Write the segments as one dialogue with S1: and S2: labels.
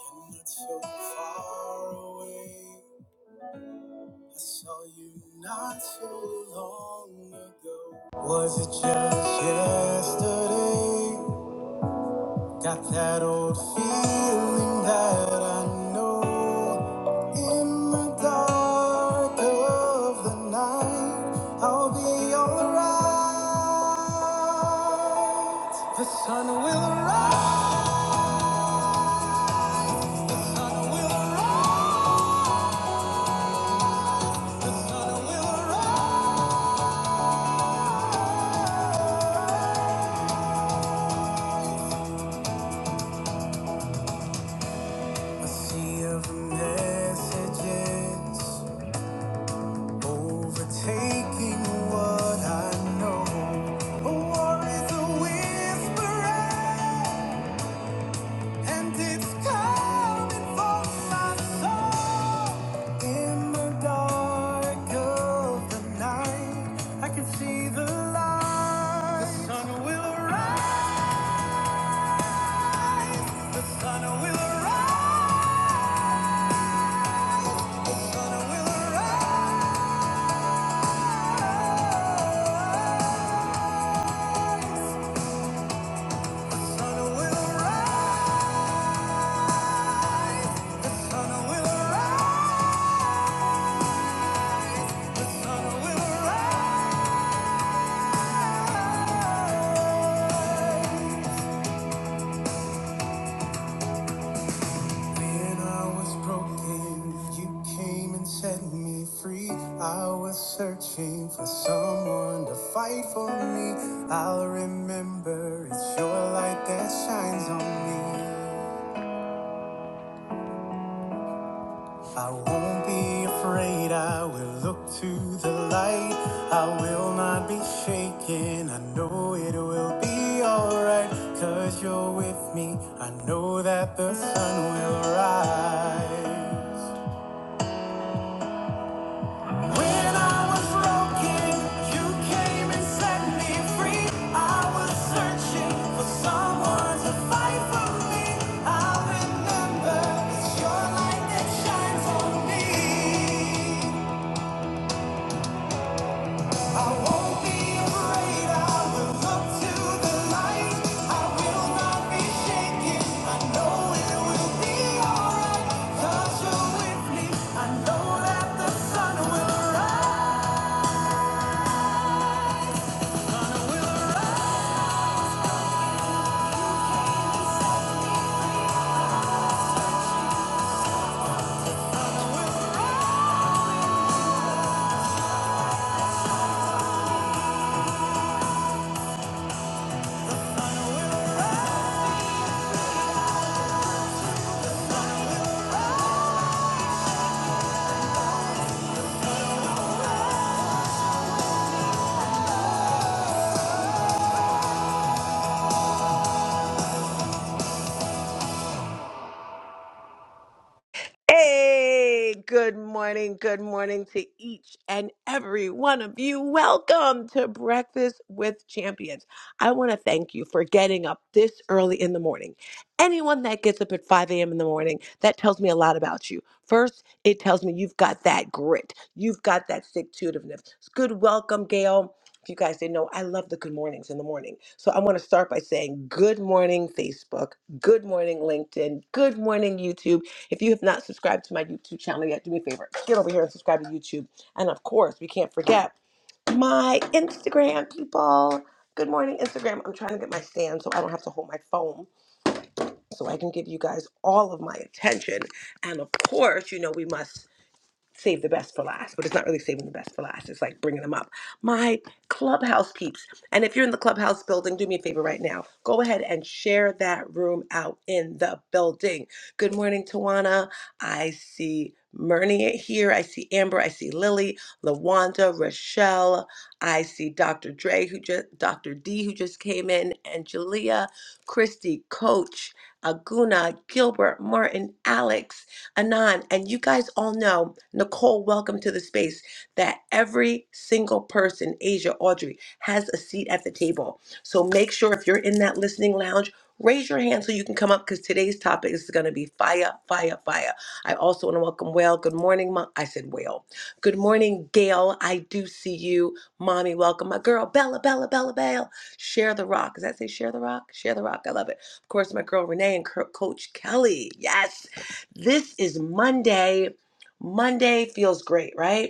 S1: I'm not so far away. I saw you not so long ago. Was it just yesterday? Got that old feeling that I know. In the dark of the night, I'll be alright. The sun will rise. A sea of messages Overtaking what I know. A war is a whisperer, and it's coming for my soul. In the dark of the night, I can see the light. The sun will rise. The sun will rise. The sun will rise. The sun will rise. The sun will rise. When I was broken, you came and set me free. I was searching for someone to fight for me. I'll remember it's your light that shines on me. I won't be afraid, I will look to the light. I will not be shaken, I know it will be alright. Cause you're with me, I know that the sun will rise. When I was broken, you came and set me free. I was searching for someone to fight for me. I remember it's your light that shines on me.
S2: Hey, good morning. Good morning to each and every one of you. Welcome to Breakfast with Champions. I want to thank you for getting up this early in the morning. Anyone that gets up at 5 a.m. in the morning, that tells me a lot about you. First, it tells me you've got that grit, you've got that stick to itiveness. It's good. Welcome, Gail. If you guys didn't know, I love the good mornings in the morning. So I want to start by saying good morning, Facebook. Good morning, LinkedIn. Good morning, YouTube if you have not subscribed to my YouTube channel yet, do me a favor. Get over here and subscribe to YouTube. And of course, we can't forget my Instagram, people. Good morning, Instagram. I'm trying to get my stand so I don't have to hold my phone so I can give you guys all of my attention. And of course, you know, we must save the best for last, but it's not really saving the best for last. It's like bringing them up. My clubhouse peeps. And if you're in the clubhouse building, do me a favor right now. Go ahead and share that room out in the building. Good morning, Tawana. I see Myrnia here. I see Amber. I see Lily, Lawanda, Rochelle. I see Dr. Dre, who just Dr. D, who just came in, Angelia, Christy, Coach, Aguna, Gilbert, Martin, Alex. Anon, and you guys all know, Nicole, welcome to the space, that every single person, Asia, Audrey, has a seat at the table. So make sure if you're in that listening lounge, raise your hand so you can come up because today's topic is going to be fire, fire, fire. I also want to welcome Whale. Good morning, Mom. I said Whale. Good morning, Gail. I do see you. Mommy, welcome. My girl, Bella, Bella, Bella, Bella. Share the rock. Does that say share the rock? Share the rock. I love it. Of course, my girl, Renee, and Co- Coach Kelly. Yes. This is Monday. Monday feels great, right?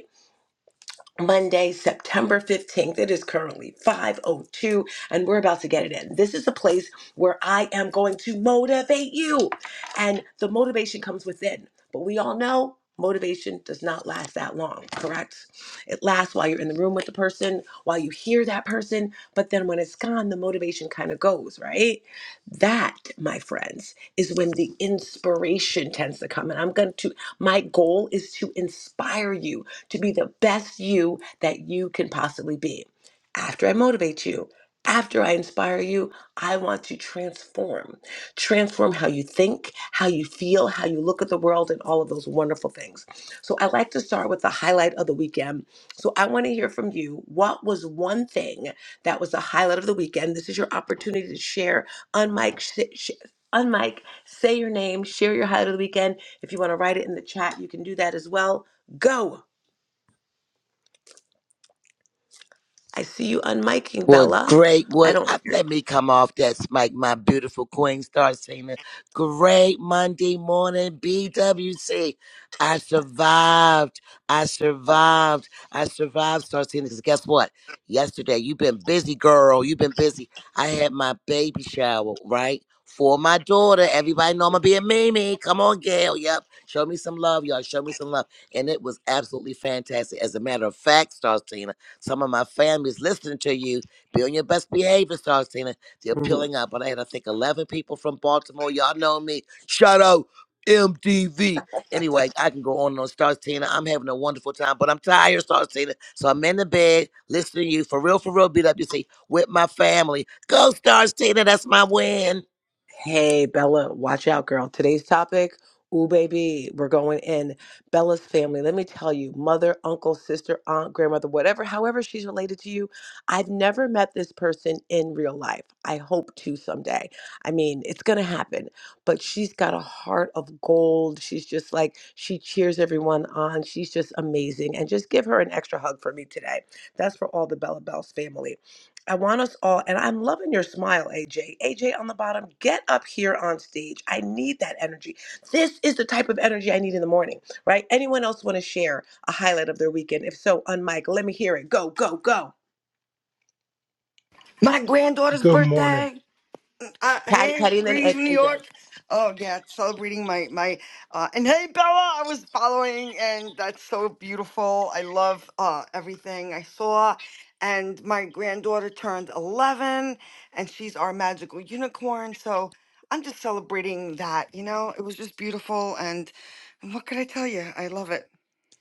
S2: Monday, September 15th. It is currently 5:02 and we're about to get it in. This is a place where I am going to motivate you. And the motivation comes within. But we all know motivation does not last that long, correct? It lasts while you're in the room with the person, while you hear that person, but then when it's gone, the motivation kind of goes, right? That, my friends, is when the inspiration tends to come. And I'm going to my goal is to inspire you to be the best you that you can possibly be. After I motivate you, after I inspire you, I want to transform. Transform how you think, how you feel, how you look at the world, and all of those wonderful things. So, I like to start with the highlight of the weekend. So, I want to hear from you. What was one thing that was the highlight of the weekend? This is your opportunity to share on mic. Sh- sh- on mic, say your name, share your highlight of the weekend. If you want to write it in the chat, you can do that as well. Go. I see you unmiking,
S3: Well,
S2: Bella.
S3: great.
S2: I
S3: What?
S2: don't
S3: I,
S2: hear
S3: let me
S2: you.
S3: come off that mic, my beautiful queen. Start singing. Great Monday morning, BWC. I survived. I survived. I survived. Start singing. Because guess what? Yesterday, you've been busy, girl. You've been busy. I had my baby shower, right? For my daughter. Everybody know I'm going to be a Mimi. Come on, Gail. Yep. Show me some love, y'all. Show me some love. And it was absolutely fantastic. As a matter of fact, Star Tina, some of my family's listening to you be on your best behavior, Sarcina. They're
S2: Mhm.
S3: peeling up. But I had, I think, 11 people from Baltimore. Y'all know me. Shout out MTV. Anyway, I can go on and on. Sarcina, I'm having a wonderful time, but I'm tired, Sarcina. So I'm in the bed listening to you for real, for real, BWC, with my family. Go, Sarcina. That's my win.
S2: Hey, Bella, watch out, girl. Today's topic, ooh, baby, we're going in. Bella's family, let me tell you, mother, uncle, sister, aunt, grandmother, whatever, however she's related to you, I've never met this person in real life. I hope to someday. I mean, it's going to happen, but she's got a heart of gold. She's just like, she cheers everyone on. She's just amazing. And just give her an extra hug for me today. That's for all the Bella Bells family. I want us all, and I'm loving your smile, AJ. AJ on the bottom, get up here on stage. I need that energy. This is the type of energy I need in the morning, right? Anyone else want to share a highlight of their weekend? If so, on mic, let me hear it. Go, go, go.
S4: My granddaughter's
S5: Good morning.
S4: birthday. Uh,
S2: Patty,
S4: hey,
S2: Patty, and then
S4: greetings
S2: Ed-
S4: from New
S2: AJ.
S4: York. Oh yeah, celebrating my my. Uh, and hey, Bella, I was following, and that's so beautiful. I love uh, everything I saw. And my granddaughter turned eleven, and she's our magical unicorn. So I'm just celebrating that. You know, it was just beautiful. And what could I tell you? I love it.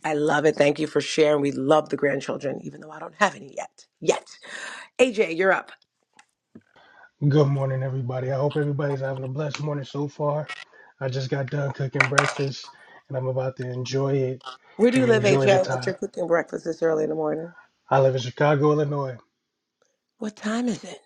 S2: I love it. Thank you for sharing. We love the grandchildren, even though I don't have any yet. Yet. AJ, you're up.
S5: Good morning, everybody. I hope everybody's having a blessed morning so far. I just got done cooking breakfast and I'm about to enjoy it
S2: Where do you
S5: and
S2: live,
S5: enjoy the
S2: AJ, that you're
S5: time.
S2: cooking breakfast this early in the morning?
S5: I live in Chicago, Illinois.
S2: What time is it?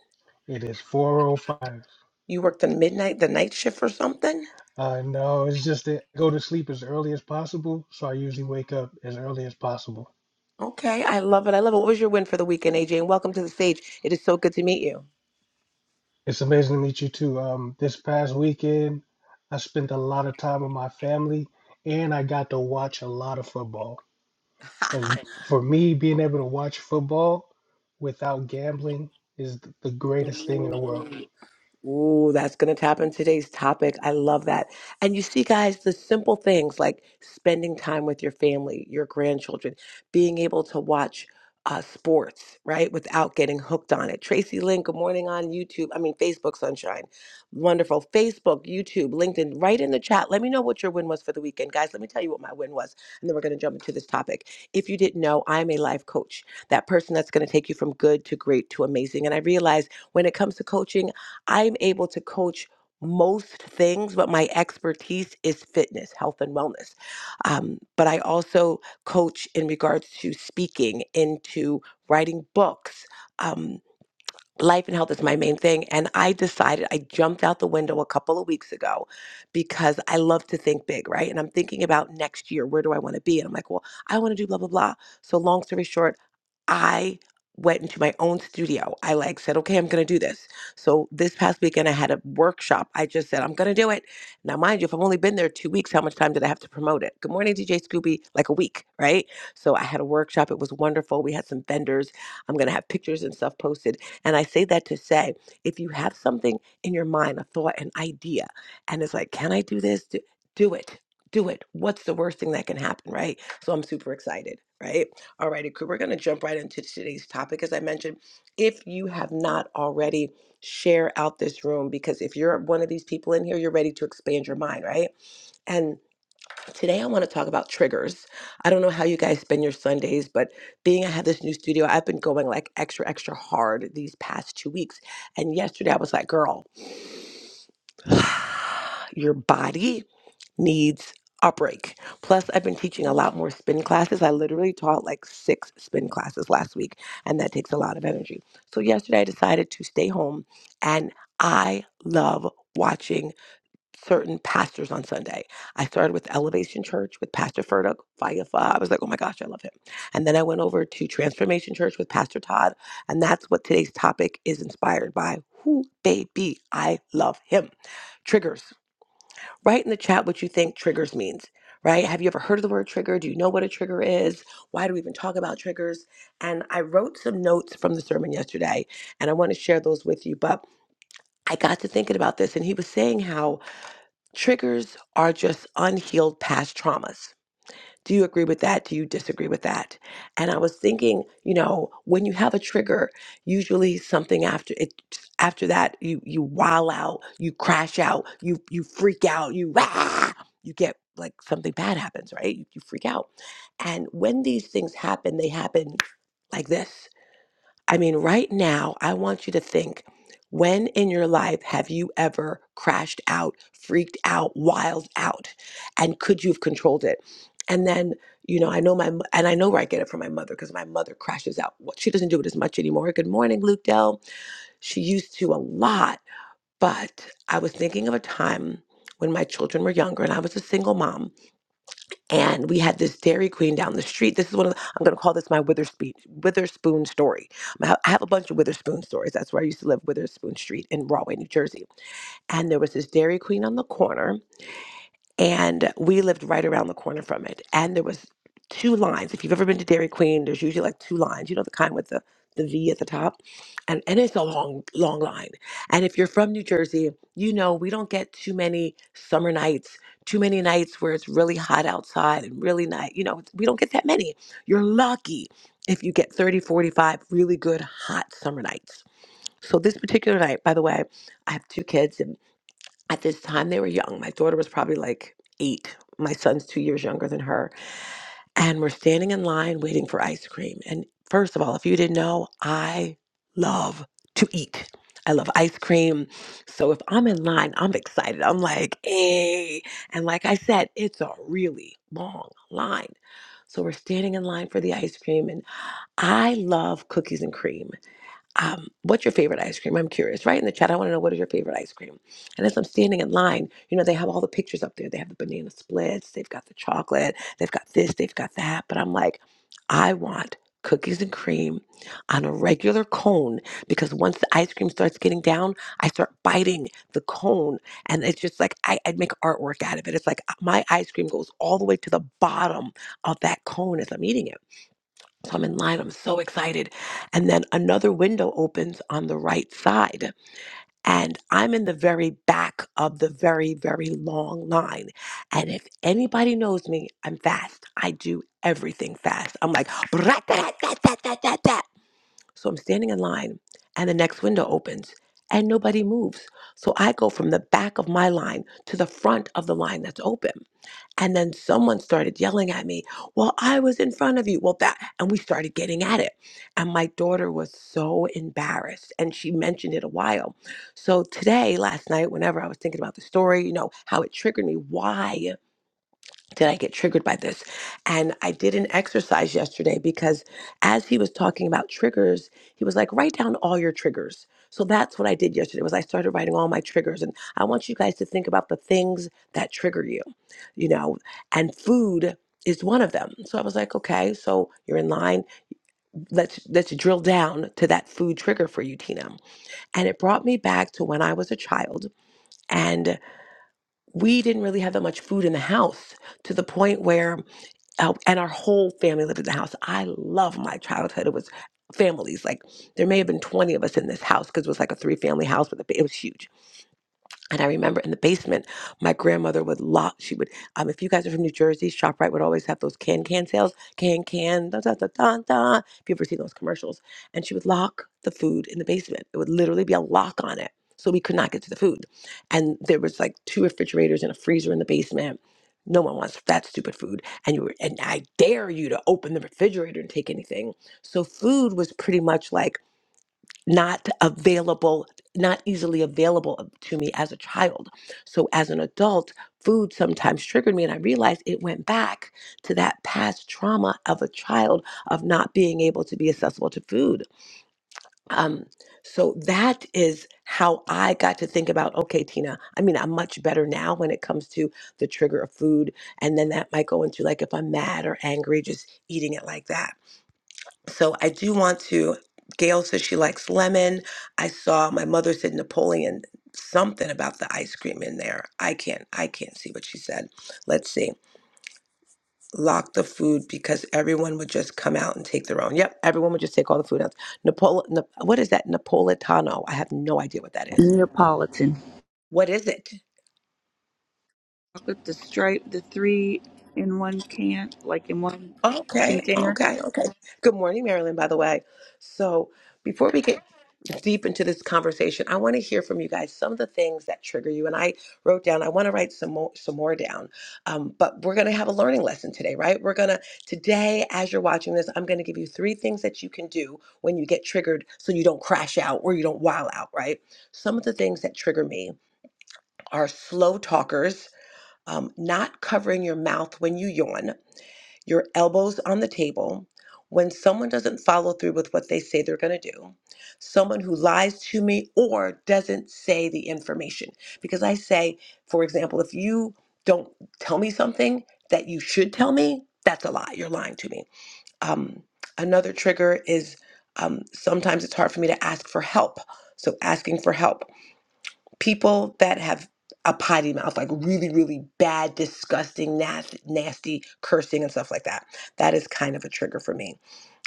S5: It is 4:05.
S2: You work the midnight, the night shift or something?
S5: I know it's just that I go to sleep as early as possible, so I usually wake up as early as possible.
S2: Okay, I love it. I love it. What was your win for the weekend, AJ? And welcome to the stage. It is so good to meet
S5: It's amazing to meet you too. Um, this past weekend, I spent a lot of time with my family and I got to watch a lot of football. And
S2: you.
S5: for me, being able to watch football without gambling is th- the greatest thing in the world.
S2: Ooh, that's going to tap in today's topic. I love that. And you see, guys, the simple things like spending time with your family, your grandchildren, being able to watch uh, sports, right, without getting hooked on it. Tracy Lynn, good morning on YouTube. I mean, Facebook Sunshine. Wonderful. Facebook, YouTube, LinkedIn, right in the chat. Let me know what your win was for the weekend. Guys, let me tell you what my win was. And then we're going to jump into this topic. If you didn't know, I'm a life coach, that person that's going to take you from good to great to amazing. And I realize when it comes to coaching, I'm able to coach most things, but my expertise is fitness, health, and wellness. Um, but I also coach in regards to speaking, into writing books. Um, life and health is my main thing. And I decided I jumped out the window a couple of weeks ago because I love to think big, right? And I'm thinking about next year, where do I want to be? And I'm like, well, I want to do blah, blah, blah. So, long story short, I went into my own studio. I like said, okay, I'm going to do this. So, this past weekend, I had a workshop. I just said, I'm going to do it. Now, mind you, if I've only been there two weeks, how much time did I have to promote it? Good morning, DJ Scooby, like a week, right? So, I had a workshop. It was wonderful. We had some vendors. I'm going to have pictures and stuff posted and I say that to say, if you have something in your mind, a thought, an idea, and it's like, can I do this? Do, do it. Do it. What's the worst thing that can happen, right? So I'm super excited, right? All righty, cool. We're going to jump right into today's topic. As I mentioned, if you have not already, share out this room because if you're one of these people in here, you're ready to expand your mind, right? And Today, I want to talk about triggers. I don't know how you guys spend your Sundays, but being I have this new studio, I've been going like extra, extra hard these past two weeks. And yesterday, I was like, girl, your body needs a break. Plus, I've been teaching a lot more spin classes. I literally taught like six spin classes last week, and that takes a lot of energy. So, yesterday, I decided to stay home, and I love watching certain pastors on Sunday. I started with Elevation Church with Pastor Furtick, Fire Five. I was like, oh my gosh, I love him. And then I went over to Transformation Church with Pastor Todd. And that's what today's topic is inspired by. Who, baby, I love him. Triggers. Write in the chat what you think triggers means, right? Have you ever heard of the word trigger? Do you know what a trigger is? Why do we even talk about triggers? And I wrote some notes from the sermon yesterday, and I want to share those with you. But I got to thinking about this, and he was saying how Triggers are just unhealed past traumas. Do you agree with that? Do you disagree with that? And I was thinking, you know, when you have a trigger, usually something after it after that you you wow out, you crash out, you you freak out, you rah, you get like something bad happens, right? You, you freak out. And when these things happen, they happen like this. I mean, right now, I want you to think when in your life have you ever crashed out, freaked out, wild out? And could you have controlled it? And then, you know, I know my, mo- and I know where I get it from my mother because my mother crashes out. Well, She doesn't do it as much anymore. Good morning, Luke Dell. She used to a lot. But I was thinking of a time when my children were younger and I was a single mom and we had this Dairy Queen down the street. This is one of the, I'm going to call this my Witherspoon Witherspoon story. I I have a bunch of Witherspoon stories. That's where I used to live, Witherspoon Street in Rahway, New Jersey. And there was this Dairy Queen on the corner and we lived right around the corner from it and there was two lines if you've ever been to dairy queen there's usually like two lines you know the kind with the the v at the top and and it's a long long line and if you're from new jersey you know we don't get too many summer nights too many nights where it's really hot outside and really night you know we don't get that many you're lucky if you get thirty, forty, five really good hot summer nights so this particular night by the way i have two kids at this time, they were young. My daughter was probably like eight. My son's two years younger than her. And we're standing in line waiting for ice cream. And first of all, if you didn't know, I love to eat. I love ice cream. So if I'm in line, I'm excited. I'm like, hey. And like I said, it's a really long line. So we're standing in line for the ice cream. And I love cookies and cream um, what's your favorite ice cream? I'm curious. Right in the chat, I want to know what is your favorite ice cream. And as I'm standing in line, you know, they have all the pictures up there. They have the banana splits, they've got the chocolate, they've got this, they've got that. But I'm like, I want cookies and cream on a regular cone because once the ice cream starts getting down, I start biting the cone. And it's just like, I, I'd make artwork out of it. It's like my ice cream goes all the way to the bottom of that cone as I'm eating it. So I'm in line. I'm so excited. And then another window opens on the right side. And I'm in the very back of the very, very long line. And if anybody knows me, I'm fast. I do everything fast. I'm like, "Brat-ta-ta-ta-ta-ta-ta." so I'm standing in line, and the next window opens, and nobody moves. So I go from the back of my line to the front of the line that's open. And then someone started yelling at me, Well, I was in front of you. Well, that, and we started getting at it. And my daughter was so embarrassed. And she mentioned it a while. So today, last night, whenever I was thinking about the story, you know, how it triggered me, why? did I get triggered by this? And I did an exercise yesterday because as he was talking about triggers, he was like, write down all your triggers. So that's what I did yesterday was I started writing all my triggers. And I want you guys to think about the things that trigger you, you know, and food is one of them. So I was like, okay, so you're in line. Let's let's drill down to that food trigger for you, Tina. And it brought me back to when I was a child and we didn't really have that much food in the house to the point where uh, and our whole family lived in the house. I love my childhood. It was families like there may have been 20 of us in this house because it was like a three family house with a ba- it was huge and I remember in the basement, my grandmother would lock. She would, um, if you guys are from New Jersey, Shoprite would always have those can can sales, can can da da da da da. If you ever seen those commercials, and she would lock the food in the basement. It would literally be a lock on it, so we could not get to the food. And there was like two refrigerators and a freezer in the basement. No one wants that stupid food, and you were, and I dare you to open the refrigerator and take anything. So food was pretty much like not available, not easily available to me as a child. So as an adult, food sometimes triggered me, and I realized it went back to that past trauma of a child of not being able to be accessible to food. Um, so that is how I got to think about okay, Tina, I mean, I'm much better now when it comes to the trigger of food. And then that might go into like if I'm mad or angry, just eating it like that so I do want to. Gail says she likes lemon. I saw my mother said Napoleon something about the ice cream in there. I can't I can't see what she said. Let's see. Lock the food because everyone would just come out and take their own. Yep, everyone would just take all the food out. Napol Na- what is that Napolitano? I have no idea what that is.
S6: Neapolitan.
S2: What is it?
S6: Chocolate, the stripe, the three in one can, like in one
S2: Okay,
S6: container.
S2: okay, okay. Good morning, Marilyn, by the way. So, before we get deep into this conversation, I want to hear from you guys some of the things that trigger you. And I wrote down, I want to write some more, some more down. Um, but we're going to have a learning lesson today, right? We're going to, today, as you're watching this, I'm going to give you three things that you can do when you get triggered so you don't crash out or you don't wow out, right? Some of the things that trigger me are slow talkers. Um, not covering your mouth when you yawn, your elbows on the table, when someone doesn't follow through with what they say they're going to do, someone who lies to me or doesn't say the information. Because I say, for example, if you don't tell me something that you should tell me, that's a lie. You're lying to me. Um, another trigger is um, sometimes it's hard for me to ask for help. So asking for help people that have a potty mouth, like really, really bad, disgusting, nasty, nasty cursing and stuff like that. That is kind of a trigger for me.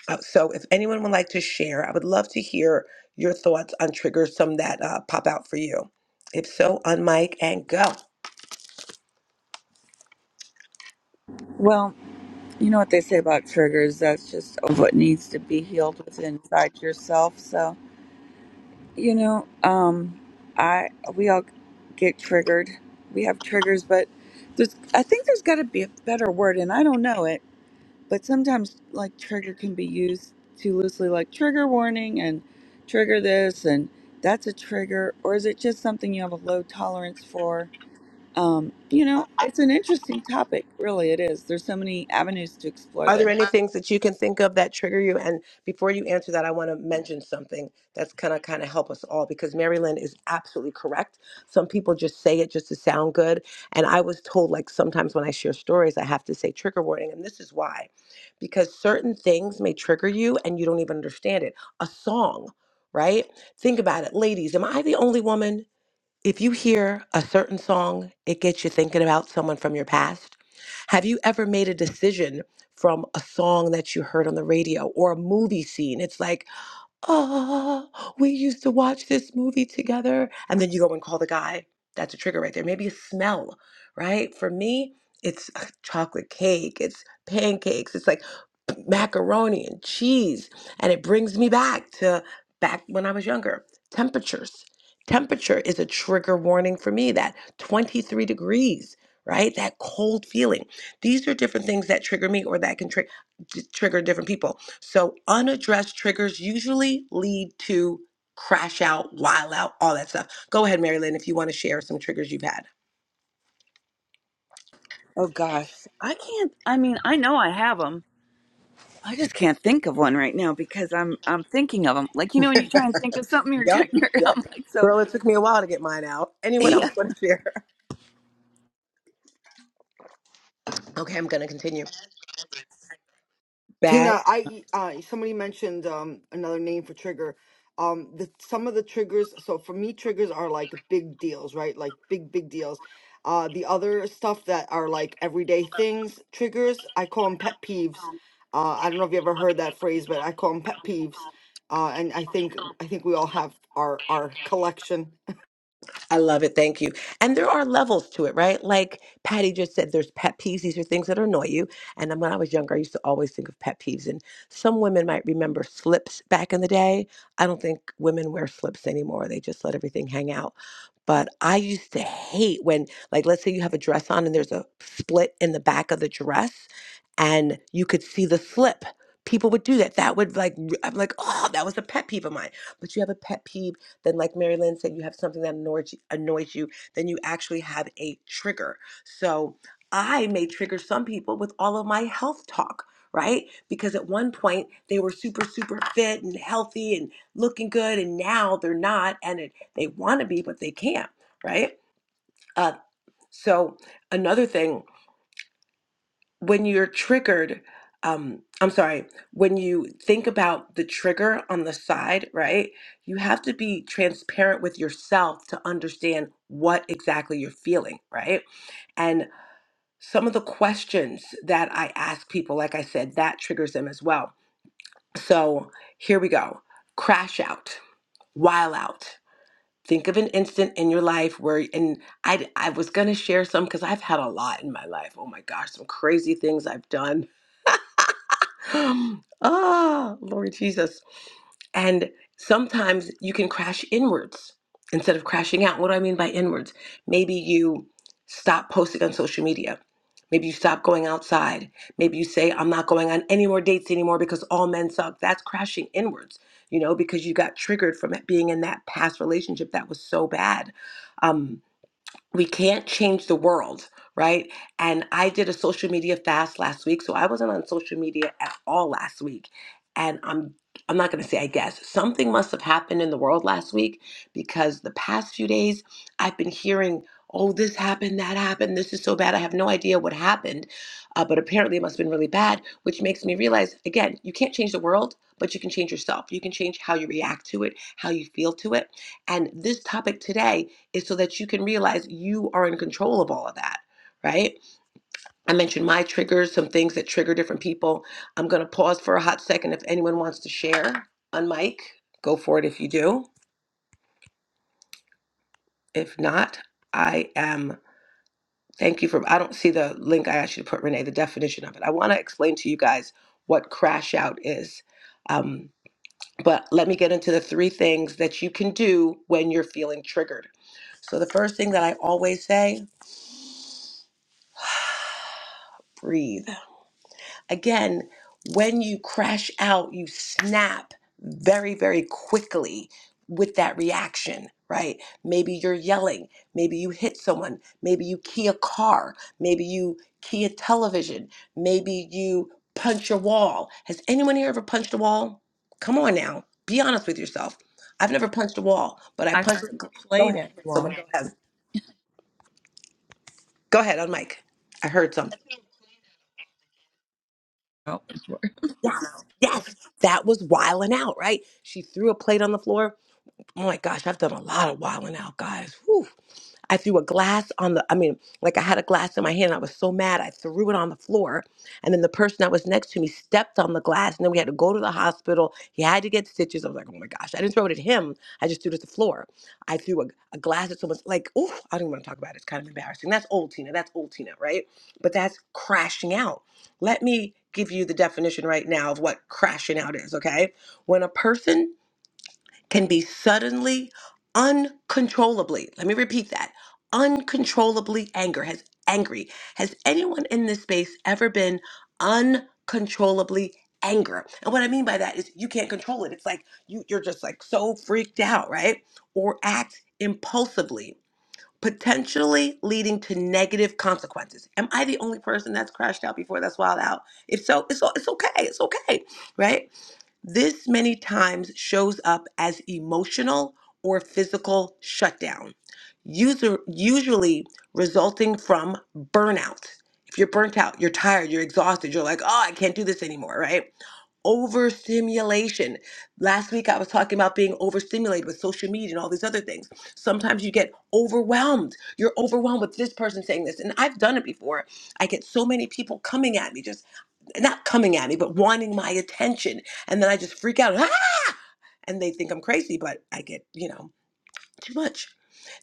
S2: Uh, so, if anyone would like to share, I would love to hear your thoughts on triggers, some that uh, pop out for you. If so, on and go.
S6: Well, you know what they say about triggers. That's just what needs to be healed within inside yourself. So, you know, um, I we all get triggered. We have triggers, but there's I think there's got to be a better word, and I don't know it but sometimes like trigger can be used too loosely like trigger warning and trigger this and that's a trigger or is it just something you have a low tolerance for um, you know it's an interesting topic really it is there's so many avenues to explore
S2: Are there
S6: there
S2: any things that you can think of that trigger you? And before you answer that, I want to mention something that's going to kind of help us all because Marilyn is absolutely correct. Some people just say it just to sound good. And I was told, like, sometimes when I share stories, I have to say trigger warning. And this is why because certain things may trigger you and you don't even understand it. A song, right? Think about it. Ladies, am I the only woman? If you hear a certain song, it gets you thinking about someone from your past. Have you ever made a decision from a song that you heard on the radio or a movie scene? It's like, oh, we used to watch this movie together. And then you go and call the guy. That's a trigger right there. Maybe a smell, right? For me, it's uh, chocolate cake, it's pancakes, it's like macaroni and cheese. And it brings me back to back when I was younger. Temperatures. Temperature is a trigger warning for me that 23 degrees, right? That cold feeling. These are different things that trigger me or that can tri- trigger different people so unaddressed triggers usually lead to crash out, wild out, all that stuff. Go ahead, Mary Lynn, if you want to share some triggers you've had.
S6: Oh gosh, I can't. I mean, I know I have them. I just can't think of one right now because I'm I'm thinking of them. Like you know, when you try and think of something, you're trying.
S2: Yep.
S6: You're,
S2: Yep.
S6: I'm like so.
S2: Girl, it took me a while to get mine out. Anyone else
S6: Yeah,
S2: want to share? Okay, I'm going to continue. Bad.
S4: Tina, I uh, somebody mentioned um, another name for trigger. Um, the some of the triggers. So for me, triggers are like big deals, right? Like big, big deals. Uh, the other stuff that are like everyday things, triggers. I call them pet peeves. Uh, I don't know if you ever heard that phrase, but I call them pet peeves. Uh, and I think I think we all have our our collection.
S2: I love it. Thank you. And there are levels to it, right? Like Patty just said, there's pet peeves. These are things that annoy you. And then when I was younger, I used to always think of pet peeves. And some women might remember slips back in the day. I don't think women wear slips anymore. They just let everything hang out. But I used to hate when, like, let's say you have a dress on and there's a split in the back of the dress and you could see the slip. People would do that. That would like, r- I'm like, oh, that was a pet peeve of mine. But you have a pet peeve then, like Mary Lynn said, you have something that annoys you, annoys you. Then you actually have a trigger. So I may trigger some people with all of my health talk, right? Because at one point they were super, super fit and healthy and looking good, and now they're not, and it, they want to be, but they can't, right? Uh, so another thing when you're triggered, um, I'm sorry, when you think about the trigger on the side, right? You have to be transparent with yourself to understand what exactly you're feeling, right? And some of the questions that I ask people, like I said, that triggers them as well. So here we go crash out, while out. Think of an instant in your life where, and I, I was gonna share some because I've had a lot in my life. Oh my gosh, some crazy things I've done ah, Lord Jesus. And sometimes you can crash inwards instead of crashing out. What do I mean by inwards? Maybe you stop posting on social media. Maybe you stop going outside. Maybe you say, I'm not going on any more dates anymore because all men suck. That's crashing inwards, you know, because you got triggered from it being in that past relationship that was so bad. Um, we can't change the world right and i did a social media fast last week so i wasn't on social media at all last week and i'm i'm not going to say i guess something must have happened in the world last week because the past few days i've been hearing oh this happened that happened this is so bad i have no idea what happened uh, but apparently it must have been really bad which makes me realize again you can't change the world but you can change yourself you can change how you react to it how you feel to it and this topic today is so that you can realize you are in control of all of that, right? I mentioned my triggers, some things that trigger different people. I'm going to pause for a hot second. If anyone wants to share on mic, go for it if you do. If not, I am. Thank you for. I don't see the link I asked you to put, Renee, the definition of it. I want to explain to you guys what crash out is. Um, but let me get into the three things that you can do when you're feeling triggered. So, the first thing that I always say breathe again, when you crash out, you snap very, very quickly with that reaction, right? Maybe you're yelling. Maybe you hit someone. Maybe you key a car. Maybe you key a television. Maybe you punch a wall. Has anyone here ever punched a wall? Come on now. Be honest with yourself. I've never punched a wall, but I
S6: I threw
S2: punched.
S6: a
S2: Go
S6: plate
S2: ahead.
S6: at a
S2: Someone
S6: wall.
S2: go ahead. Go ahead on mic. I heard something.
S6: Oh.
S2: Yes, yes, that was wiling out, right? She threw a plate on the floor. Oh my gosh, I've done a lot of wiling out, guys. Whew. I threw a glass on the, I mean, like I had a glass in my hand. I was so mad. I threw it on the floor. And then the person that was next to me stepped on the glass. And then we had to go to the hospital. He had to get stitches. I was like, oh my gosh. I didn't throw it at him. I just threw it at the floor. I threw a, a glass at someone's, like, ooh, I don't want to talk about it. It's kind of embarrassing. That's old Tina. That's old Tina, right? But that's crashing out. Let me give you the definition right now of what crashing out is, okay? When a person can be suddenly, uncontrollably, let me repeat that, uncontrollably anger has angry. Has anyone in this space ever been uncontrollably anger? And what I mean by that is you can't control it. It's like you, you're just like so freaked out, right? Or act impulsively potentially leading to negative consequences. Am I the only person that's crashed out before that's wild out? If so, it's o- it's okay. It's okay, right? This many times shows up as emotional or physical shutdown, user, usually resulting from burnout. If you're burnt out, you're tired, you're exhausted, you're like, oh, I can't do this anymore, right? overstimulation. Last week I was talking about being overstimulated with social media and all these other things. Sometimes you get overwhelmed. You're overwhelmed with this person saying this. And I've done it before. I get so many people coming at me, just not coming at me, but wanting my attention. And then I just freak out. "Ah!" And they think I'm crazy, but I get, you know too much.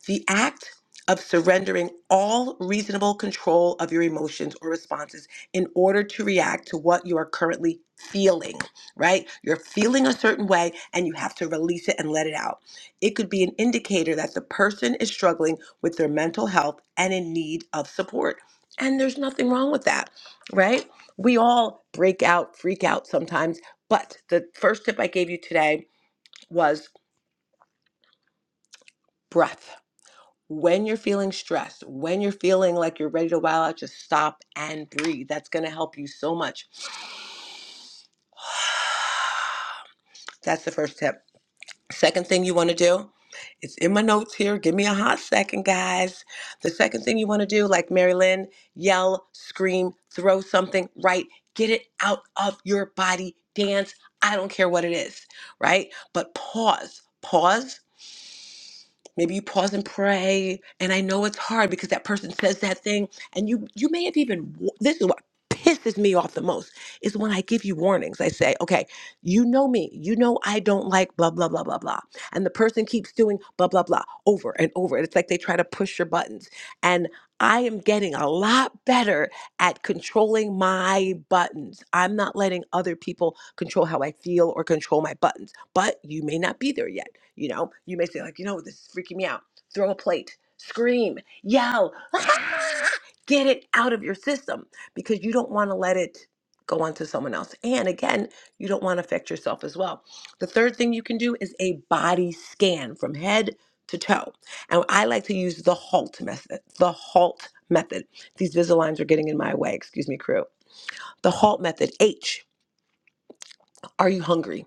S2: The act of surrendering all reasonable control of your emotions or responses in order to react to what you are currently feeling, right? You're feeling a certain way and you have to release it and let it out. It could be an indicator that the person is struggling with their mental health and in need of support. And there's nothing wrong with that, right? We all break out, freak out sometimes. But the first tip I gave you today was breath when you're feeling stressed, when you're feeling like you're ready to wow out, just stop and breathe. That's going to help you so much. That's the first tip. Second thing you want to do, it's in my notes here. Give me a hot second, guys. The second thing you want to do, like Mary Lynn, yell, scream, throw something, right? Get it out of your body, dance. I don't care what it is, right? But pause. Pause maybe you pause and pray and i know it's hard because that person says that thing and you you may have even wa- this is what pisses me off the most is when i give you warnings i say okay you know me you know i don't like blah blah blah blah blah and the person keeps doing blah blah blah over and over it's like they try to push your buttons and i am getting a lot better at controlling my buttons i'm not letting other people control how i feel or control my buttons but you may not be there yet. You know, you may say, like, you know, this is freaking me out. Throw a plate, scream, yell, get it out of your system because you don't want to let it go on to someone else. And again, you don't want to affect yourself as well. The third thing you can do is a body scan from head to toe. And I like to use the HALT method. The HALT method. These Visalines are getting in my way. Excuse me, crew. The HALT method. H. Are you hungry?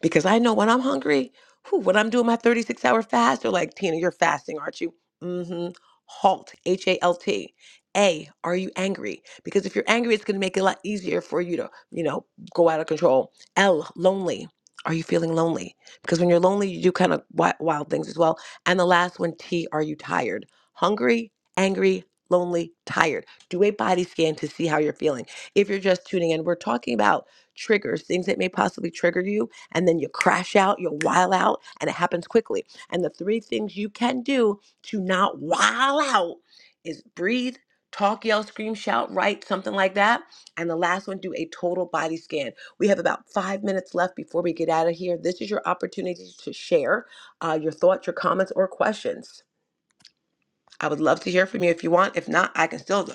S2: because I know when I'm hungry, whew, when I'm doing my 36 hour fast, they're like, Tina, you're fasting, aren't you? Mm-hmm. Halt, H A L T. A, are you angry? Because if you're angry, it's going to make it a lot easier for you to, you know, go out of control. L, lonely. Are you feeling lonely? Because when you're lonely, you do kind of wi- wild things as well. And the last one, T, are you tired? Hungry, angry, lonely, tired. Do a body scan to see how you're feeling. If you're just tuning in, we're talking about triggers, things that may possibly trigger you and then you crash out, you while out, and it happens quickly. And the three things you can do to not while out is breathe, talk, yell, scream, shout, write, something like that. And the last one, do a total body scan. We have about five minutes left before we get out of here. This is your opportunity to share uh, your thoughts, your comments, or questions. I would love to hear from you if you want. If not, I can still do.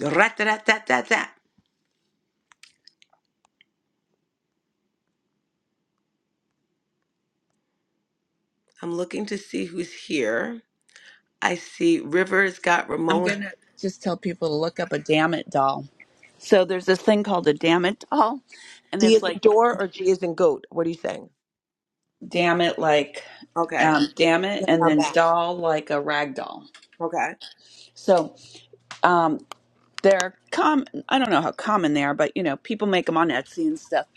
S2: Rat-a-tat-tat-tat-tat. I'm looking to see who's here. I see Rivers got
S6: I'm
S2: Ramon.
S6: going to just tell people to look up a damn it doll. So there's this thing called a damn it doll, and
S2: D
S6: it's
S2: is in
S6: like
S2: door or G is in goat? What are you saying?
S6: damn it, like
S2: Okay.
S6: um, damn it,
S2: Yeah,
S6: and
S2: I'm
S6: then
S2: back.
S6: doll like a rag doll.
S2: Okay.
S6: So um, they're com I don't know how common they are, but you know, people make them on Etsy and stuff.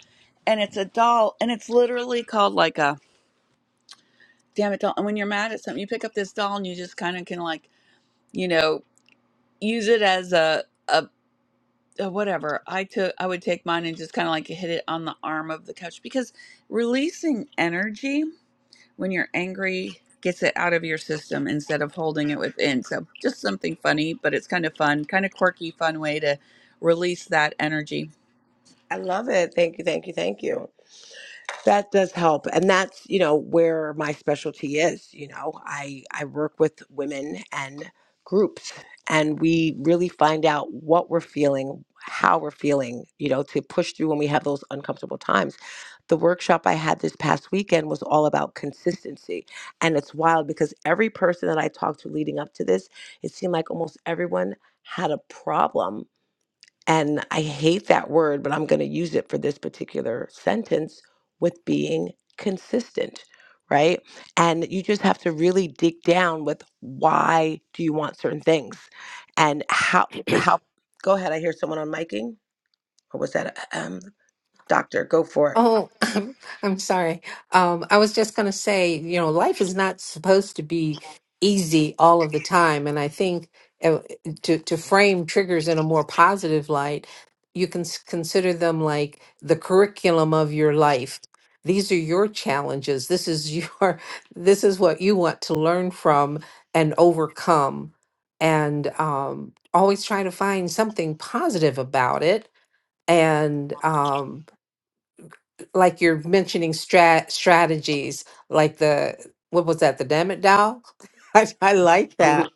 S6: And it's a doll, and it's literally called like a damn it doll. And when you're mad at something, you pick up this doll and you just kind of can like, you know, use it as a, a uh, whatever i took i would take mine and just kind of like hit it on the arm of the couch because releasing energy when you're angry gets it out of your system instead of holding it within so just something funny but it's kind of fun kind of quirky fun way to release that energy
S2: I love it. Thank you, thank you, thank you. that does help and that's you know where my specialty is you know i i work with women and groups and we really find out what we're feeling how we're feeling you know to push through when we have those uncomfortable times the workshop i had this past weekend was all about consistency and it's wild because every person that i talked to leading up to this it seemed like almost everyone had a problem and I hate that word, but I'm going to use it for this particular sentence with being consistent, right? And you just have to really dig down with why do you want certain things and how, how, go ahead. I hear someone on miking or was that, a- um, doctor, go for it.
S7: Oh, I'm, I'm sorry. Um, I was just going to say, you know, life is not supposed to be easy all of the time. And I think uh, to, to frame triggers in a more positive light, you can s- consider them like the curriculum of your life. These are your challenges. This is your, this is what you want to learn from and overcome. And um, always try to find something positive about it and um, like you're mentioning strat strategies, like the what was that, the damn it doll? I, I like that.
S2: Mhm.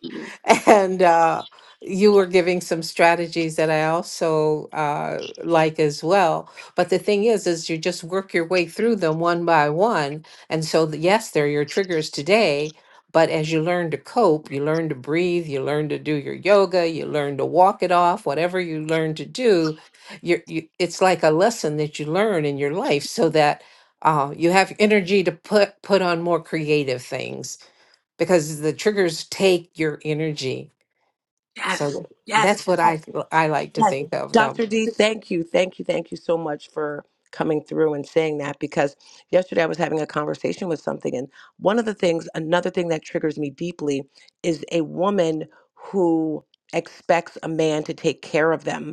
S7: And uh, you were giving some strategies that I also uh, like as well. But the thing is, is you just work your way through them one by one. And so, th- yes, they're your triggers today. But as you learn to cope, you learn to breathe, you learn to do your yoga, you learn to walk it off, whatever you learn to do, you're, you, it's like a lesson that you learn in your life so that uh, you have energy to put, put on more creative things because the triggers take your energy
S2: Yes.
S7: so that's
S2: Yes.
S7: what I I like to
S2: Yes.
S7: think of them.
S2: Dr. D, thank you. Thank you. Thank you so much for coming through and saying that because yesterday I was having a conversation with something. And one of the things, another thing that triggers me deeply is a woman who expects a man to take care of them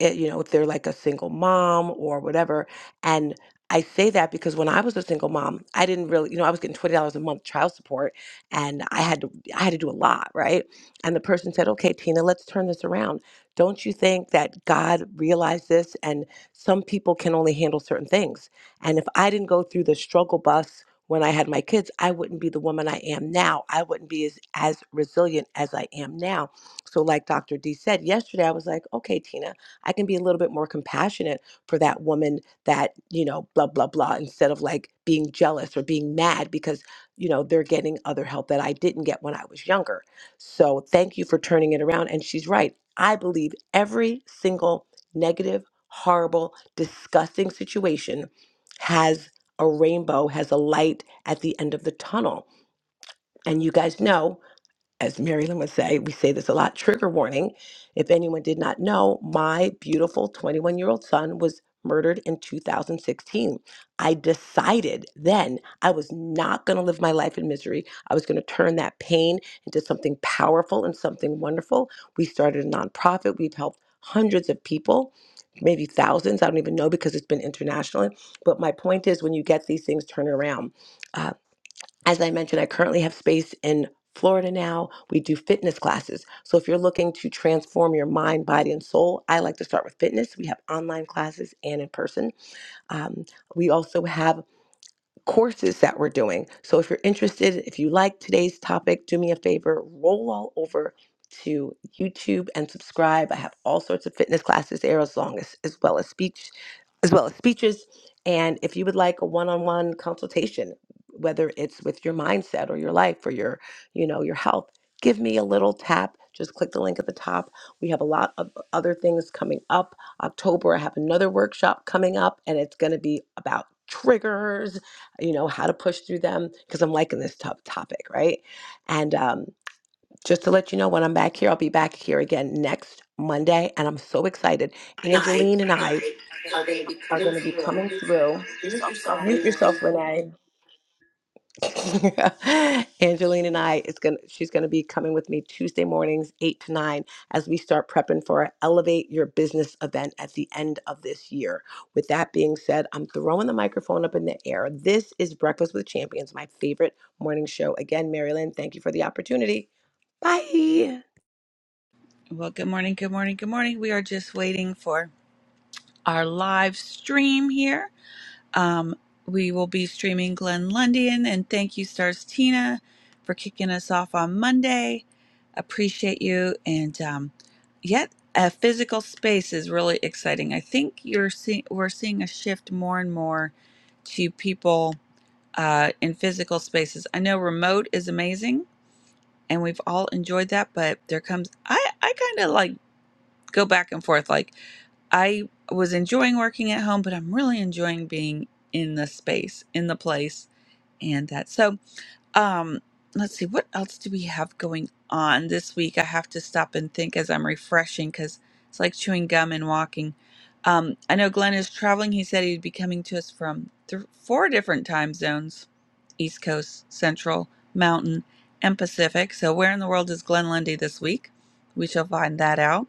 S2: eh, you know, if they're like a single mom or whatever. And I say that because when I was a single mom, I didn't really, you know, I was getting twenty dollars a month child support, and I had to, I had to do a lot, right? And the person said, "Okay, Tina, let's turn this around. Don't you think that God realized this, and some people can only handle certain things? And if I didn't go through the struggle bus." When I had my kids, I wouldn't be the woman I am now. I wouldn't be as, as resilient as I am now. So, like Dr. D said yesterday, I was like, okay, Tina, I can be a little bit more compassionate for that woman that, you know, blah, blah, blah, instead of like being jealous or being mad because, you know, they're getting other help that I didn't get when I was younger. So thank you for turning it around. And she's right. I believe every single negative, horrible, disgusting situation has a rainbow, has a light at the end of the tunnel. And you guys know as Mary Lynn would say, we say this a lot trigger warning. If anyone did not know, my beautiful 21 year old son was murdered in 2016. I decided then I was not going to live my life in misery. I was going to turn that pain into something powerful and something wonderful. We started a nonprofit, we've helped hundreds of people. Maybe thousands, I don't even know because it's been international. But my point is, when you get these things turned around, Uh, as I mentioned, I currently have space in Florida now. We do fitness classes. So if you're looking to transform your mind, body, and soul, I like to start with fitness. We have online classes and in person. Um, we also have courses that we're doing. So if you're interested, if you like today's topic, do me a favor, roll all over to YouTube and subscribe. I have all sorts of fitness classes there as long as as well as speech as well as speeches. And if you would like a one-on-one consultation, whether it's with your mindset or your life or your, you know, your health, give me a little tap. Just click the link at the top. We have a lot of other things coming up. October, I have another workshop coming up, and it's going to be about triggers you know, how to push through them because I'm liking this tough topic, right? And um, just to let you know, when I'm back here, I'll be back here again next Monday, and I'm so excited.
S8: night
S2: Angeline and I
S8: are they
S2: are
S8: becoming
S2: going to be
S8: real?
S2: coming through.
S8: Give yourself a
S2: Mute
S8: minute.
S2: yourself, Renee. Angeline and I is gonna she's gonna be coming with me Tuesday mornings eight to nine as we start prepping for our Elevate Your Business event at the end of this year. With that being said, I'm throwing the microphone up in the air. This is Breakfast with Champions, my favorite morning show. Again, Marilyn, thank you for the opportunity. Bye.
S6: well good morning good morning good morning we are just waiting for our live stream here Um, we will be streaming Glenn Lundian, and thank you, Stars Tina, for kicking us off on Monday. Appreciate you, and um, yet a physical space is really exciting. I think you're seeing we're seeing a shift more and more to people uh, in physical spaces. I know remote is amazing, and we've all enjoyed that, but there comes I I kind of like go back and forth like. I was enjoying working at home, but I'm really enjoying being in the space, in the place, and that. So, um, let's see, what else do we have going on this week? I have to stop and think as I'm refreshing because it's like chewing gum and walking. Um, I know Glenn is traveling. He said he'd be coming to us from th- four different time zones East Coast, Central, Mountain, and Pacific. So, where in the world is Glenn Lundy this week? We shall find that out.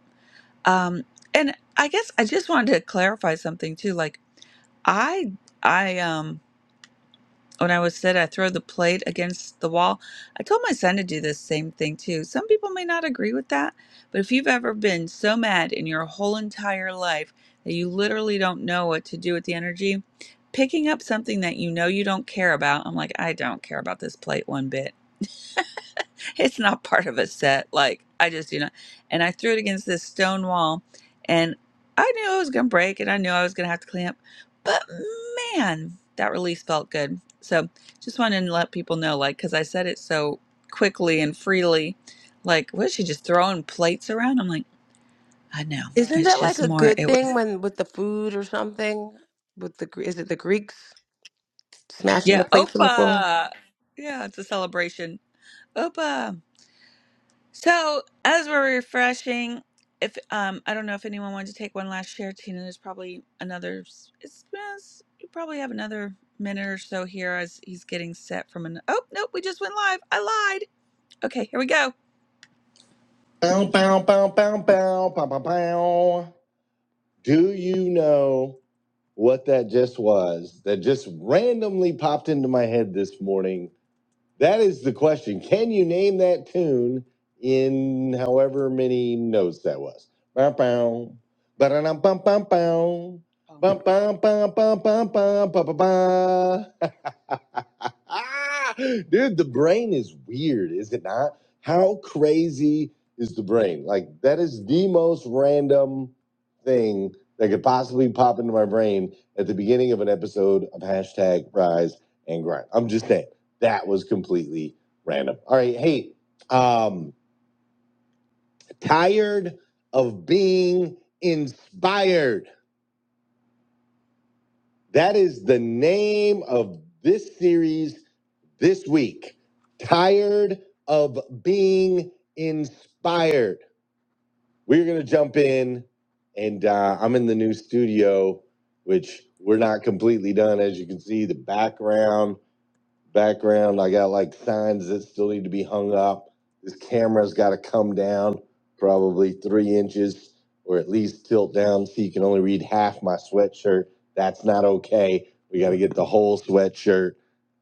S6: Um, and I guess I just wanted to clarify something too. Like I, I, um, when I was said I throw the plate against the wall, I told my son to do the same thing too. Some people may not agree with that, but if you've ever been so mad in your whole entire life that you literally don't know what to do with the energy, picking up something that you know you don't care about, I'm like, I don't care about this plate one bit it's not part of a set. Like I just, you know, and I threw it against this stone wall, and I knew it was gonna break, and I knew I was gonna have to clamp, but man, that release felt good. So just wanted to let people know, like, because I said it so quickly and freely, like, was she just throwing plates around? I'm like, I know,
S2: Isn't
S6: it's
S2: that like
S6: just
S2: a
S6: more.
S2: good
S6: It was,
S2: thing when with the food or something? With the Gr- is it the Greeks smashing
S6: yeah,
S2: the plates on the floor?
S6: Opa, yeah, it's a celebration, Opa. So as we're refreshing, if um, I don't know if anyone wanted to take one last share, Tina. There's probably another. s- It's, it's you probably have another minute or so here as he's getting set from an. Oh nope, we just went live. I lied. Okay, here we go. Bow, bow, bow, bow, bow, bow, bow, bow. Do you know what that just was? That just randomly popped into my head this morning that is the question. Can you name that tune in however many notes that was? Bow, bow. Ba-da-dum, bum, bum, bow. Bum, bum, bum, bum, bum, bum, ba, ba, ba. Dude, the brain is weird, is it not? How crazy is the brain? Like, that is the most random thing that could possibly pop into my brain at the beginning of an episode of hashtag rise and grind. I'm just saying that was completely random. All right, hey, um, tired of being inspired. That is the name of this series this week. Tired of being inspired. We're gonna jump in, and uh, I'm in the new studio, which we're not completely done, as you can see. The background background. I got like signs that still need to be hung up. This camera's got to come down probably three inches or at least tilt down so you can only read half my sweatshirt. That's not okay. We got to get the whole sweatshirt.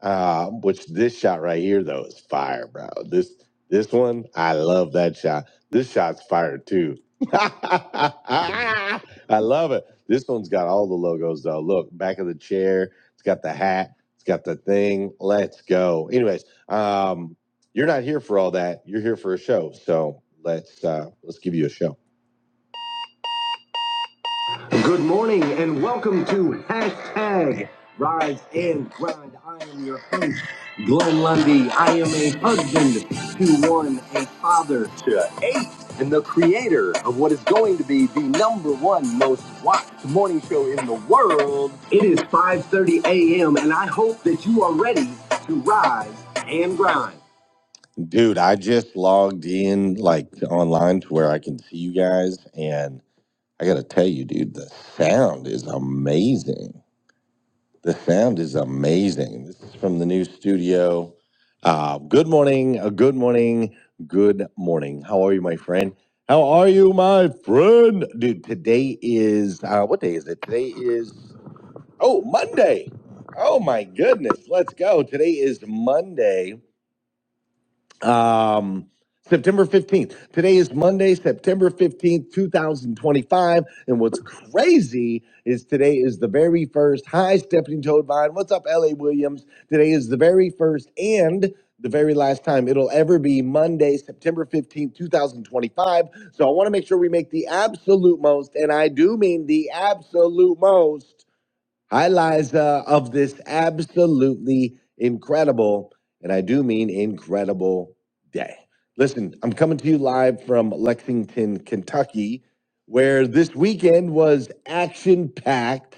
S6: Uh, which this shot right here though is fire, bro. This this one, I love that shot. This shot's fire too. I love it. This one's got all the logos though. Look, back of the chair. It's got the hat. It's got the thing. Let's go. Anyways, um, you're not here for all that. You're here for a show. So let's uh, let's give you a show. Good morning and welcome to hashtag Rise and Grind. I am your host, Glenn Lundy. I am a husband to one, a father to eight, and the creator of what is going to be the number one most watched morning show in the world. It is 5:30 a.m. and I hope that you are ready to rise and grind. Dude, I just logged in like online to where I can see you guys and. I gotta tell you, dude, the sound is amazing. The sound is amazing. This is from the new studio. Uh, good morning, uh, good morning, good morning. How are you, my friend? How are you, my friend? Dude, today is uh, what day is it? Today is oh Monday. Oh my goodness, let's go. Today is Monday um, September 15th. Today is Monday, September 15th, 2025. And what's crazy is today is the very first. Hi, Stephanie Toadvine. What's up, LA Williams? Today is the very first and the very last time it'll ever be Monday, September 15th, 2025. So I want to make sure we make the absolute most, and I do mean the absolute most Hi, Liza, of this absolutely incredible, and I do mean incredible day. Listen, I'm coming to you live from Lexington, Kentucky, where this weekend was action packed.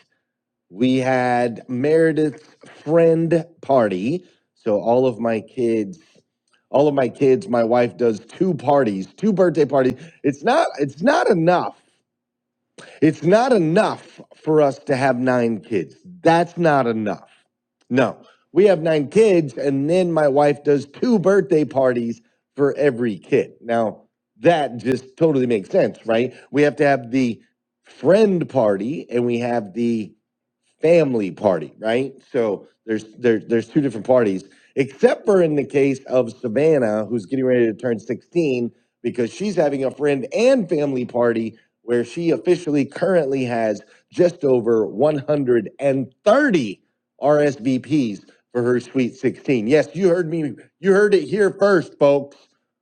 S6: We had Meredith's friend party. So, all of my kids all of my kids my wife does two parties two birthday parties it's not it's not enough it's not enough for us to have nine kids. That's not enough. No, we have nine kids, and then my wife does two birthday parties for every kid. Now, that just totally makes sense, right? We have to have the friend party and we have the family party, right? So there's there, there's two different parties, except for in the case of Savannah, who's getting ready to turn 16 because she's having a friend and family party where she officially currently has just over 130 RSVPs for her Sweet 16. Yes, you heard me. You heard it here first, folks.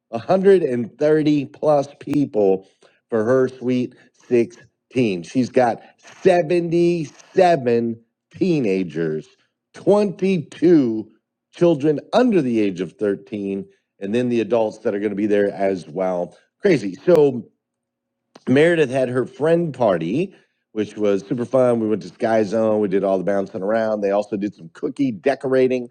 S6: 130 plus people for her Sweet 16. She's got 77 teenagers, 22 children under the age of 13, and then the adults that are going to be there as well. Crazy. So, Meredith had her friend party, which was super fun. We went to Sky Zone. We did all the bouncing around. They also did some cookie decorating.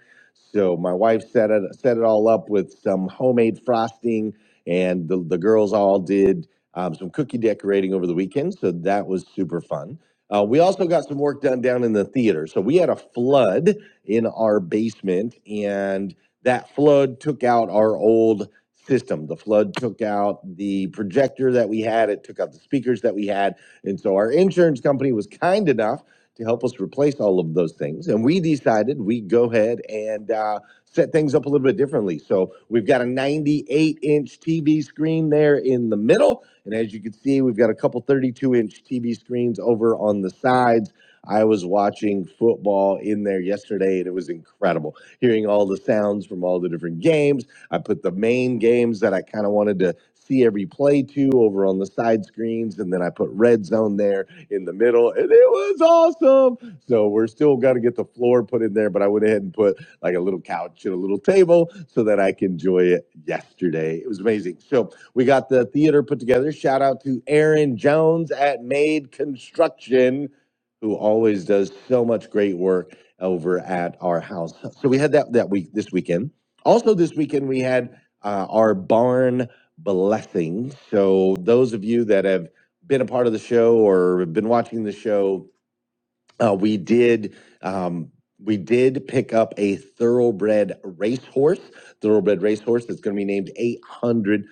S6: So my wife set it set it all up with some homemade frosting, and the, the girls all did um, some cookie decorating over the weekend. So that was super fun. Uh, we also got some work done down in the theater. So we had a flood in our basement, and that flood took out our old system. The flood took out the projector that we had, it took out the speakers that we had. And so our insurance company was kind enough to help us replace all of those things. And we decided we go ahead and uh, set things up a little bit differently. So we've got a 98 inch TV screen there in the middle. And as you can see, we've got a couple 32 inch TV screens over on the sides. I was watching football in there yesterday and it was incredible hearing all the sounds from all the different games I put the main games that I kind of wanted to see every play to over on the side screens, and then I put red zone there in the middle, and it was awesome. So we're still got to get the floor put in there, but I went ahead and put like a little couch and a little table so that I can enjoy it yesterday. It was amazing. So we got the theater put together. Shout out to Aaron Jones at Made Construction, who always does so much great work over at our house. So we had that that week this weekend also, this weekend we had uh, our barn blessing. So, those of you that have been a part of the show or have been watching the show, uh, we did um, we did pick up a thoroughbred racehorse. Thoroughbred racehorse that's going to be named 800%.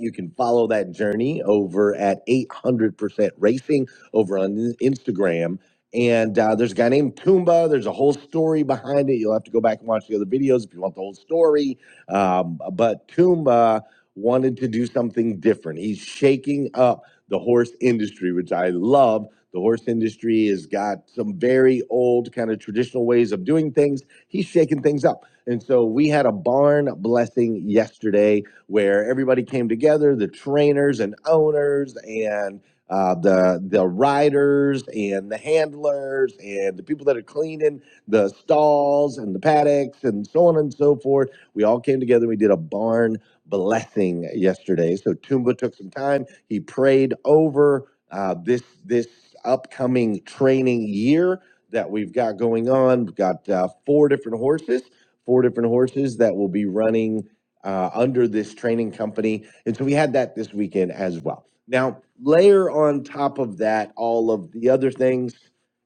S6: You can follow that journey over at 800% Racing over on Instagram. And uh, there's a guy named Toomba. There's a whole story behind it. You'll have to go back and watch the other videos if you want the whole story. Um, but Toomba wanted to do something different. He's shaking up the horse industry, which I love the horse industry has got some very old kind of traditional ways of doing things. He's shaking things up. And so we had a barn blessing yesterday where everybody came together, the trainers and owners and uh, the the riders and the handlers and the people that are cleaning the stalls and the paddocks and so on and so forth. We all came together. We did a barn blessing yesterday. So Tumba took some time. He prayed over uh, this this upcoming training year that we've got going on. We've got uh, four different horses, four different horses that will be running uh, under this training company. And so we had that this weekend as well. Now, layer on top of that all of the other things.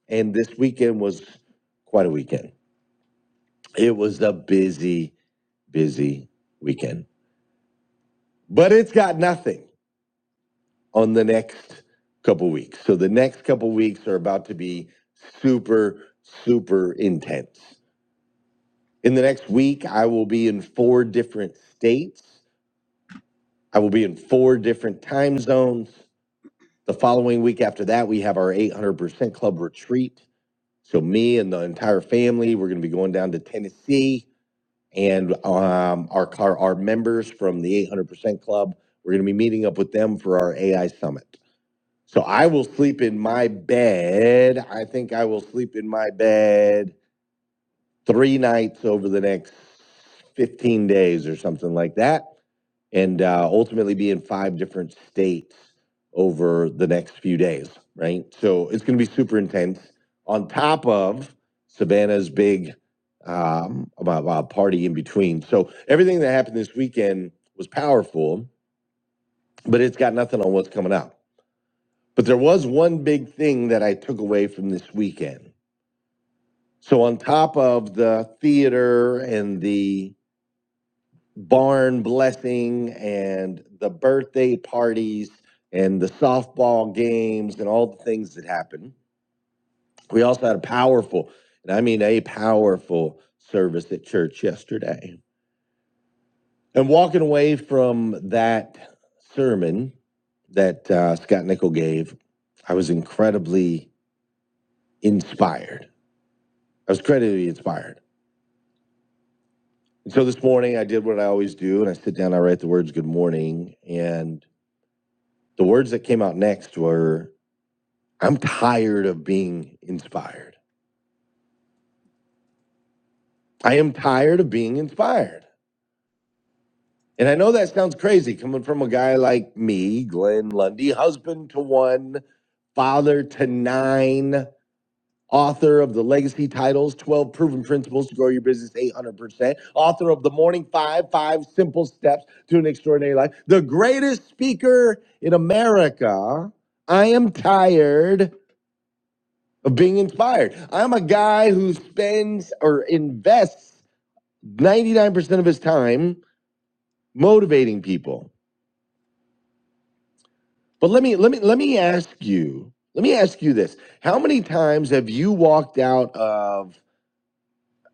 S6: And this weekend was quite a weekend. It was a busy, busy weekend. But it's got nothing on the next couple of weeks. So the next couple of weeks are about to be super, super intense. In the next week, I will be in four different states. I will be in four different time zones. The following week after that, we have our 800% Club retreat. So me and the entire family, we're going to be going down to Tennessee, and um, our our our members from the 800% Club, we're going to be meeting up with them for our AI summit. So I will sleep in my bed. I think I will sleep in my bed three nights over the next 15 days or something like that, and uh, ultimately be in five different states over the next few days, right? So it's going to be super intense. On top of Savannah's big um, about, about party in between. So everything that happened this weekend was powerful, but it's got nothing on what's coming up. But there was one big thing that I took away from this weekend. So, on top of the theater and the barn blessing and the birthday parties and the softball games and all the things that happened, we also had a powerful, and I mean a powerful service at church yesterday. And walking away from that sermon that uh, Scott Nickel gave, I was incredibly inspired I was credibly inspired. And so this morning I did what I always do and I sit down, I write the words good morning. And the words that came out next were I'm tired of being inspired. I am tired of being inspired. And I know that sounds crazy coming from a guy like me, Glenn Lundy, husband to one, father to nine. author of the legacy titles 12 proven principles to grow your business 800% author of the morning five five simple steps to an extraordinary life the greatest speaker in america i am tired of being inspired i'm a guy who spends or invests 99% of his time motivating people but let me let me let me ask you let me ask you this how many times have you walked out of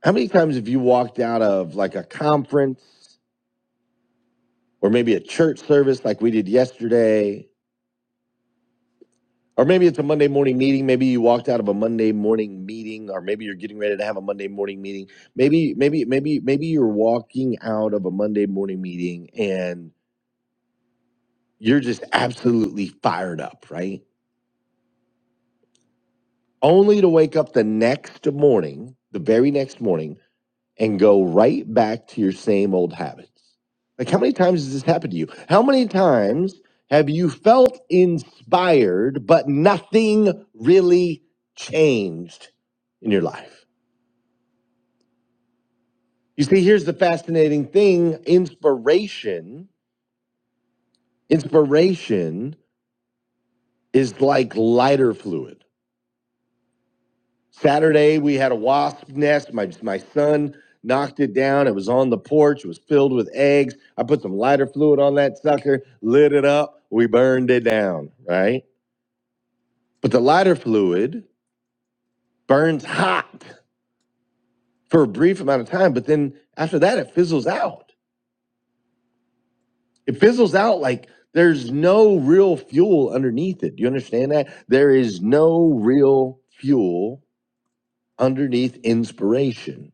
S6: How many times have you walked out of like a conference or maybe a church service like we did yesterday? Or maybe it's a Monday morning meeting. Maybe you walked out of a Monday morning meeting, or maybe you're getting ready to have a Monday morning meeting. Maybe, maybe, maybe, maybe you're walking out of a Monday morning meeting and you're just absolutely fired up, right? Only to wake up the next morning, the very next morning, and go right back to your same old habits. Like, how many times has this happened to you? How many times have you felt inspired, but nothing really changed in your life? You see, here's the fascinating thing inspiration, inspiration is like lighter fluid. Saturday we had a wasp nest. My my son knocked it down. It was on the porch. It was filled with eggs. I put some lighter fluid on that sucker, lit it up. We burned it down, right? But the lighter fluid burns hot for a brief amount of time, but then after that it fizzles out. It fizzles out like there's no real fuel underneath it. Do you understand that? There is no real fuel underneath inspiration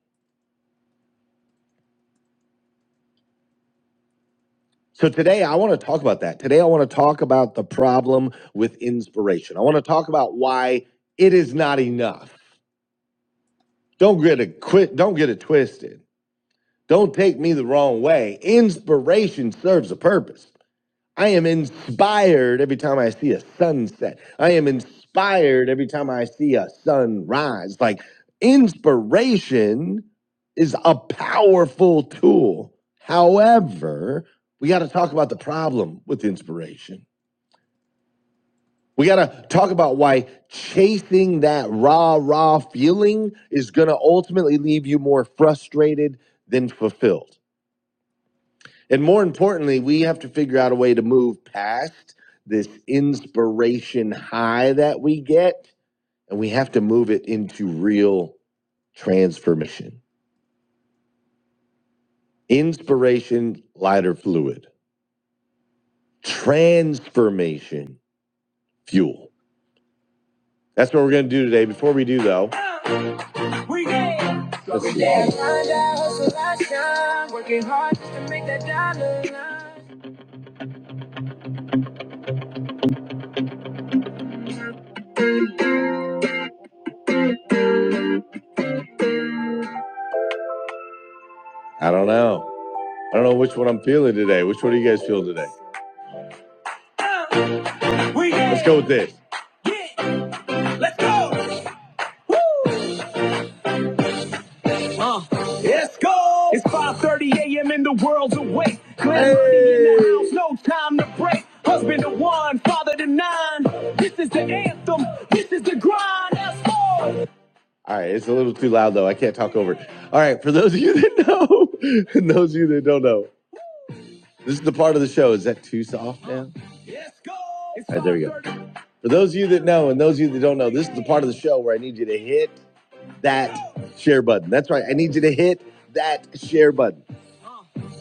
S6: So today I want to talk about that. Today I want to talk about the problem with inspiration. I want to talk about why it is not enough. Don't get it quit, don't get it twisted. Don't take me the wrong way. Inspiration serves a purpose. I am inspired every time I see a sunset. I am inspired every time I see a sunrise. Like inspiration is a powerful tool. However, we got to talk about the problem with inspiration. We got to talk about why chasing that rah rah feeling is going to ultimately leave you more frustrated than fulfilled And more importantly, we have to figure out a way to move past this inspiration high that we get, and we have to move it into real transformation. Inspiration, lighter fluid, transformation, fuel. That's what we're going to do today. Before we do, though, let's I don't know. I don't know which one I'm feeling today. Which one do you guys feel today? Let's go with this. Yeah, Let's go. Woo! Go! It's 5:30 a.m. and the world's awake. Glenn Lundy in the house, no time to break. Husband to one, father to nine. This is the anthem. This is the grind. That's all. All right, it's a little too loud though. I can't talk over it. All right, for those of you that know, and those of you that don't know, this is the part of the show. Is that too soft now? Let's go. All right, there we go. For those of you that know and those of you that don't know, this is the part of the show where I need you to hit that share button. That's right. I need you to hit that share button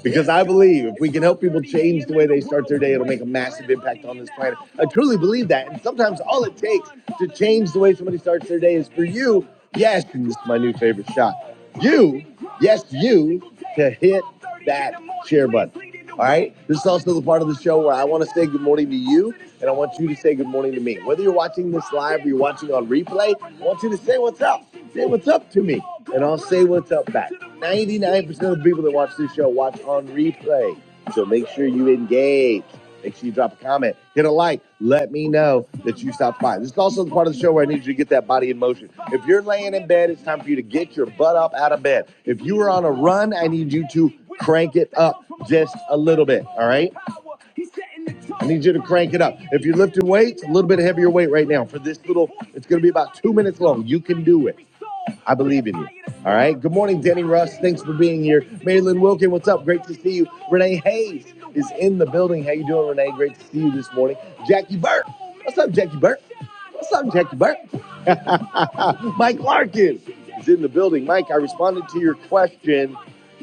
S6: because I believe if we can help people change the way they start their day, it'll make a massive impact on this planet. I truly believe that. And sometimes all it takes to change the way somebody starts their day is for you, yes, and this is my new favorite shot, you, yes, you, to hit that share button. All right. This is also the part of the show where I want to say good morning to you, and I want you to say good morning to me. Whether you're watching this live or you're watching on replay, I want you to say what's up. Say what's up to me, and I'll say what's up back. 99% of the people that watch this show watch on replay. So make sure you engage. Make sure you drop a comment, hit a like, let me know that you stopped by. This is also the part of the show where I need you to get that body in motion. If you're laying in bed, it's time for you to get your butt up out of bed. If you are on a run, I need you to crank it up just a little bit. All right. I need you to crank it up. If you're lifting weights, a little bit heavier weight right now for this little, it's going to be about two minutes long. You can do it. I believe in you. All right. Good morning, Denny Russ. Thanks for being here. Marilyn Wilkin, what's up? Great to see you. Renee Hayes is in the building. How you doing, Renee? Great to see you this morning. Jackie Burt. What's up, Jackie Burt? What's up, Jackie Burt? Mike Larkin is in the building. Mike, I responded to your question.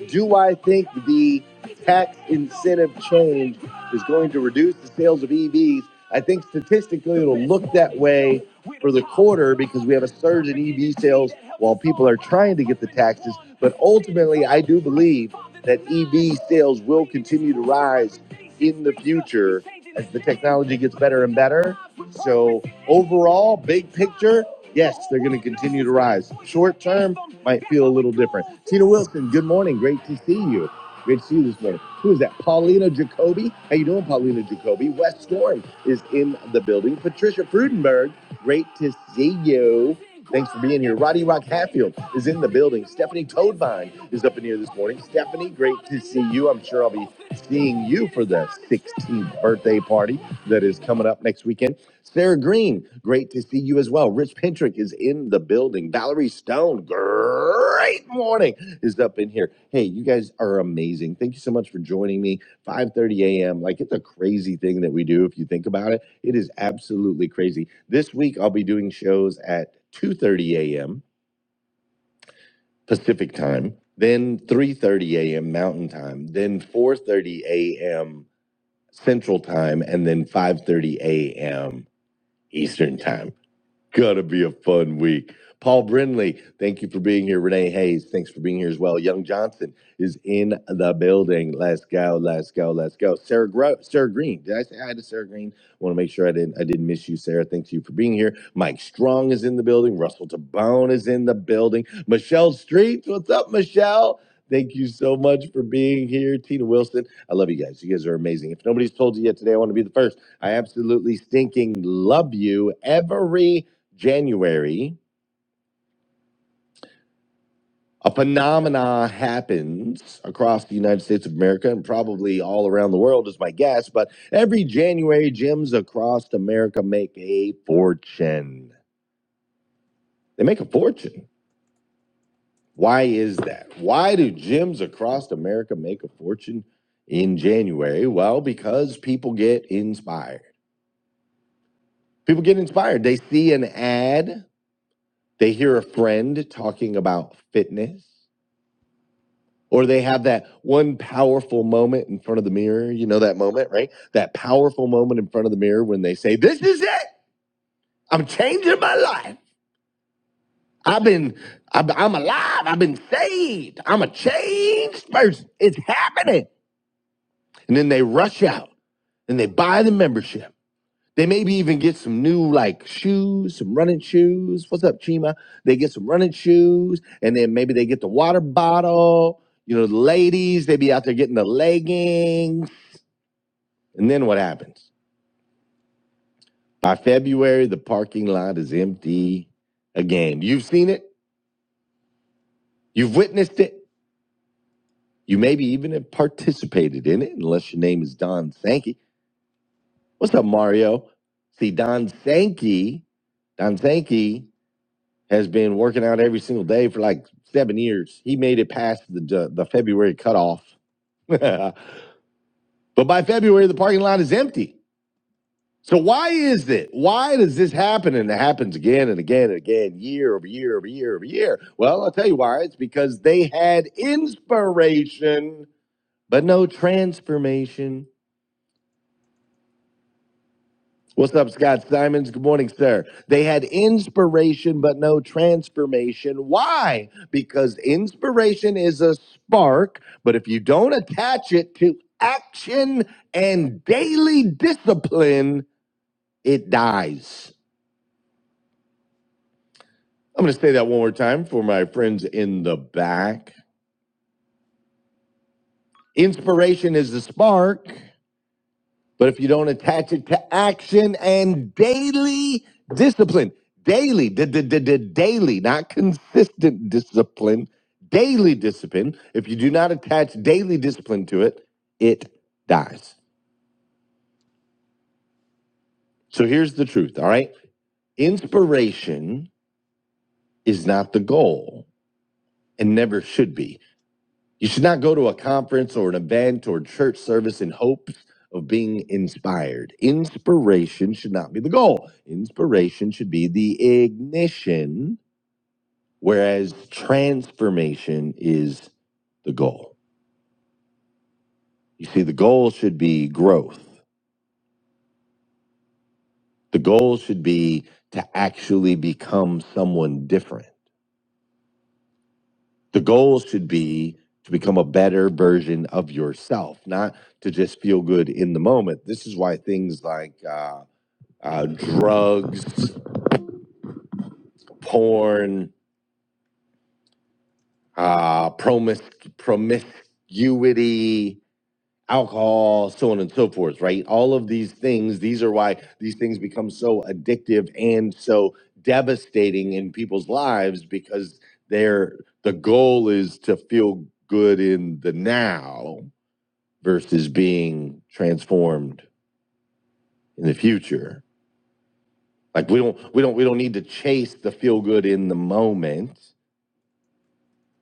S6: Do I think the tax incentive change is going to reduce the sales of EVs? I think statistically it'll look that way for the quarter because we have a surge in EV sales while people are trying to get the taxes. But ultimately, I do believe that EV sales will continue to rise in the future as the technology gets better and better. So, overall, big picture, Yes, they're going to continue to rise. Short term might feel a little different. Tina Wilson, good morning. Great to see you. Great to see you this morning. Who is that? Paulina Jacoby. How you doing, Paulina Jacoby? Wes Storm is in the building. Patricia Frudenberg, great to see you. Thanks for being here. Roddy Rock Hatfield is in the building. Stephanie Toadvine is up in here this morning. Stephanie, great to see you. I'm sure I'll be seeing you for the 16th birthday party that is coming up next weekend. Sarah Green, great to see you as well. Rich Pintrick is in the building. Valerie Stone, great morning, is up in here. Hey, you guys are amazing. Thank you so much for joining me. 5:30 a.m. Like it's a crazy thing that we do if you think about it it is absolutely crazy. This week I'll be doing shows at 2:30 a.m. Pacific time, then 3:30 a.m. Mountain time, then 4:30 a.m. Central time, and then 5:30 a.m. Eastern time. Gonna be a fun week. Paul Brindley, thank you for being here. Renee Hayes, thanks for being here as well. Young Johnson is in the building. Let's go, let's go, let's go. Sarah Gro- Sarah Green, did I say hi to Sarah Green? I want to make sure I didn't I didn't miss you, Sarah. Thank you for being here. Mike Strong is in the building. Russell Tabone is in the building. Michelle Streets, what's up, Michelle? Thank you so much for being here, Tina Wilson. I love you guys. You guys are amazing. If nobody's told you yet today, I want to be the first. I absolutely stinking love you every January, a phenomena happens across the United States of America and probably all around the world is my guess, but every January gyms across America make a fortune. They make a fortune. Why is that? Why do gyms across America make a fortune in January? Well, because people get inspired. People get inspired. They see an ad, they hear a friend talking about fitness, Or they have that one powerful moment in front of the mirror. You know that moment, right? That powerful moment in front of the mirror when they say, This is it. I'm changing my life. I've been, I'm I'm alive. I've been saved. I'm a changed person. It's happening. And then they rush out and they buy the membership. They maybe even get some new like shoes, some running shoes. What's up, Chima? They get some running shoes and then maybe they get the water bottle. You know, the ladies, they be out there getting the leggings And then what happens? By February, the parking lot is empty again. You've seen it, you've witnessed it, you maybe even have participated in it, unless your name is Don Sankey. What's up, Mario? See, Don Sankey, Don Sankey has been working out every single day for like seven years. He made it past the the February cutoff, but by February, the parking lot is empty. So why is it? Why does this happen and it happens again and again and again, year over year over year over year? Well, I'll tell you why. It's because they had inspiration, but no transformation. What's up, Scott Simons? Good morning, sir. They had inspiration, but no transformation. Why? Because inspiration is a spark, but if you don't attach it to action and daily discipline, it dies. I'm going to say that one more time for my friends in the back. Inspiration is the spark, but if you don't attach it to action and daily discipline, daily, d- d- d- d- daily, not consistent discipline, daily discipline, if you do not attach daily discipline to it, it dies. So here's the truth, all right? Inspiration is not the goal and never should be You should not go to a conference or an event or church service in hopes of being inspired. Inspiration should not be the goal. Inspiration should be the ignition, whereas transformation is the goal. You see, the goal should be growth. The goal should be to actually become someone different. The goal should be to become a better version of yourself, not to just feel good in the moment. This is why things like, uh, uh, drugs, porn, uh, promis- promiscuity, alcohol, so on and so forth, right? All of these things, these are why these things become so addictive and so devastating in people's lives because they're the goal is to feel good in the now versus being transformed in the future. Like we don't we don't we don't need to chase the feel good in the moment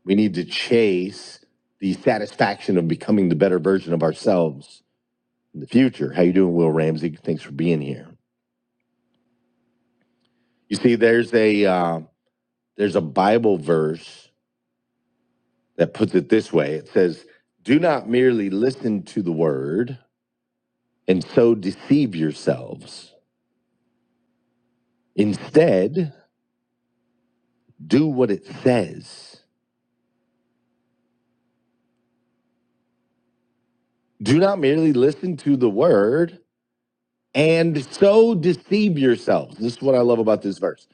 S6: We need to chase the satisfaction of becoming the better version of ourselves in the future. How you doing, Will Ramsey? Thanks for being here. You see, there's a uh, there's a Bible verse that puts it this way. It says, "Do not merely listen to the word and so deceive yourselves. Instead, do what it says. Do not merely listen to the word." And so deceive yourselves. This is what I love about this verse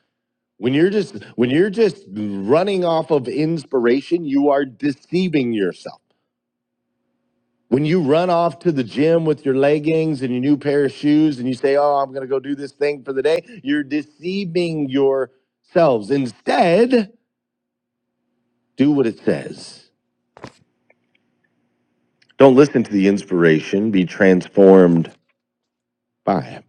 S6: When you're just when you're just running off of inspiration, you are deceiving yourself. When you run off to the gym with your leggings and your new pair of shoes and you say, "Oh, I'm going to go do this thing for the day," you're deceiving yourselves. Instead, do what it says. Don't listen to the inspiration, be transformed by it.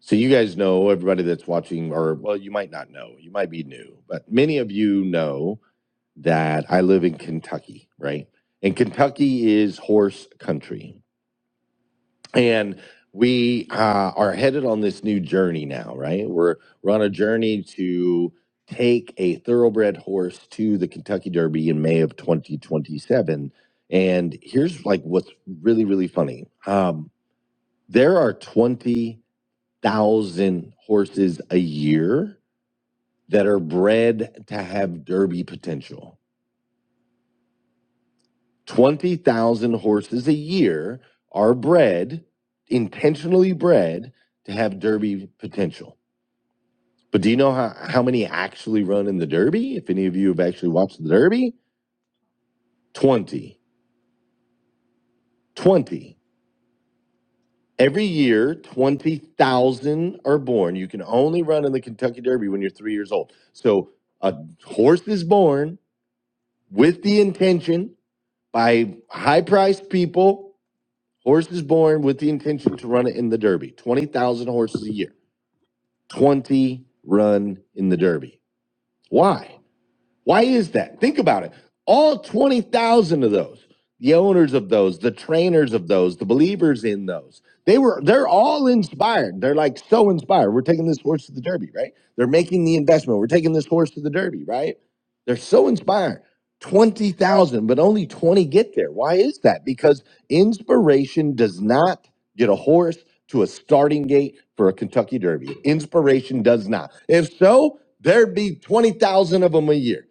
S6: So you guys know everybody that's watching or well, you might not know. You might be new, but many of you know that I live in Kentucky, right? And Kentucky is horse country. And we uh, are headed on this new journey now, right? We're, we're on a journey to take a thoroughbred horse to the Kentucky Derby in May of 2027. And here's like what's really, really funny. Um, there are 20,000 horses a year that are bred to have Derby potential 20,000 horses a year are bred, intentionally bred to have derby potential. But do you know how, how many actually run in the derby? If any of you have actually watched the derby, 20. 20. Every year, 20,000 are born. You can only run in the Kentucky Derby when you're three years old. So a horse is born with the intention by high priced people Horse is born with the intention to run it in the Derby. 20,000 horses a year. 20 run in the Derby. Why? Why is that? Think about it. All 20,000 of those, the owners of those, the trainers of those, the believers in those, they were they're all inspired. They're like so inspired. We're taking this horse to the derby, right? They're making the investment. We're taking this horse to the derby, right? They're so inspired. 20,000, but only 20 get there. Why is that? Because inspiration does not get a horse to a starting gate for a Kentucky Derby. Inspiration does not. If so, there'd be 20,000 of them a year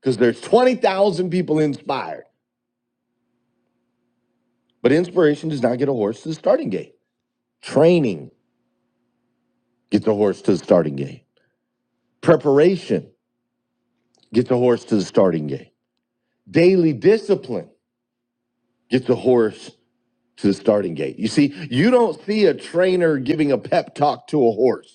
S6: because there's 20,000 people inspired. But inspiration does not get a horse to the starting gate. Training gets a horse to the starting gate. Preparation gets a horse to the starting gate. Daily discipline gets a horse to the starting gate. You see, you don't see a trainer giving a pep talk to a horse.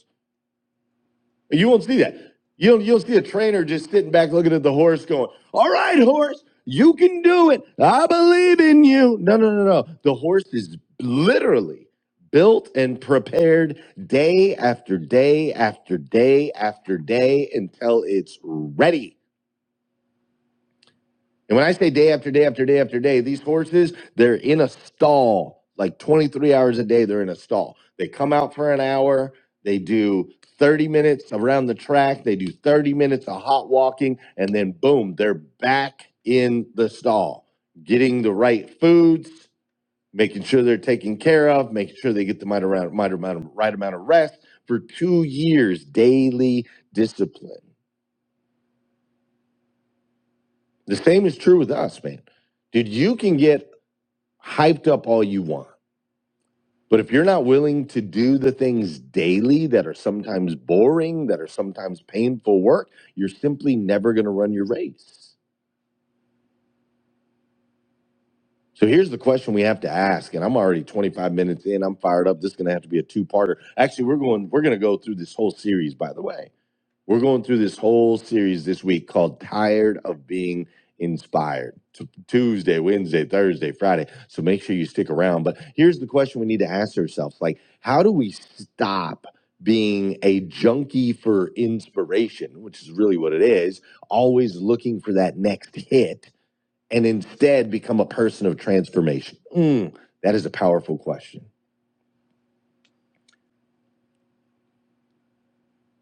S6: You won't see that. You'll you'll see a trainer just sitting back looking at the horse, going, "All right, horse, you can do it. I believe in you." No, no, no, no. The horse is literally built and prepared day after day after day after day until it's ready. And when I say day after day after day after day, these horses, they're in a stall like 23 hours a day. They're in a stall. They come out for an hour. They do 30 minutes around the track. They do 30 minutes of hot walking. And then, boom, they're back in the stall, getting the right foods, making sure they're taken care of, making sure they get the right amount, right amount, of, right amount of rest for two years, daily discipline. The same is true with us, man. Dude, you can get hyped up all you want. But if you're not willing to do the things daily that are sometimes boring, that are sometimes painful work, you're simply never going to run your race. So here's the question we have to ask, and I'm already 25 minutes in. I'm fired up. This is going to have to be a two-parter. Actually, we're going. We're going to go through this whole series, by the way. We're going through this whole series this week called Tired of Being Inspired. T- Tuesday, Wednesday, Thursday, Friday. So make sure you stick around. But here's the question we need to ask ourselves like, how do we stop being a junkie for inspiration, which is really what it is, always looking for that next hit, and instead become a person of transformation? Mm, that is a powerful question.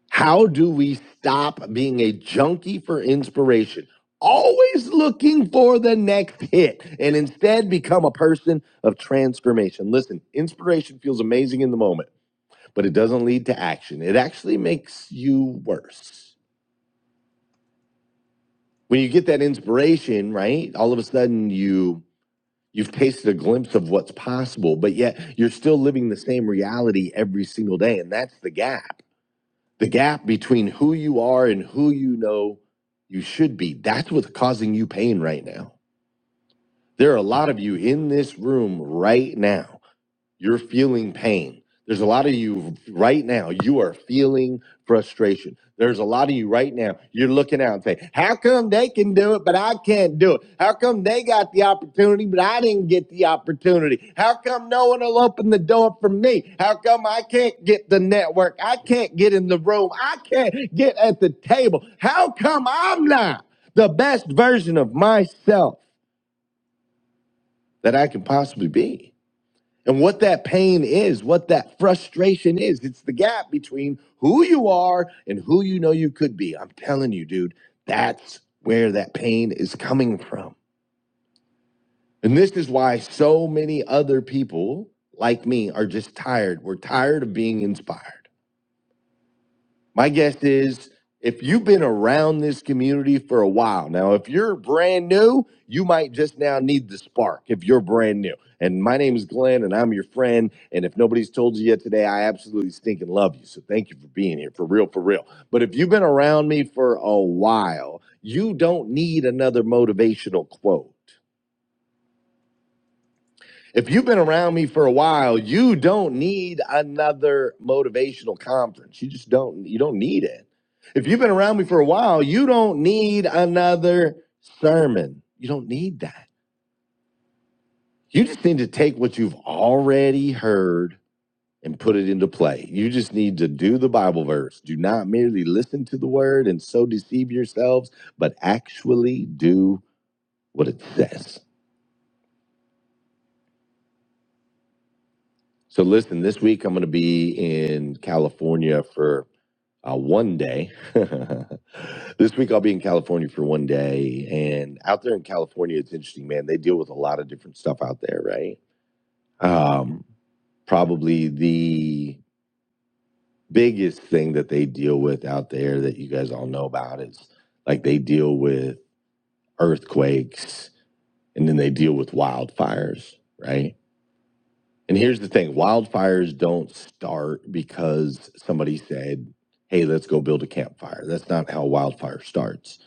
S6: How do we stop being a junkie for inspiration? Always looking for the next hit and instead become a person of transformation. Listen, inspiration feels amazing in the moment, but it doesn't lead to action. It actually makes you worse. When you get that inspiration, right? All of a sudden you you've tasted a glimpse of what's possible, but yet you're still living the same reality every single day and that's the gap the gap between who you are and who you know you should be. That's what's causing you pain right now. There are a lot of you in this room right now you're feeling pain. There's a lot of you right now, you are feeling frustration. There's a lot of you right now, you're looking out and saying, How come they can do it, but I can't do it? How come they got the opportunity, but I didn't get the opportunity? How come no one will open the door for me? How come I can't get the network? I can't get in the room. I can't get at the table. How come I'm not the best version of myself that I can possibly be? and what that pain is, what that frustration is. It's the gap between who you are and who you know you could be. I'm telling you, dude, that's where that pain is coming from. And this is why so many other people like me are just tired. We're tired of being inspired. My guess is if you've been around this community for a while now, if you're brand new, you might just now need the spark if you're brand new. And my name is Glenn and I'm your friend. And if nobody's told you yet today, I absolutely stinking love you. So thank you for being here for real, for real. But if you've been around me for a while, you don't need another motivational quote. If you've been around me for a while, you don't need another motivational conference. You just don't you don't need it. If you've been around me for a while, you don't need another sermon. You don't need that. You just need to take what you've already heard and put it into play. You just need to do the Bible verse. Do not merely listen to the word and so deceive yourselves, but actually do what it says. So listen, this week I'm going to be in California for uh, one day. this week I'll be in California for one day, and out there in California, it's interesting, man. They deal with a lot of different stuff out there, right? Um, probably the biggest thing that they deal with out there that you guys all know about is like they deal with earthquakes, and then they deal with wildfires, right? And here's the thing wildfires don't start because somebody said, hey, let's go build a campfire. That's not how wildfire starts.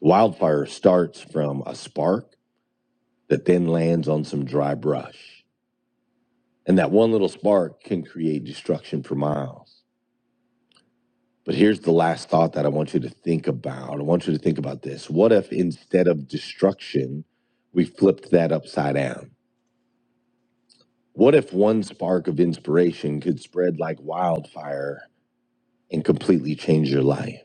S6: Wildfire starts from a spark that then lands on some dry brush. And that one little spark can create destruction for miles. But here's the last thought that I want you to think about. I want you to think about this. What if instead of destruction, we flipped that upside down? What if one spark of inspiration could spread like wildfire and completely change your life.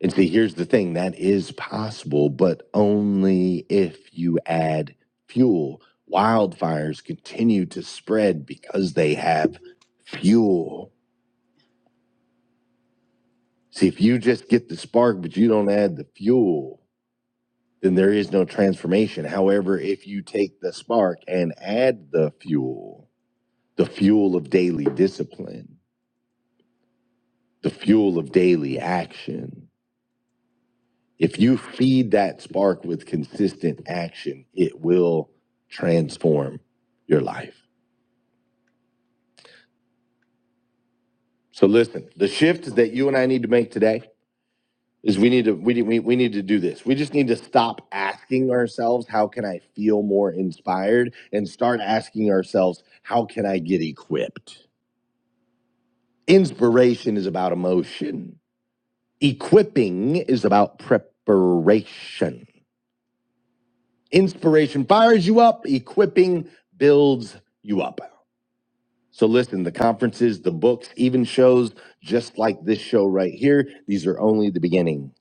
S6: And see, here's the thing that is possible, but only if you add fuel. Wildfires continue to spread because they have fuel. See, if you just get the spark, but you don't add the fuel, then there is no transformation. However, if you take the spark and add the fuel, the fuel of daily discipline, the fuel of daily action, If you feed that spark with consistent action, it will transform your life. So listen, the shift that you and I need to make today is we need to we need- we, we need to do this. We just need to stop asking ourselves how can I feel more inspired and start asking ourselves how can I get equipped. Inspiration is about emotion. Equipping is about preparation. Inspiration fires you up, equipping builds you up. So listen, the conferences, the books, even shows just like this show right here, these are only the beginning.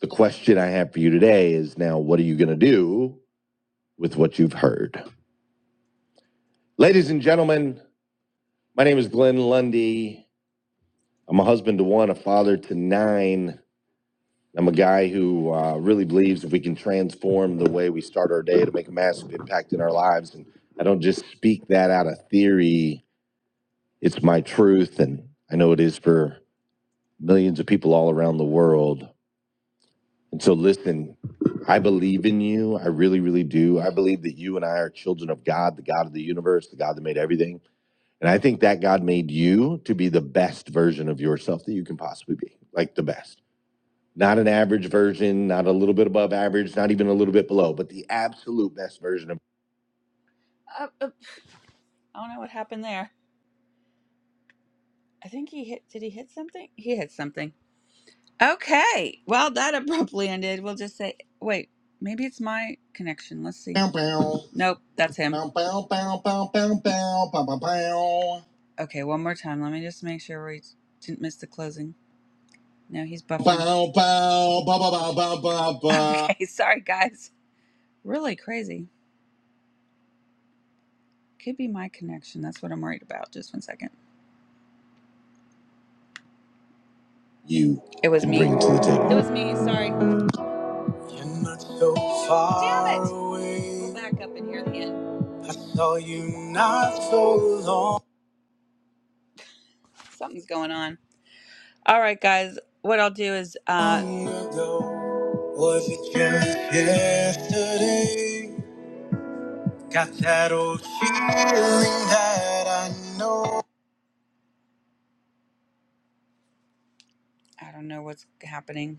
S6: The question I have for you today is now what are you going to do with what you've heard? Ladies and gentlemen, my name is Glenn Lundy. I'm a husband to one, a father to nine. I'm a guy who uh, really believes if we can transform the way we start our day to make a massive impact in our lives. And I don't just speak that out of theory, it's my truth. And I know it is for millions of people all around the world. And so, listen, I believe in you. I really, really do. I believe that you and I are children of God, the God of the universe, the God that made everything. And I think that God made you to be the best version of yourself that you can possibly be, like the best. Not an average version, not a little bit above average, not even a little bit below, but the absolute best version of Uh, uh, I don't know what happened there. I think he hit. Did he hit something? He hit something. Okay. Well, that abruptly ended. We'll just say, wait, maybe it's my connection. Let's see. Bow bow. Nope, that's him. Bow bow bow bow bow bow bow bow bow. Okay, one more time. Let me just make sure we didn't miss the closing. No, he's buffering. Bow bow bow bow bow bow bow. Okay, sorry, guys. Really crazy. Could be my connection. That's what I'm worried about. Just one second. You It was me. bring to the table. It was me. Sorry. You're not so far Damn it. away. Go back up in here again. I saw you not so long. Something's going on. All right, guys. What I'll do is. Uh, long ago, was it just yesterday? Got that old feeling that I know. I don't know what's happening.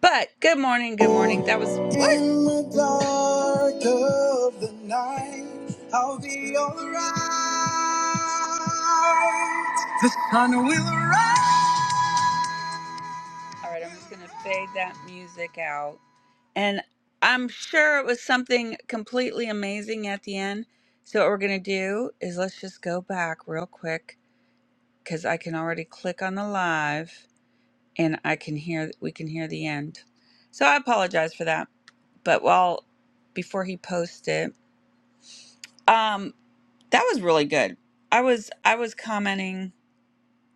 S6: But good morning, good morning. That was what? In the dark of the night, I'll be alright. The sun will rise. All right, I'm just going to fade that music out. And I'm sure it was something completely amazing at the end. So, what we're going to do is let's just go back real quick because I can already click on the live and I can hear, we can hear the end. So, I apologize for that. but while before he posted um that was really good i was i was commenting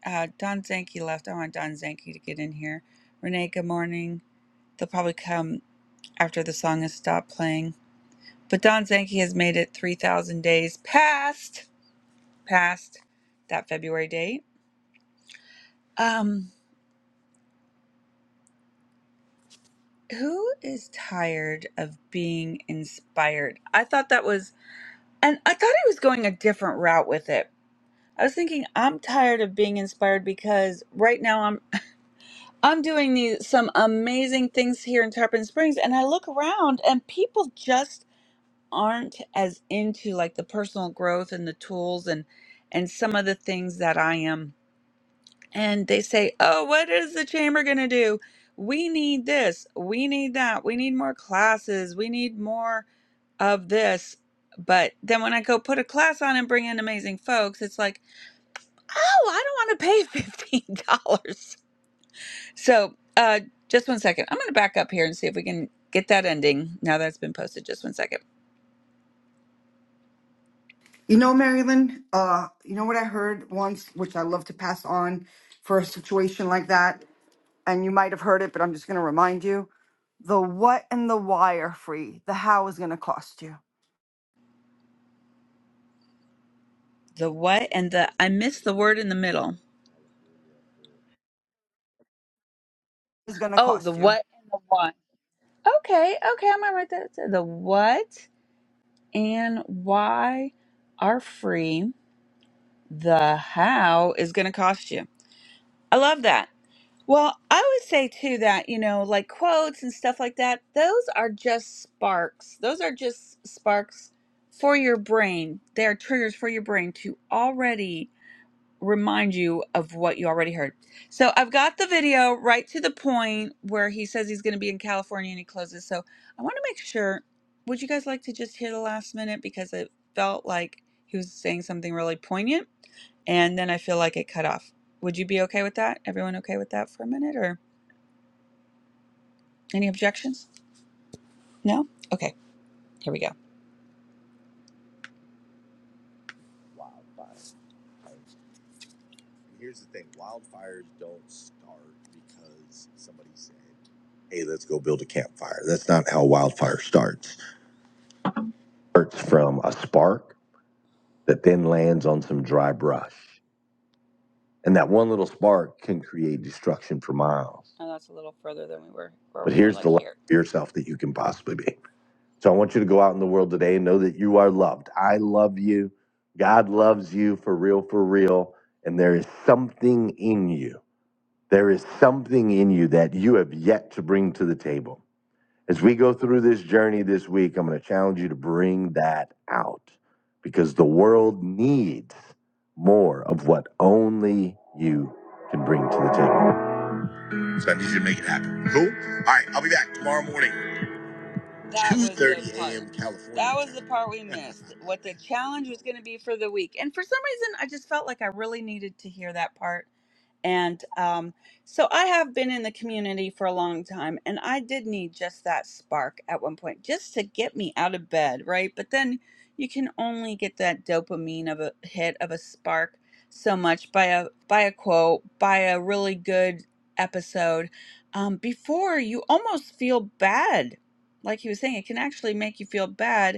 S6: uh don zanke left i want don zanke to get in here renee good morning they'll probably come after the song has stopped playing but don zanke has made it 3000 days past past that february date um who is tired of being inspired i thought that was and i thought he was going a different route with it I was thinking I'm tired of being inspired because right now I'm I'm doing these some amazing things here in Tarpon Springs and I look around and people just aren't as into like the personal growth and the tools and and some of the things that I am. And they say, "Oh, what is the chamber going to do? We need this, we need that, we need more classes, we need more of this." But then when I go put a class on and bring in amazing folks, it's like oh, I don't want to pay fifteen dollars. So, uh, just one second. I'm going to back up here and see if we can get that ending now that's been posted. Just one second.
S4: You know, Marilyn. Uh, you know what I heard once, which I love to pass on for a situation like that. And you might have heard it, but I'm just going to remind you The what and the why are free. The how is going to cost you.
S6: The what and the I missed the word in the middle.
S4: Is going to
S6: Oh, the
S4: cost you.
S6: what and the why. Okay, okay, I'm gonna write that. The what and why are free. The how is going to cost you. I love that. Well, I would say too that, you know, like quotes and stuff like that, those are just sparks. Those are just sparks for your brain. They are triggers for your brain to already remind you of what you already heard. So I've got the video right to the point where he says he's going to be in California and he closes. So I want to make sure. Would you guys like to just hear the last minute because it felt like he was saying something really poignant, and then I feel like it cut off. Would you be okay with that? Everyone okay with that for a minute, or any objections? No. Okay. Here we go. Here's the thing wildfires don't start because somebody said, hey, let's go build a campfire. That's not how wildfire starts. It starts from a spark that then lands on some dry brush. And that one little spark can create destruction for miles. Oh, that's a little further than we were But we were here's the like the love here. for yourself that you can possibly be. So I want you to go out in the world today and know that you are loved. I love you. God loves you for real, for real. And there is something in you. There is something in you that you have yet to bring to the table. As we go through this journey this week, I'm going to challenge you to bring that out because the world needs more of what only you can bring to the table. That was the 2:30 a.m. California That was the part we missed. What the challenge was going to be for the week. And for some reason, I just felt like I really needed to hear that part. And um, so I have been in the community for a long time, and I did need just that spark at one point, just to get me out of bed, right? But then you can only get that dopamine of a hit of a spark so much by a by a quote, by a really good episode, um, before you almost feel bad like he was saying, it can actually make you feel bad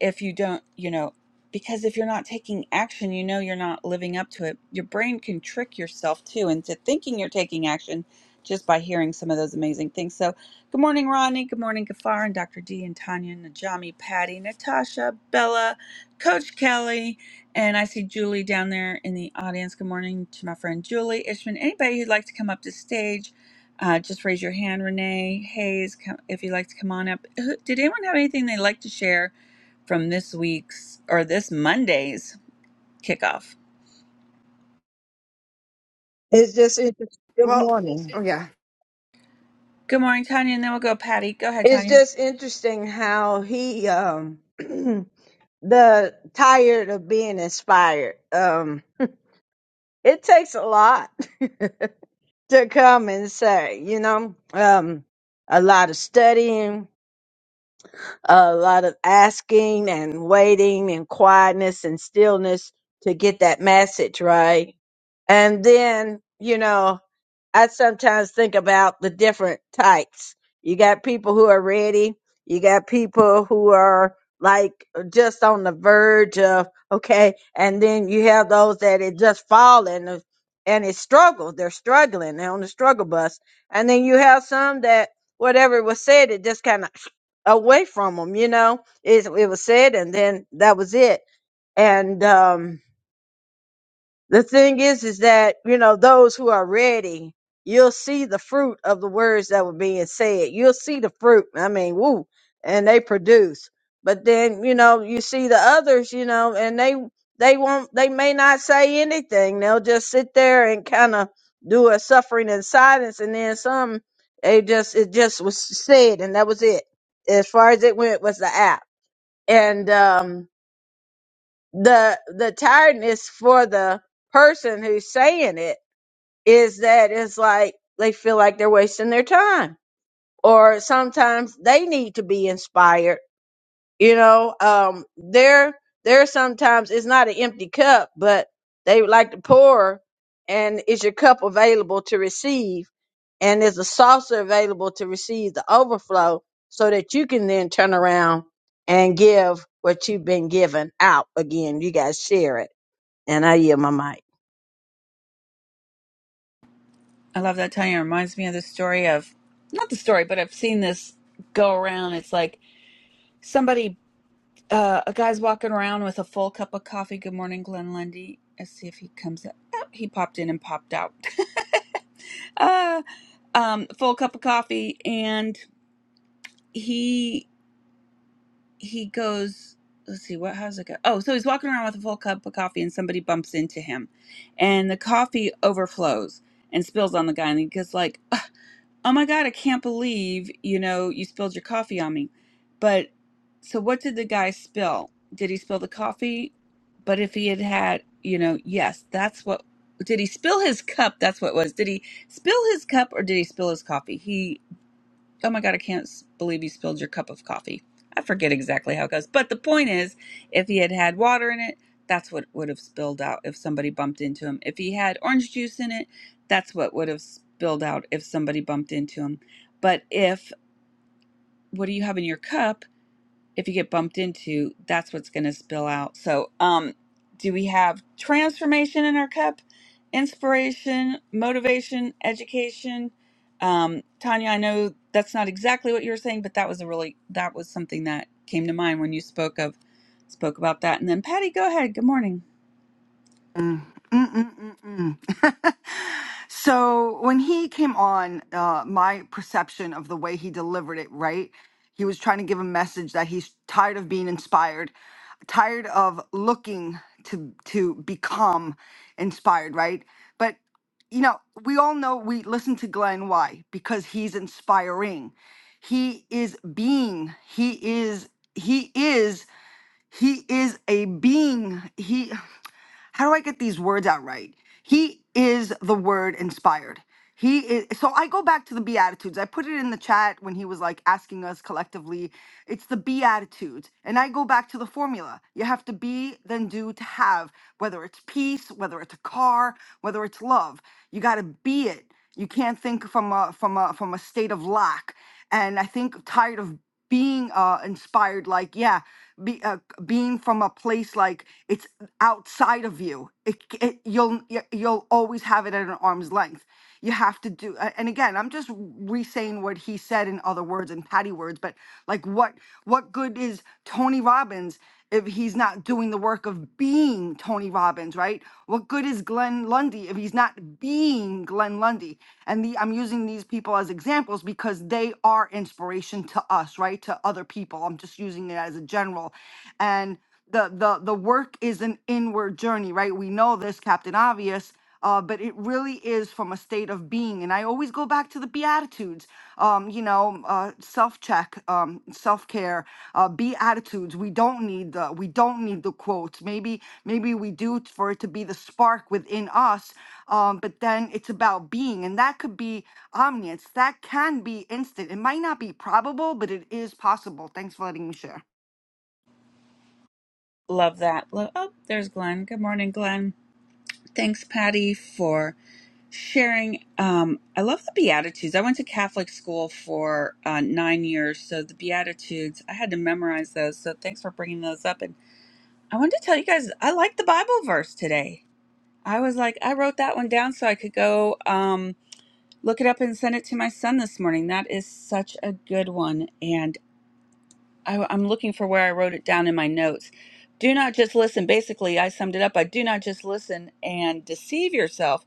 S6: if you don't, you know, because if you're not taking action, you know you're not living up to it. Your brain can trick yourself too into thinking you're taking action just by hearing some of those amazing things. So, good morning, Ronnie. Good morning, Gafar and Dr. D and Tanya, Najami, Patty, Natasha, Bella, Coach Kelly, and I see Julie down there in the audience. Good morning to my friend Julie Ishman. Anybody who'd like to come up to stage, uh, just raise your hand. Renee Hayes, come, if you'd like to come on up. Who- Did anyone have anything they'd like to share? from this week's or this Monday's kickoff.
S9: It's just interesting. Good
S4: Well, oh
S9: morning.
S4: yeah.
S6: Good morning, Tanya, and then we'll go Patty. Go ahead,
S9: It's
S6: Tanya.
S9: just interesting how he um the tired of being inspired. Um it takes a lot to come and say, you know, um a lot of studying, a lot of asking and waiting and quietness and stillness to get that message right. And then, you know, I sometimes think about the different types. You got people who are ready, you got people who are like just on the verge of okay, and then you have those that it just fall and and it struggles. They're struggling. They're on the struggle bus. And then you have some that whatever was said, it just kind of away from them. You know, it, it was said, and then that was it. And um, the thing is, is that you know those who are ready, you'll see the fruit of the words that were being said. You'll see the fruit. I mean, woo, and they produce. But then you know you see the others, you know, and they they won't. They may not say anything. They'll just sit there and kind of do a suffering in silence, and then some. they just it just was said, and that was it as far as it went was the app and um, the the tiredness for the person who's saying it is that it's like they feel like they're wasting their time or sometimes they need to be inspired you know, um, there, there sometimes it's not an empty cup, but they would like to pour, and is your cup available to receive? And is the saucer available to receive the overflow so that you can then turn around and give what you've been given out again? You guys share it, and I yield my mic.
S6: I love that Tanya It reminds me of the story of not the story, but I've seen this go around. It's like somebody uh a guy's walking around with a full cup of coffee. Good morning, Glenn Lundy. Let's see if he comes up. Oh, he popped in and popped out. uh um full cup of coffee and he he goes let's see what how's it go oh so he's walking around with a full cup of coffee and somebody bumps into him and the coffee overflows and spills on the guy and he goes like oh my god i can't believe you know you spilled your coffee on me but so what did the guy spill did he spill the coffee but if he had had you know yes that's what did he spill his cup that's what it was did he spill his cup or did he spill his coffee he oh my god i can't believe you spilled your cup of coffee i forget exactly how it goes but the point is if he had had water in it that's what would have spilled out if somebody bumped into him if he had orange juice in it that's what would have spilled out if somebody bumped into him but if what do you have in your cup if you get bumped into, that's what's going to spill out. So, um, do we have transformation in our cup? Inspiration, motivation, education. Um, Tanya, I know that's not exactly what you were saying, but that was a really that was something that came to mind when you spoke of spoke about that. And then Patty, go ahead. Good morning.
S4: Mm, mm, mm, mm, mm. so when he came on, uh, my perception of the way he delivered it, right? He was trying to give a message that he's tired of being inspired, tired of looking to to become inspired, right? But you know, we all know we listen to Glenn why? Because he's inspiring. He is being. He is. He is. He is a being. He how do I get these words out right? He is the word inspired. He is so I go back to the Beatitudes. I put it in the chat when he was like asking us collectively. It's the Beatitudes. And I go back to the formula. You have to be, then do to have, whether it's peace, whether it's a car, whether it's love. You gotta be it. You can't think from a from a from a state of lack. And I think tired of being uh, inspired, like yeah, be, uh, being from a place like it's outside of you. It, it you'll you'll always have it at an arm's length. You have to do. a- And again, I'm just re-saying what he said in other words and Patty words, but like what what good is Tony Robbins? if he's not doing the work of being Tony Robbins, right? What good is Glenn Lundy if he's not being Glenn Lundy? And the, I'm using these people as examples because they are inspiration to us, right? To other people. I'm just using it as a general. And the the the work is an inward journey, right? We know this, Captain Obvious, uh, but it really is from a state of being. And I always go back to the Beatitudes, um, you know, uh, self check, um, self care, uh, Beatitudes. We don't need the we don't need the quotes. Maybe maybe we do t- for it to be the spark within us. Um, but then it's about being, and that could be omniscience. That can be instant. It might not be probable, but it is possible. Thanks for letting me share.
S6: Love that. Love, oh, there's Glenn. Good morning, Glenn. Thanks, Patty, for sharing. Um, I love the Beatitudes. I went to Catholic school for uh, nine years, so the Beatitudes, I had to memorize those. So thanks for bringing those up. And I wanted to tell you guys, I like the Bible verse today. I was like, I wrote that one down so I could go um, look it up and send it to my son this morning. That is such a good one. And I, I'm looking for where I wrote it down in my notes. Do not just listen. Basically, I summed it up. I do not just listen and deceive yourself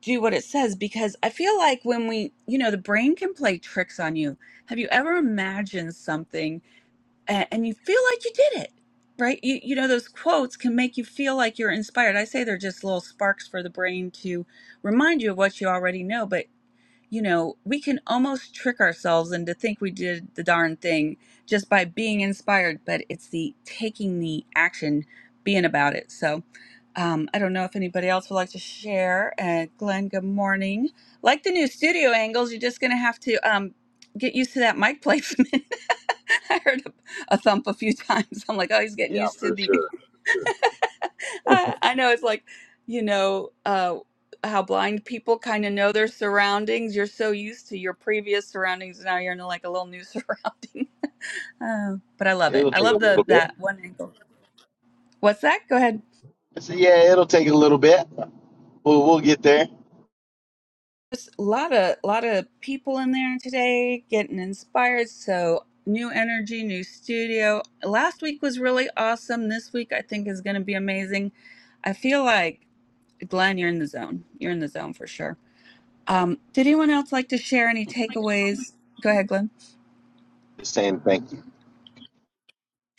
S6: do what it says because I feel like when we, you know, the brain can play tricks on you. Have you ever imagined something and, and you feel like you did it? Right? You, you know, those quotes can make you feel like you're inspired. I say they're just little sparks for the brain to remind you of what you already know. but you know, we can almost trick ourselves into think we did the darn thing just by being inspired, but it's the taking the action, being about it. So um, I don't know if anybody else would like to share. Uh, Glenn, good morning. Like the new studio angles, you're just going to have to um, get used to that mic placement. I heard a, a thump a few times. I'm like, oh, he's getting
S10: Yeah,
S6: used to
S10: for
S6: the
S10: sure. for sure.
S6: I, I know it's like, you know, uh, how blind people kind of know their surroundings. You're so used to your previous surroundings, now you're in like a little new surrounding. Uh, but I love it.
S10: It'll
S6: I
S10: take a
S6: love the
S10: little bit.
S6: that one angle. What's that? Go ahead.
S10: I yeah, it'll take a little bit. We'll we'll get there.
S6: Just a lot of lot of people in there today getting inspired. So new energy, new studio. Last week was really awesome. This week I think is going to be amazing. I feel like Glenn, you're in the zone. You're in the zone for sure. Um, did anyone else like to share any takeaways? Go ahead, Glenn.
S10: Just saying thank you.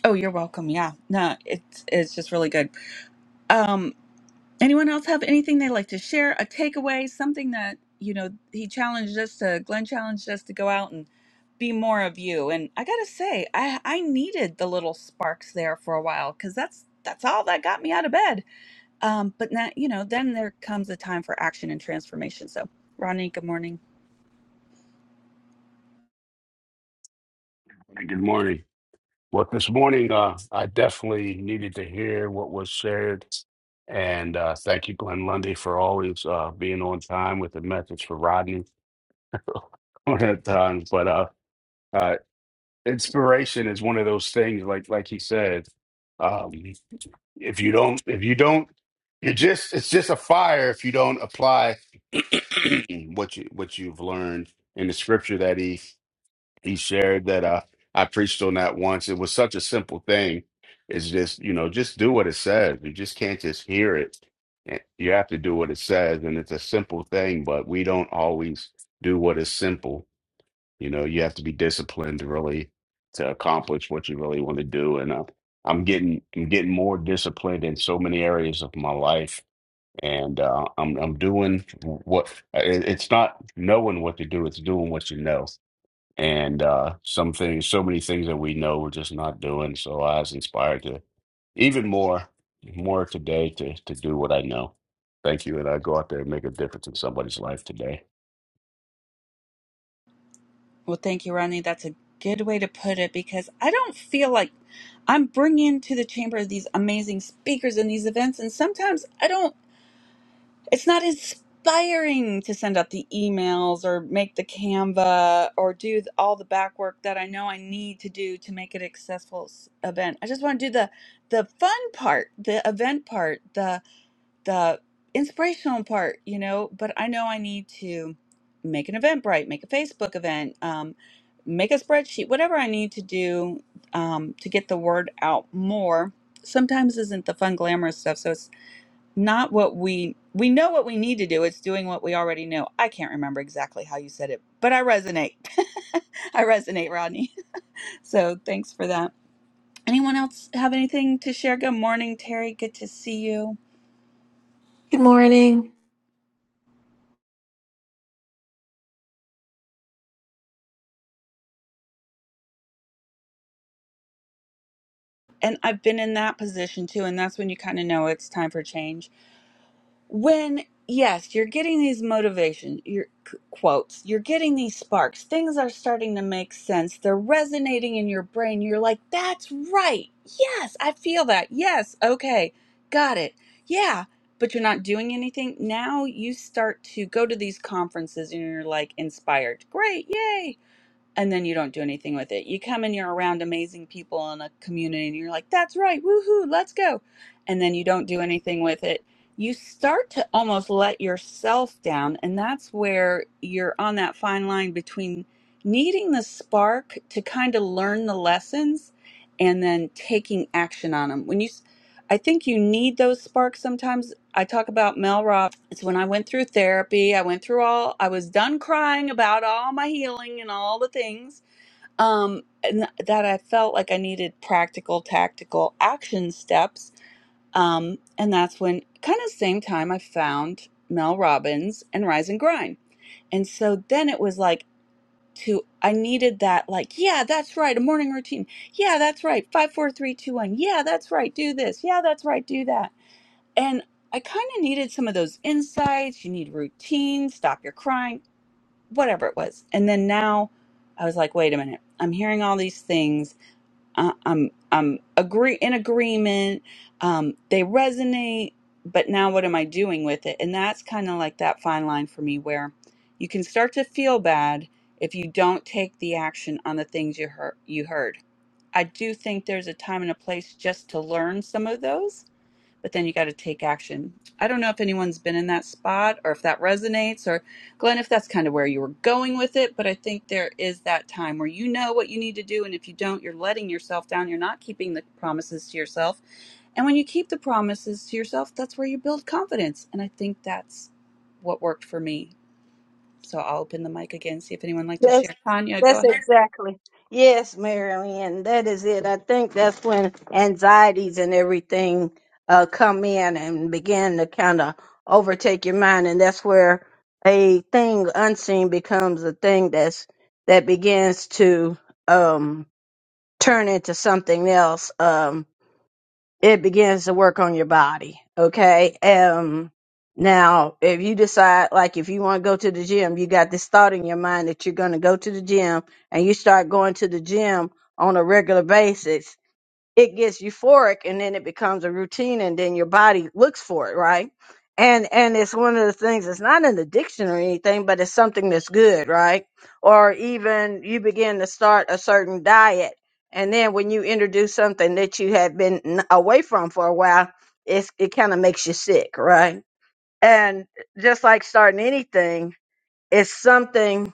S6: Oh, you're welcome. Yeah. No, it's it's just really good. Um, anyone else have anything they'd like to share? A takeaway, something that, you know, he challenged us to Glenn challenged us to go out and be more of you. And I gotta say, I I needed the little sparks there for a while because that's that's all that got me out of bed. Um, but now, you know, then there comes a time for action and transformation. So Ronnie, good morning.
S11: Hey, Good morning. Well, this morning, uh, I definitely needed to hear what was shared. And uh, thank you, Glenn Lundy, for always uh, being on time with the message for Rodney on that time. But uh, uh, inspiration is one of those things, like like he said, um, if you don't, if you don't, you just it's just a fire if you don't apply what you what you've learned in the scripture that he he shared that uh, I preached on that once. It was such a simple thing. It's just, you know, just do what it says. You just can't just hear it. And You have to do what it says. And it's a simple thing, but we don't always do what is simple. You know, you have to be disciplined really to accomplish what you really want to do. And uh, I'm getting I'm getting more disciplined in so many areas of my life. And uh, I'm I'm doing what it- it's not knowing what to do, it's doing what you know and uh, some things, so many things that we know we're just not doing. So I was inspired to even more, more today to to do what I know. Thank you, and I go out there and make a difference in somebody's life today.
S6: Well, thank you, Ronnie. That's a good way to put it because I don't feel like I'm bringing to the chamber these amazing speakers and these events, and sometimes I don't, it's not inspiring to send out the emails or make the Canva or do all the back work that I know I need to do to make it a successful s- event. I just want to do the the fun part, the event part, the inspirational part, you know, but I know I need to make an Eventbrite, make a Facebook event, um, make a spreadsheet, whatever I need to do um, to get the word out more. Sometimes isn't the fun, glamorous stuff. So it's not what we we know what we need to do. It's doing what we already know. I can't remember exactly how you said it, but I resonate. I resonate, Rodney. So thanks for that. Anyone else have anything to share? Good morning, Terry. Good to see you.
S12: Good morning.
S6: and I've been in that position too, and that's when you kind of know it's time for change. When yes, you're getting these motivation, your c- quotes, you're getting these sparks. Things are starting to make sense. They're resonating in your brain. You're like, "That's right. Yes, I feel that. Yes, okay, got it. Yeah." But you're not doing anything. Now you start to go to these conferences and you're like inspired. Great, yay! and then you don't do anything with it. You come and you're around amazing people in a community and you're like, that's right, woohoo, let's go. And then you don't do anything with it. You start to almost let yourself down. And that's where you're on that fine line between needing the spark to kind of learn the lessons and then taking action on them. When you, I think you need those sparks sometimes I talk about Mel Robbins. It's when I went through therapy. I went through all. I was done crying about all my healing and all the things. Um, and that I felt like I needed practical, tactical action steps. Um, and that's when, kind of same time, I found Mel Robbins and Rise and Grind. And so then it was like to I needed that like yeah that's right a morning routine yeah that's right five four three two one yeah that's right do this yeah that's right do that and I kind of needed some of those insights. You need routine, stop your crying, whatever it was. And then now I was like, wait a minute. I'm hearing all these things. Uh, I'm I'm agree in agreement. Um, they resonate, but now what am I doing with it? And that's kind of like that fine line for me where you can start to feel bad if you don't take the action on the things you heard you heard. I do think there's a time and a place just to learn some of those but then you got to take action. I don't know if anyone's been in that spot or if that resonates, or Glenn, if that's kind of where you were going with it, but I think there is that time where you know what you need to do, and if you don't, you're letting yourself down. You're not keeping the promises to yourself. And when you keep the promises to yourself, that's where you build confidence. And I think that's what worked for me. So I'll open the mic again, see if anyone would like to
S9: That's
S6: share. Tanya, go
S9: that's
S6: ahead.
S9: exactly. Yes, Marilyn, that is it. I think that's when anxieties and everything uh come in and begin to kind of overtake your mind and that's where a thing unseen becomes a thing that's that begins to um turn into something else. Um it begins to work on your body. Okay. Um, now if you decide, like, if you want to go to the gym, you got this thought in your mind that you're going to go to the gym and you start going to the gym on a regular basis it gets euphoric and then it becomes a routine and then your body looks for it right and and it's one of the things it's not in the dictionary or anything but it's something that's good right or even you begin to start a certain diet and then when you introduce something that you have been n- away from for a while it's, it kind of makes you sick right and just like starting anything it's something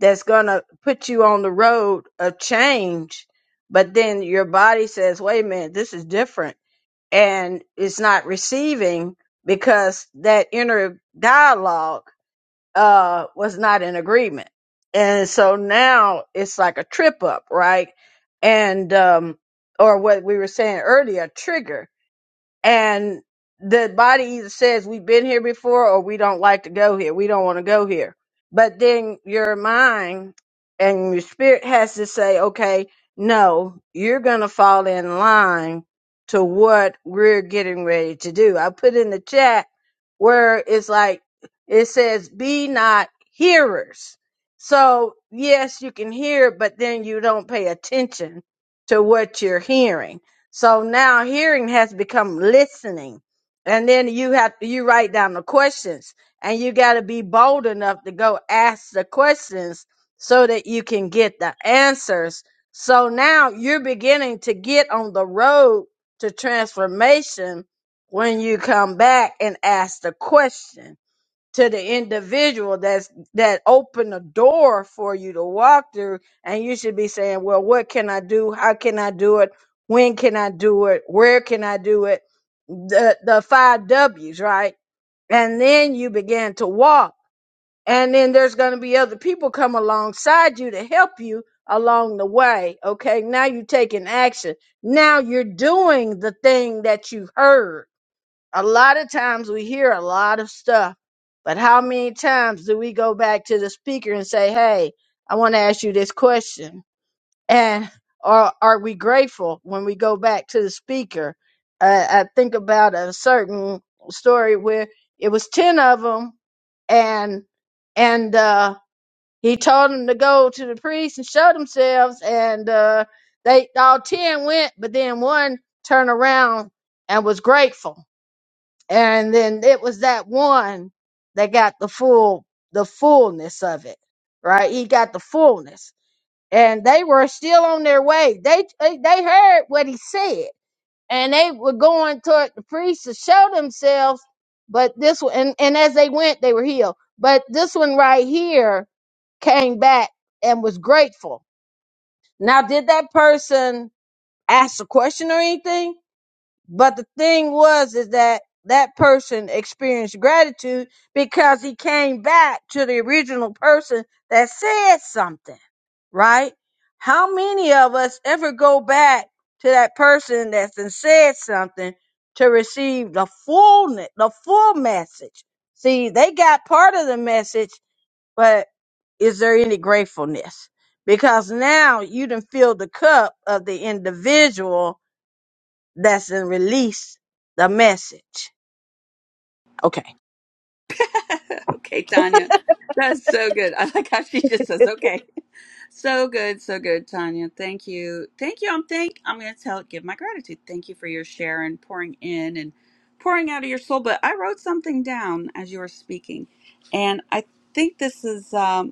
S9: that's going to put you on the road of change. But then your body says, wait a minute, this is different. And it's not receiving because that inner dialogue uh, was not in agreement. And so now it's like a trip up, right? And, um, or what we were saying earlier, a trigger and the body either says we've been here before or we don't like to go here we don't want to go here but then your mind and your spirit has to say okay no you're going to fall in line to what we're getting ready to do i put in the chat where it's like it says be not hearers so yes you can hear but then you don't pay attention to what you're hearing so now hearing has become listening. And then you have you write down the questions and you got to be bold enough to go ask the questions so that you can get the answers. So now you're beginning to get on the road to transformation when you come back and ask the question to the individual that's that opened the door for you to walk through and you should be saying well what can i do how can i do it when can i do it where can i do it the the five w's right and then you begin to walk and then there's going to be other people come alongside you to help you along the way okay now you're taking action now you're doing the thing that you heard a lot of times we hear a lot of stuff, but how many times do we go back to the speaker and say, Hey, I want to ask you this question? And are, are we grateful when we go back to the speaker? Uh, I think about a certain story where it was 10 of them and, and, uh, he told them to go to the priest and show themselves and, uh, they all 10 went, but then one turned around and was grateful and then it was that one that got the full the fullness of it right he got the fullness and they were still on their way they they they heard what he said and they were going toward the priest to show themselves but this one and, and as they went they were healed but this one right here came back and was grateful now did that person ask a question or anything but the thing was is that that person experienced gratitude because he came back to the original person that said something, right? How many of us ever go back to that person that's been said something to receive the fullness, the full message? See, they got part of the message, but is there any gratefulness? Because now you done filled the cup of the individual that's in release the message. Okay.
S6: okay, Tanya. That's so good. I like how she just says, okay. So good, so good, Tanya. Thank you. Thank you. I'm thank I'm gonna tell give my gratitude. Thank you for your share and pouring in and pouring out of your soul. But I wrote something down as you were speaking. And I think this is um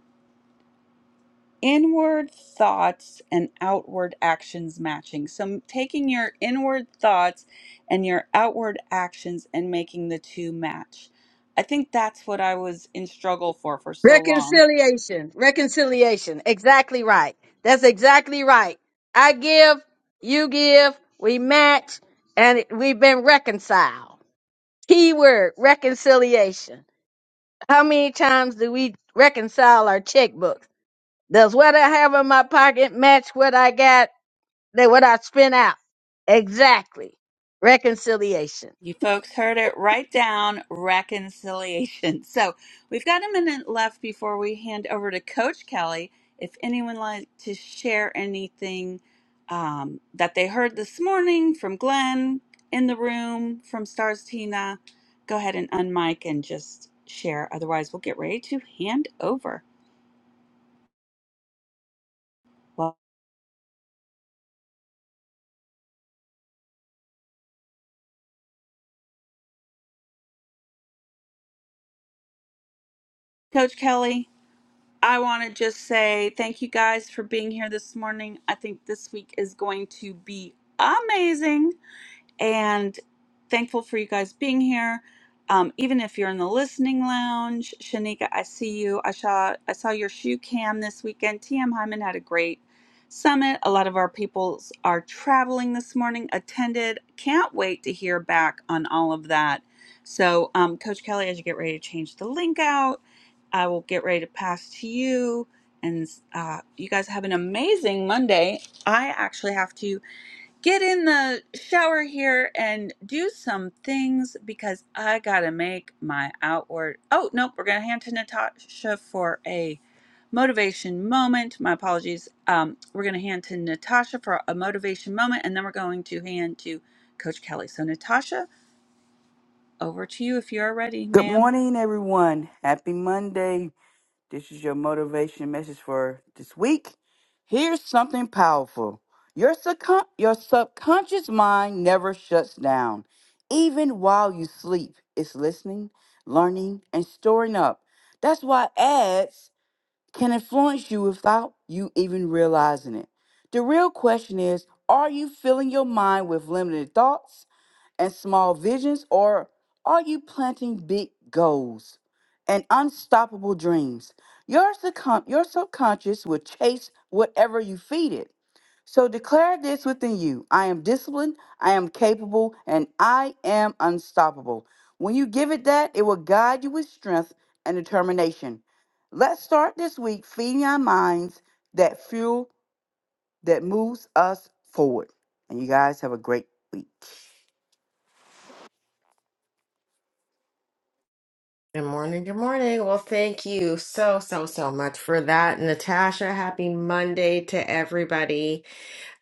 S6: inward thoughts and outward actions matching. So, taking your inward thoughts and your outward actions and making the two match. I think that's what I was in struggle for for so long.
S9: Reconciliation. Reconciliation. Exactly right. That's exactly right. I give, you give, we match, and it- we've been reconciled. Key word reconciliation. How many times do we reconcile our checkbooks? Does what I have in my pocket match what I got, that what I spent out? Exactly. Reconciliation.
S6: You folks heard it right down reconciliation. So we've got a minute left before we hand over to Coach Kelly. If anyone like to share anything um, that they heard this morning from Glenn in the room, from Stars Tina, go ahead and unmic and just share. Otherwise, we'll get ready to hand over. Well, Coach Kelly, I want to just say thank you guys for being here this morning. I think this week is going to be amazing. and thankful for you guys being here. Um, even if you're in the listening lounge, Shanika, I see you. I saw I saw your shoe cam this weekend. TM Hyman had a great summit. A lot of our people are traveling this morning. Attended. Can't wait to hear back on all of that. So, um, Coach Kelly, as you get ready to change the link out, I will get ready to pass to you. And uh, you guys have an amazing Monday. I actually have to get in the shower here and do some things because I gotta make my outward. Oh, nope, we're gonna hand to Natasha for a motivation moment. My apologies. Um, we're gonna hand to Natasha for a motivation moment and then we're going to hand to Coach Kelly. So, Natasha, over to you if you're ready,
S13: Good
S6: ma'am.
S13: morning, everyone. Happy Monday. This is your motivation message for this week. Here's something powerful your, subcon- your subconscious mind never shuts down. Even while you sleep, it's listening, learning, and storing up. That's why ads can influence you without you even realizing it. The real question is are you filling your mind with limited thoughts? and small visions, or are you planting big goals and unstoppable dreams? Your, subcon- your subconscious will chase whatever you feed it. So declare this within you I am disciplined, I am capable, and I am unstoppable. When you give it that, it will guide you with strength and determination. Let's start this week feeding our minds that fuel that moves us forward. And you guys have a great week.
S1: Good morning, good morning. Well, thank you so, so, so much for that, Natasha. Happy Monday to everybody.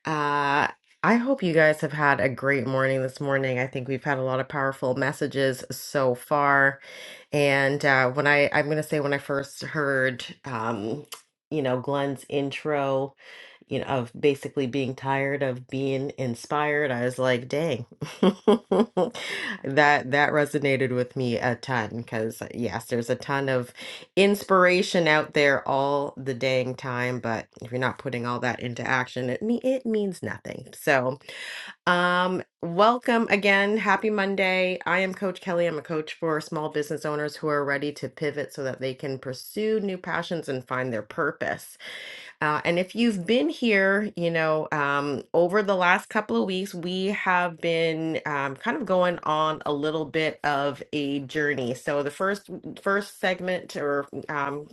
S1: Uh, I hope you guys have had a great morning this morning. I think we've had a lot of powerful messages so far. And uh, when I, I'm going to say, when I first heard, um, you know, Glenn's intro, you know, of basically being tired of being inspired, I was like, dang, that that resonated with me a ton because yes, there's a ton of inspiration out there all the dang time, but if you're not putting all that into action, it me it means nothing. So, um, welcome again, happy Monday. I am Coach Kelly. I'm a coach for small business owners who are ready to pivot so that they can pursue new passions and find their purpose. Uh, and if you've been here, you know, um, over the last couple of weeks, we have been um, kind of going on a little bit of a journey. So the first first segment, or um,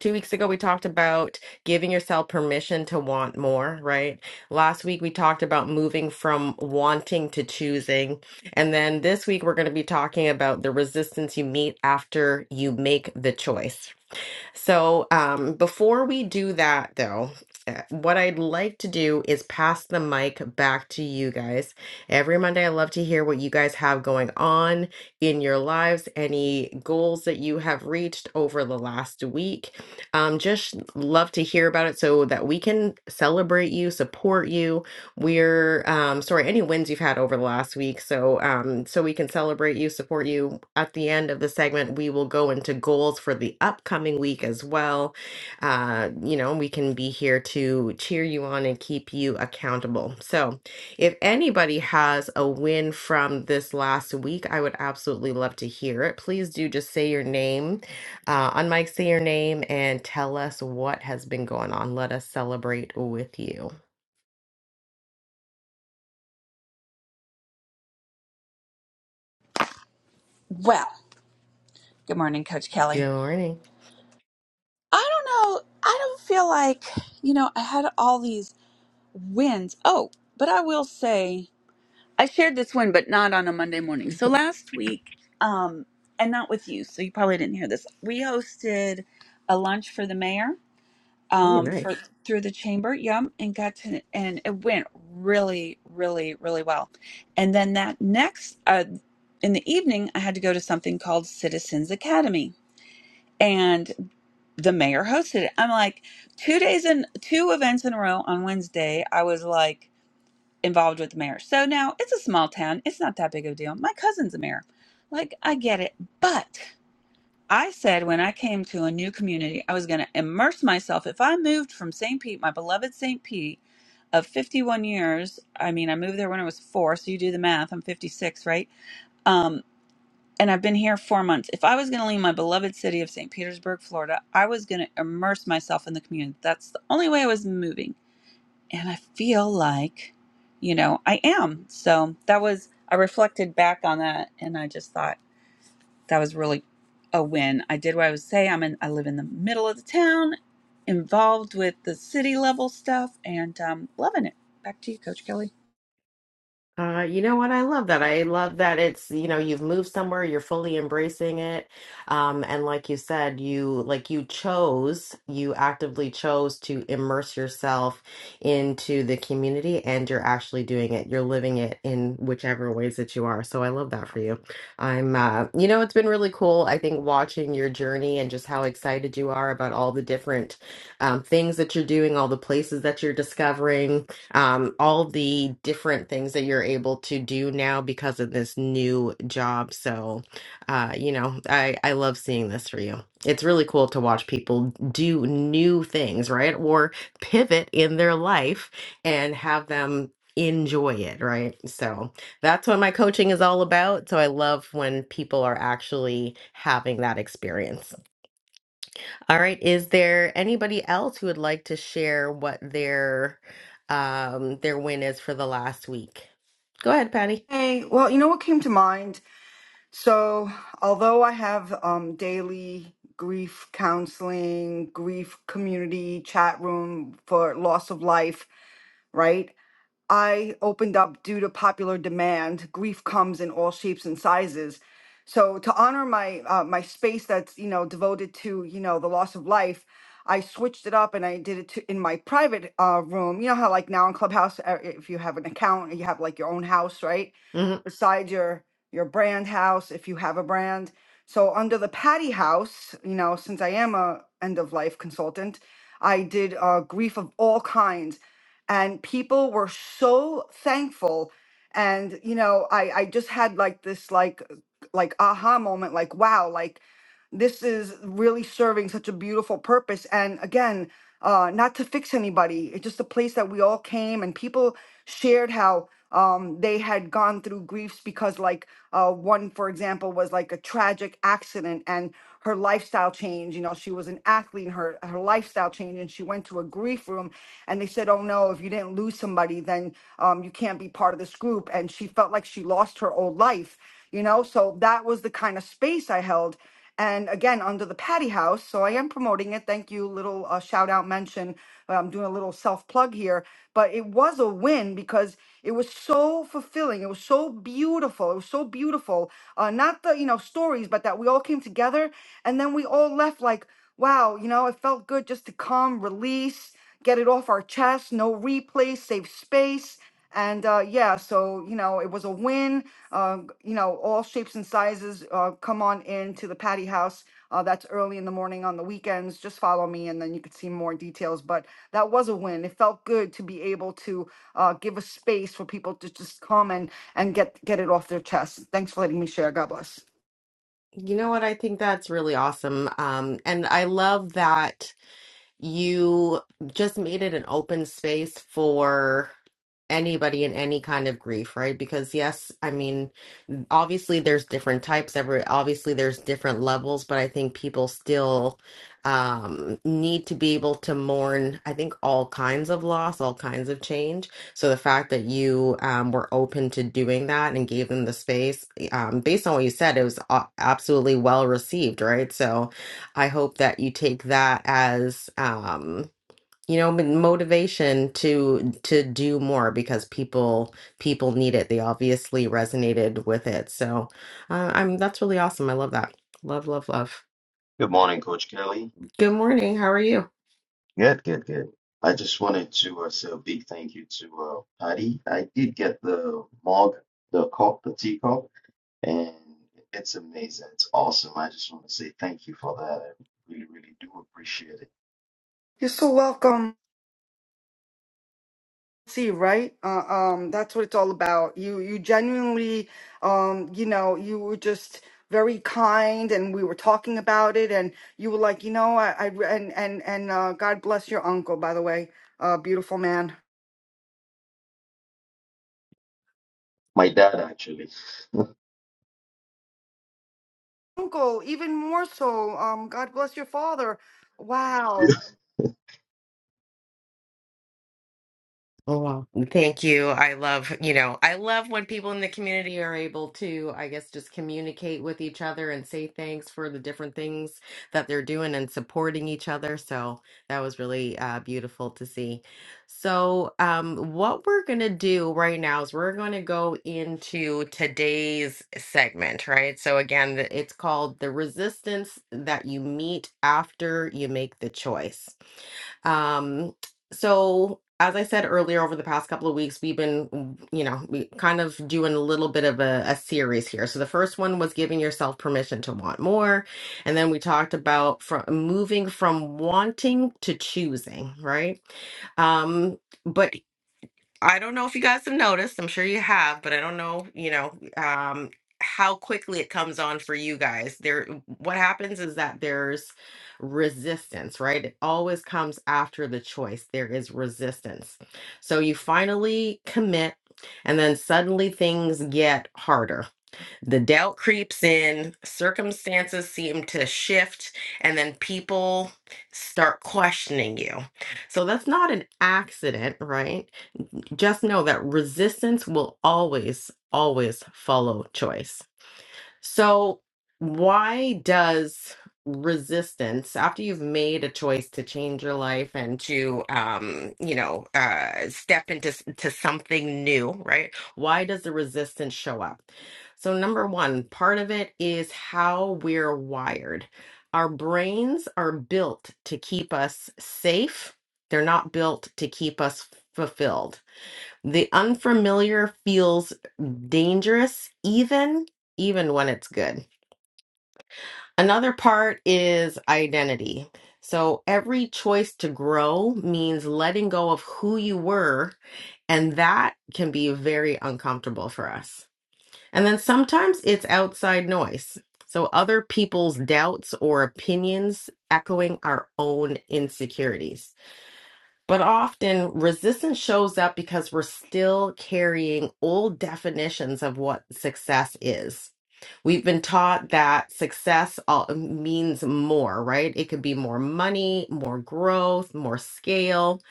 S1: two weeks ago, we talked about giving yourself permission to want more. Right. Last week we talked about moving from wanting to choosing, and then this week we're going to be talking about the resistance you meet after you make the choice. So, um, before we do that, though, uh, what I'd like to do is pass the mic back to you guys. Every Monday, I love to hear what you guys have going on in your lives, any goals that you have reached over the last week. Um, just love to hear about it so that we can celebrate you, support you, we're um sorry, any wins you've had over the last week. So um so we can celebrate you, support you. At the end of the segment, we will go into goals for the upcoming week as well. Uh, you know, we can be here to cheer you on and keep you accountable. So if anybody has a win from this last week, I would absolutely love to hear it. Please do just say your name, uh, on mic, say your name and tell us what has been going on. Let us celebrate with you.
S6: Well, good morning, Coach Kelly.
S1: Good morning.
S6: I don't know. I don't feel like, you know, I had all these wins. Oh, but I will say. I shared this one, but not on a Monday morning. So last week, um, and not with you, so you probably didn't hear this. We hosted a lunch for the mayor
S1: Oh, you're
S6: um, for
S1: nice.
S6: through the chamber, yeah, and got to and it went really, really, really well. And then that next uh, in the evening, I had to go to something called Citizens Academy, and the mayor hosted it. I'm like, two days in, two events in a row on Wednesday. I was like involved with the mayor. So now it's a small town. It's not that big of a deal. My cousin's a mayor. Like, I get it. But I said when I came to a new community, I was going to immerse myself. If I moved from St. Pete, my beloved St. Pete of 51 years, I mean, I moved there when I was four. So you do the math. I'm 56, right? Um, and I've been here four months. If I was going to leave my beloved city of St. Petersburg, Florida, I was going to immerse myself in the community. That's the only way I was moving and I feel like, you know, I am. So that was, I reflected back on that and I just thought that was really a win. I did what I was saying. I'm in, I live in the middle of the town, involved with the city level stuff and um, loving it. Back to you, Coach Kelly.
S1: Uh, you know what? I love that. I love that it's, you know, you've moved somewhere, you're fully embracing it. Um, and like you said, you like you chose, you actively chose to immerse yourself into the community and you're actually doing it. You're living it in whichever ways that you are. So I love that for you. I'm, uh, you know, it's been really cool. I think watching your journey and just how excited you are about all the different um, things that you're doing, all the places that you're discovering um, all the different things that you're able to do now because of this new job. So, uh, you know, I, I love seeing this for you. It's really cool to watch people do new things, right? Or pivot in their life and have them enjoy it, right? So that's what my coaching is all about. So I love when people are actually having that experience. All right. Is there anybody else who would like to share what their um their win is for the last week? Go ahead, Patty.
S4: Hey, well, you know what came to mind? So, although I have um, daily grief counseling, grief community chat room for loss of life, right? I opened up due to popular demand. Grief comes in all shapes and sizes. So to honor my uh, my space that's you know devoted to you know the loss of life, I switched it up and I did it to, in my private uh, room. You know how like now in Clubhouse, uh, if you have an account, you have like your own house, right?
S1: hmm
S4: Besides your your brand house, if you have a brand. So under the Patty House, you know, since I am a end of life consultant, I did uh, grief of all kinds and people were so thankful and you know i i just had like this like like aha moment like wow like this is really serving such a beautiful purpose. And again, uh, not to fix anybody, it's just a place that we all came and people shared how um, they had gone through griefs because, like, uh, one, for example, was like a tragic accident and her lifestyle changed. You know, she was an athlete and her, her lifestyle changed, and she went to a grief room and they said, Oh no, if you didn't lose somebody, then um, you can't be part of this group. And she felt like she lost her old life, you know? So that was the kind of space I held and again under the patty house so i am promoting it thank you little uh, shout out mention uh, i'm doing a little self plug here but it was a win because it was so fulfilling it was so beautiful it was so beautiful uh, not the you know stories but that we all came together and then we all left like Wow, you know, it felt good just to come, release, get it off our chest, no replay, save space. And uh, yeah, so, you know, it was a win. Uh, you know, all shapes and sizes uh, come on in to the patty house. Uh, that's early in the morning on the weekends. Just follow me and then you could see more details. But that was a win. It felt good to be able to uh, give a space for people to just come and, and get, get it off their chest. Thanks for letting me share. God bless.
S1: You know what? I think that's really awesome. Um, and I love that. you just made it an open space for anybody in any kind of grief right because yes i mean obviously there's different types every obviously there's different levels but i think people still um need to be able to mourn i think all kinds of loss all kinds of change so the fact that you um were open to doing that and gave them the space um based on what you said it was a- absolutely well received right so I hope that you take that as um you know m- motivation to to do more because people people need it. They obviously resonated with it. So uh, I'm that's really awesome. I love that. Love, love, love.
S14: Good morning, Coach Kelly.
S1: Good morning. How are you?
S14: Good, good, good. I just wanted to uh, say a big thank you to uh, Patty. I did get the mug, the cup, the teacup, and it's amazing. It's awesome. I just want to say thank you for that. I really, really do appreciate it.
S4: You're so welcome. see right uh, um that's what it's all about you you genuinely um you know you were just very kind and we were talking about it and you were like you know i, I and and and uh, god bless your uncle by the way uh beautiful man
S14: My dad actually.
S4: uncle even more so um god bless your father wow
S1: Oh, wow. Mm, Thank you. I love, you know, I love when people in the community are able to, I guess, just communicate with each other and say thanks for the different things that they're doing and supporting each other. So that was really uh, beautiful to see. So, um, what we're going to do right now is we're going to go into today's segment, right? So, again, th- it's called The Resistance That You Meet After You Make the Choice. Um, so as I said earlier, over the past couple of weeks, we've been, mm, you know, we kind of doing a little bit of a, a series here. So the first one was giving yourself permission to want more, and then we talked about from moving from wanting to choosing, right? Um, But. I don't know if you guys have noticed. I'm sure you have, but I don't know, you know, um, how quickly it comes on for you guys. There, what happens is that there's resistance, right? It always comes after the choice. There is resistance. So you finally commit, and then suddenly things get harder. The doubt creeps in, circumstances seem to shift, and then people start questioning you. So that's not an accident, right? just know that resistance will always, always follow choice. So, why does resistance, after you've made a choice to change your life and to, um, you know, uh, step into s- to something new, right? Why does the resistance show up? So, number one, part of it is how we're wired. Our brains are built to keep us safe. They're not built to keep us fulfilled the unfamiliar feels dangerous even even when it's good. Another part is identity. So every choice to grow means letting go of who you were and that can be very uncomfortable for us. And then sometimes it's outside noise. So other people's doubts or opinions echoing our own insecurities. But often resistance shows up because we're still carrying old definitions of what success is. We've been taught that success all, means more, right? It could be more money, more growth, more scale.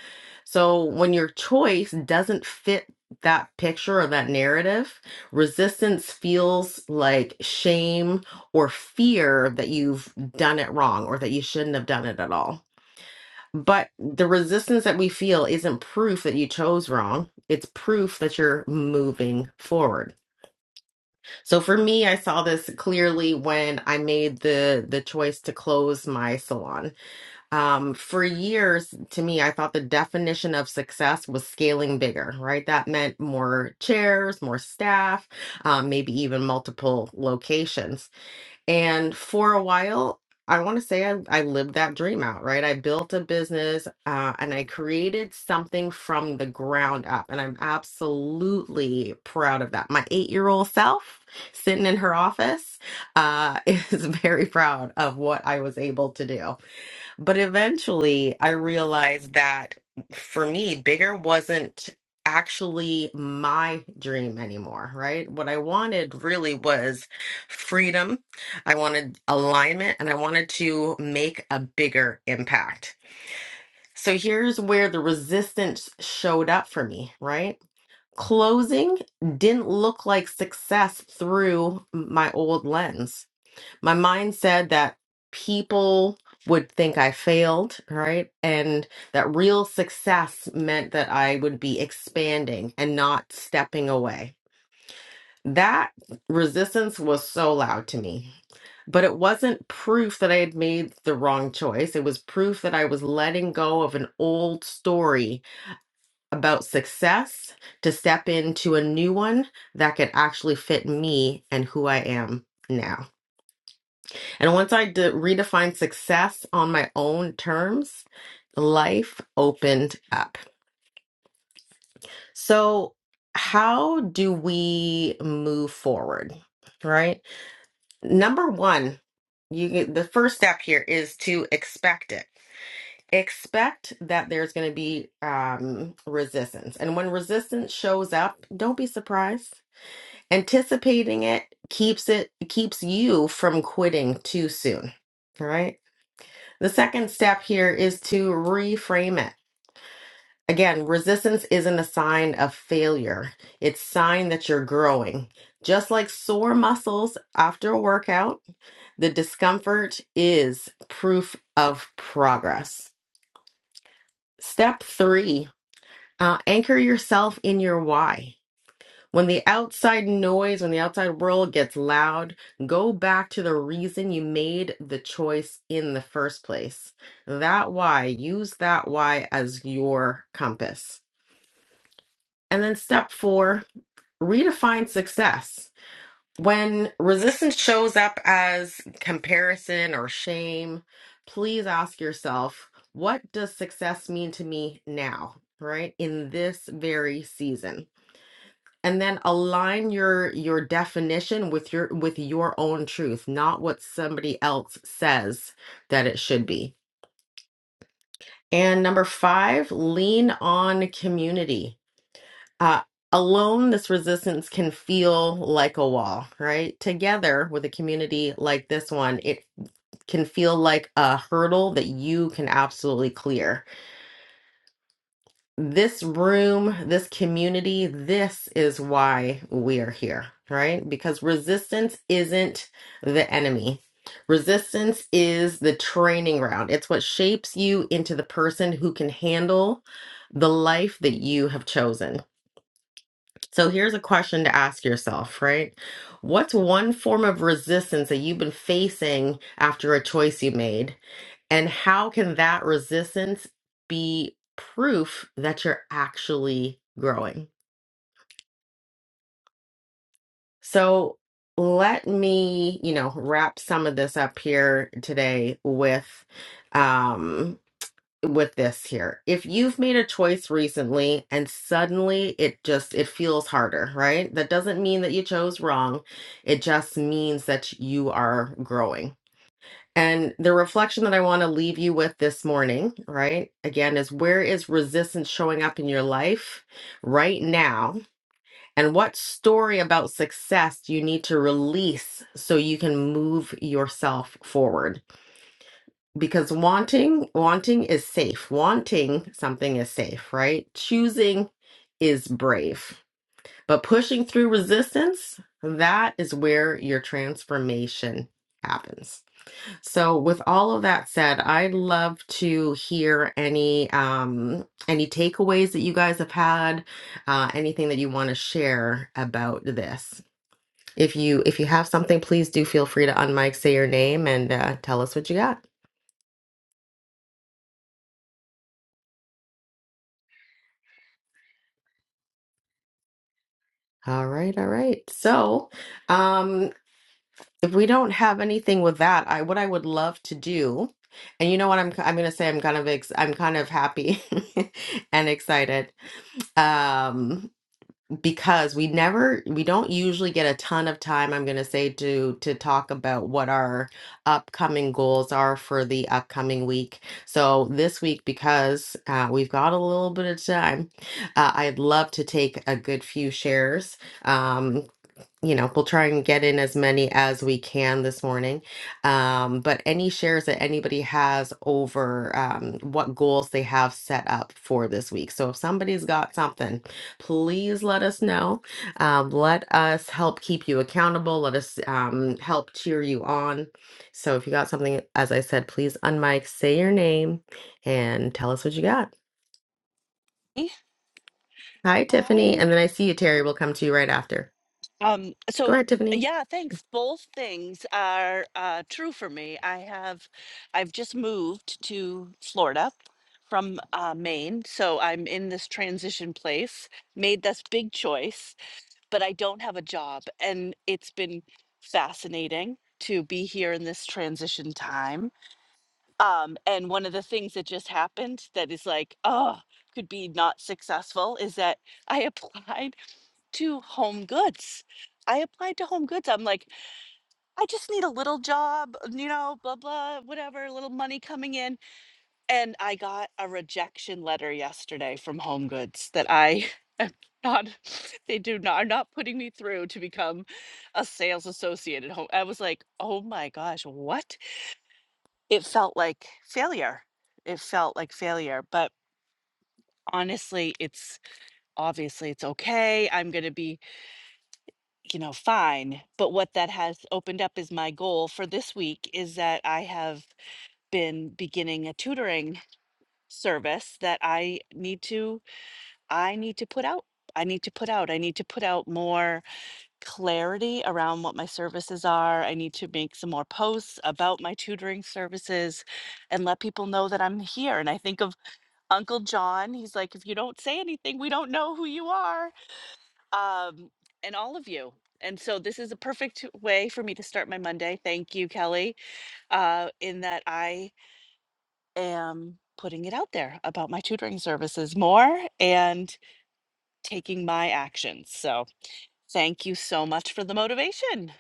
S1: So when your choice doesn't fit that picture or that narrative, resistance feels like shame or fear that you've done it wrong or that you shouldn't have done it at all. But the resistance that we feel isn't proof that you chose wrong. It's proof that you're moving forward. So for me, I saw this clearly when I made the the choice to close my salon. Um, for years, to me, I thought the definition of success was scaling bigger, right? That meant more chairs, more staff, um, maybe even multiple locations. And for a while, I want to say I, I lived that dream out, right? I built a business uh, and I created something from the ground up. And I'm absolutely proud of that. My eight year old self sitting in her office uh, is very proud of what I was able to do. But eventually, I realized that for me, bigger wasn't actually my dream anymore, right? What I wanted really was freedom. I wanted alignment and I wanted to make a bigger impact. So here's where the resistance showed up for me, right? Closing didn't look like success through my old lens my mind said that people would think I failed, right? And that real success meant that I would be expanding and not stepping away. That resistance was so loud to me. But it wasn't proof that I had made the wrong choice. It was proof that I was letting go of an old story about success to step into a new one that could actually fit me and who I am now. And once I de- redefined success on my own terms, life opened up. So, how do we move forward? Right? Number one, you get, the first step here is to expect it. Expect that there's going to be um, resistance. And when resistance shows up, don't be surprised. Anticipating it keeps it keeps you from quitting too soon. All right. The second step here is to reframe it. Again, resistance isn't a sign of failure. It's sign that you're growing. Just like sore muscles after a workout, the discomfort is proof of progress. Step three, uh, anchor yourself in your why. When the outside noise, when the outside world gets loud, go back to the reason you made the choice in the first place. That why, use that why as your compass. And then step four, redefine success. When resistance shows up as comparison or shame, please ask yourself, what does success mean to me now, right? In this very season and then align your your definition with your with your own truth not what somebody else says that it should be and number five lean on community uh, alone this resistance can feel like a wall right together with a community like this one it can feel like a hurdle that you can absolutely clear this room, this community, this is why we are here, right? Because resistance isn't the enemy. Resistance is the training ground. It's what shapes you into the person who can handle the life that you have chosen. So here's a question to ask yourself, right? What's one form of resistance that you've been facing after a choice you made? And how can that resistance be proof that you're actually growing? So let me, you know, wrap some of this up here today with um with this here. If you've made a choice recently and suddenly it just it feels harder, right? That doesn't mean that you chose wrong. It just means that you are growing. And the reflection that I want to leave you with this morning, right? Again, is where is resistance showing up in your life right now? And what story about success do you need to release so you can move yourself forward? because wanting wanting is safe wanting something is safe right choosing is brave but pushing through resistance that is where your transformation happens so with all of that said i'd love to hear any um any takeaways that you guys have had uh anything that you want to share about this if you if you have something please do feel free to unmic say your name and uh, tell us what you got All right, all right. So, um, if we don't have anything with that, I what I would love to do, and you know what I'm I'm gonna say I'm kind of ex I'm kind of happy and excited, um, because we never we don't usually get a ton of time. I'm gonna say to to talk about what our upcoming goals are for the upcoming week. So this week, because uh, we've got a little bit of time, uh, I'd love to take a good few shares. Um, you know, we'll try and get in as many as we can this morning. Um, but any shares that anybody has over um, what goals they have set up for this week. So if somebody's got something, please let us know. Um, let us help keep you accountable. Let us um, help cheer you on. So if you got something, as I said, please unmic, say your name, and tell us what you got. Hi, Tiffany.
S15: Oh.
S1: And then I see you, Terry. We'll come to you right after.
S15: Um,
S1: Go
S15: so
S1: ahead, Tiffany.
S15: yeah, thanks. Both things are uh, true for me. I have, I've just moved to Florida from uh, Maine, so I'm in this transition place. Made this big choice, but I don't have a job, and it's been fascinating to be here in this transition time. Um, and one of the things that just happened that is like, oh, could be not successful is that I applied to home goods. I applied to home goods. I'm like, I just need a little job, you know, blah, blah, whatever, a little money coming in. And I got a rejection letter yesterday from home goods that I not, they do not, are not putting me through to become a sales associate at home. I was like, oh my gosh, what? It felt like failure. It felt like failure. But honestly, it's obviously it's okay. I'm going to be you know, fine. But what that has opened up is my goal for this week is that I have been beginning a tutoring service that I need to I need to put out. I need to put out. I need to put out more clarity around what my services are. I need to make some more posts about my tutoring services and let people know that I'm here. And I think of Uncle John. He's like, if you don't say anything, we don't know who you are um, and all of you. And so this is a perfect way for me to start my Monday. Thank you, Kelly, uh, in that I am putting it out there about my tutoring services more and taking my actions. So thank you so much for the motivation.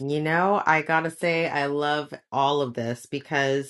S1: You know, I gotta say, I love all of this because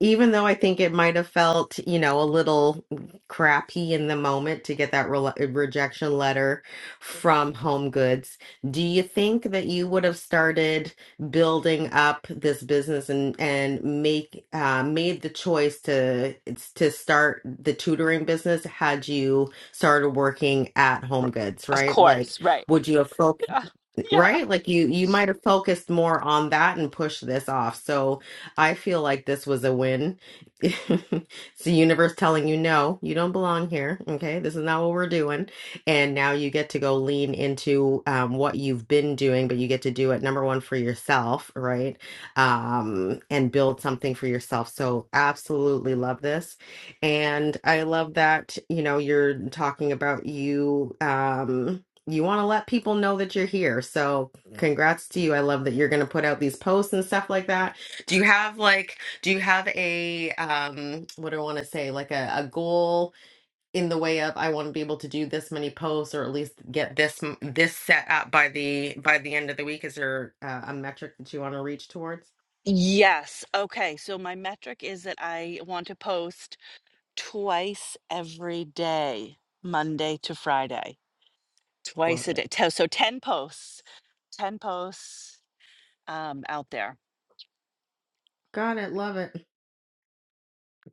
S1: even though I think it might have felt, you know, a little crappy in the moment to get that rela- uh, rejection letter from Home Goods, do you think that you would have started building up this business and and make uh, made the choice to to start the tutoring business had you started working at Home Goods,
S15: Of
S1: right? Like,
S15: course, right.
S1: would you have focused?
S15: Yeah. Yeah.
S1: right like you you might have focused more on that and pushed this off so i feel like this was a win it's the universe telling you no you don't belong here okay this is not what we're doing and now you get to go lean into um, what you've been doing but you get to do it number one for yourself right um, and build something for yourself so absolutely love this and i love that you know you're talking about you um you want to let people know that you're here. So, congrats to you. I love that you're going to put out these posts and stuff like that. Do you have like do you have a um what do I want to say like a, a goal in the way of I want to be able to do this many posts or at least get this m- this set up by the by the end of the week? Is there uh, a metric that you want to reach towards?
S15: Yes. Okay. So my metric is that I want to post twice every day, Monday to Friday,
S1: Love
S15: twice a
S1: it.
S15: day. Te- So 10 posts 10 posts um, out there.
S1: Got it. Love it.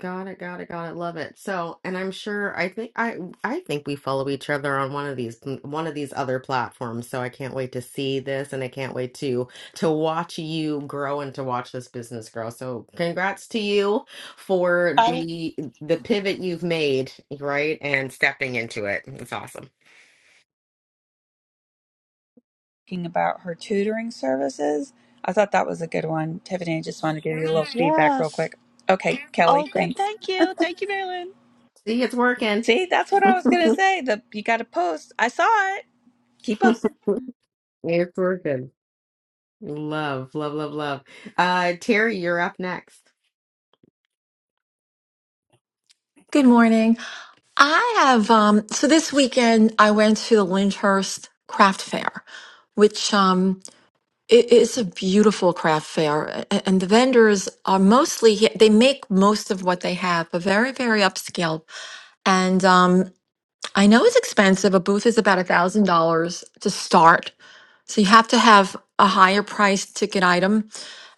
S1: Got it, got it, got it. Love it. So, and I'm sure I think I I think we follow each other on one of these one of these other platforms. So I can't wait to see this and I can't wait to to watch you grow and to watch this business grow. So, congrats to you for the the pivot you've made, right? And stepping into it. It's awesome.
S6: Talking about her tutoring services. I thought that was a good one. Tiffany, I just wanted to give you a little feedback real
S15: Yes.
S6: quick. Okay, Kelly,
S15: Oh, good.
S6: thanks.
S15: Thank you. Thank you, Marilyn.
S1: See, it's working.
S6: See, that's what I was going to say. The, you got to post. I saw it. Keep posting.
S1: It's working. Love, love, love, love. Uh, Terry, you're up next.
S12: Good morning. I have um so this weekend I went to the Lyndhurst Craft Fair, which um it is a beautiful craft fair a- and the vendors are mostly he- they make most of what they have, but very very upscale. And um I know it's expensive. A booth is about a thousand dollars to start, So you have to have a higher priced ticket item.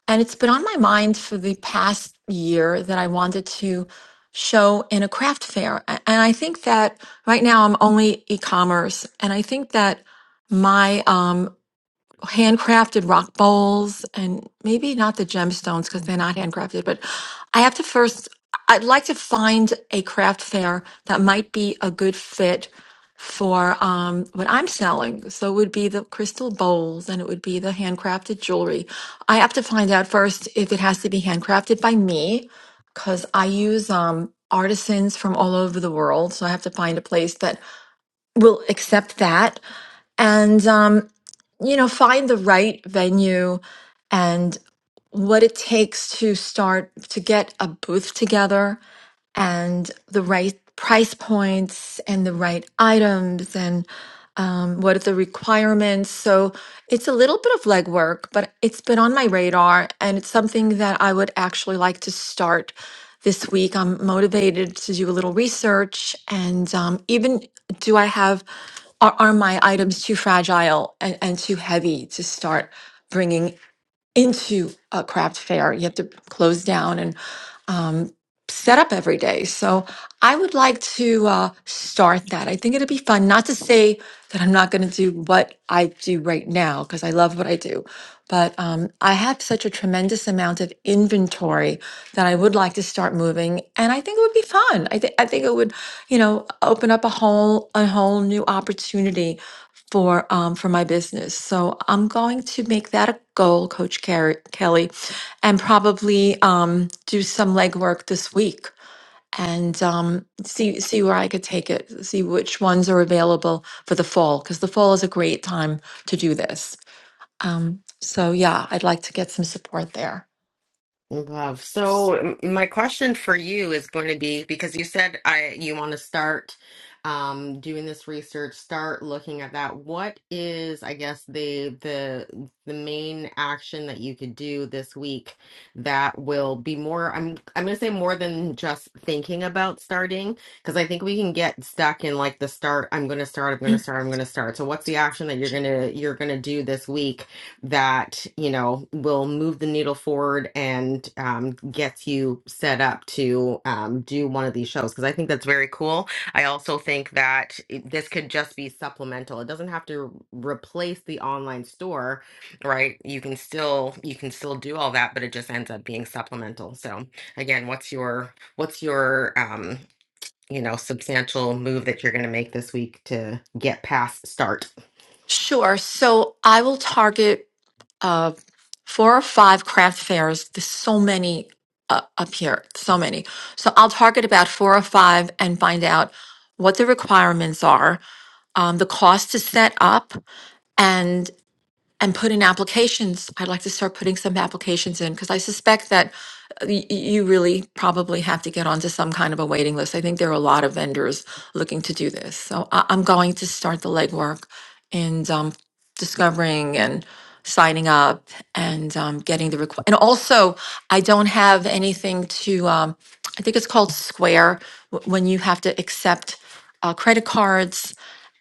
S12: And it's been on my mind for the past year that I wanted to show in a craft fair. A- And I think that right now I'm only e-commerce. And I think that my um, handcrafted rock bowls and maybe not the gemstones because they're not handcrafted, but I have to first, I'd like to find a craft fair that might be a good fit for um, what I'm selling. So it would be the crystal bowls and it would be the handcrafted jewelry. I have to find out first if it has to be handcrafted by me because I use um, artisans from all over the world. So I have to find a place that will accept that. And um, you know, find the right venue and what it takes to start to get a booth together and the right price points and the right items and um, what are the requirements. So it's a little bit of legwork, but it's been on my radar and it's something that I would actually like to start this week. I'm motivated to do a little research and um, even do I have, are, are my items too fragile and, and too heavy to start? bringing into a craft fair. You have to close down and um, set up every day. So I would like to uh, start that. I think it'd be fun. Not to say that I'm not going to do what I do right now because I love what I do, but um, I have such a tremendous amount of inventory that I would like to start moving, and I think it would be fun. I think I think it would, you know, open up a whole a whole new opportunity for um, for my business. So I'm going to make that a goal, Coach Car- Kelly, and probably um, do some legwork this week and um, see see where I could take it. See which ones are available for the fall because the fall is a great time to do this. Um, so yeah, I'd like to get some support there.
S1: Love. So m- my question for you is going to be because you said I you want to start um doing this research, start looking at that. What is, I guess, the the the main action that you could do this week that will be more I'm I'm going to say more than just thinking about starting because I think we can get stuck in like the start, I'm going to start, I'm going to start, I'm going to start. So what's the action that you're going to you're going to do this week? that you know will move the needle forward and um, gets you set up to um, do one of these shows because i think that's very cool i also think that it- this could just be supplemental it doesn't have to replace the online store right you can still you can still do all that but it just ends up being supplemental so again what's your what's your um you know substantial move that you're going to make this week to get past start
S12: Sure. So I will target uh, four or five craft fairs. There's so many uh, up here, so many. So I'll target about four or five and find out what the requirements are, um, the cost to set up, and put in applications. I'd like to start putting some applications in because I suspect that uh, y- y- you really probably have to get onto some kind of a waiting list. I think there are a lot of vendors looking to do this. So I- I'm going to start the legwork and um, discovering and signing up and um, getting the request. And also, I don't have anything to, um, I think it's called Square, wh- when you have to accept uh, credit cards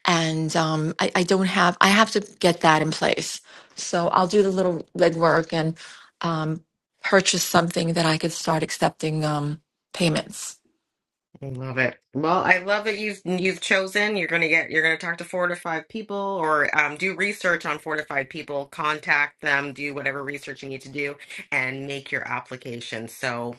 S12: and um, I, I don't have i have to get that in place so I'll do the little legwork and um, purchase something that I could start accepting um, payments.
S1: I Love it. Well, I love that you've you've chosen. You're gonna get you're gonna talk to four to five people or um, do research on four to five people, contact them, do whatever research you need to do, and make your application. So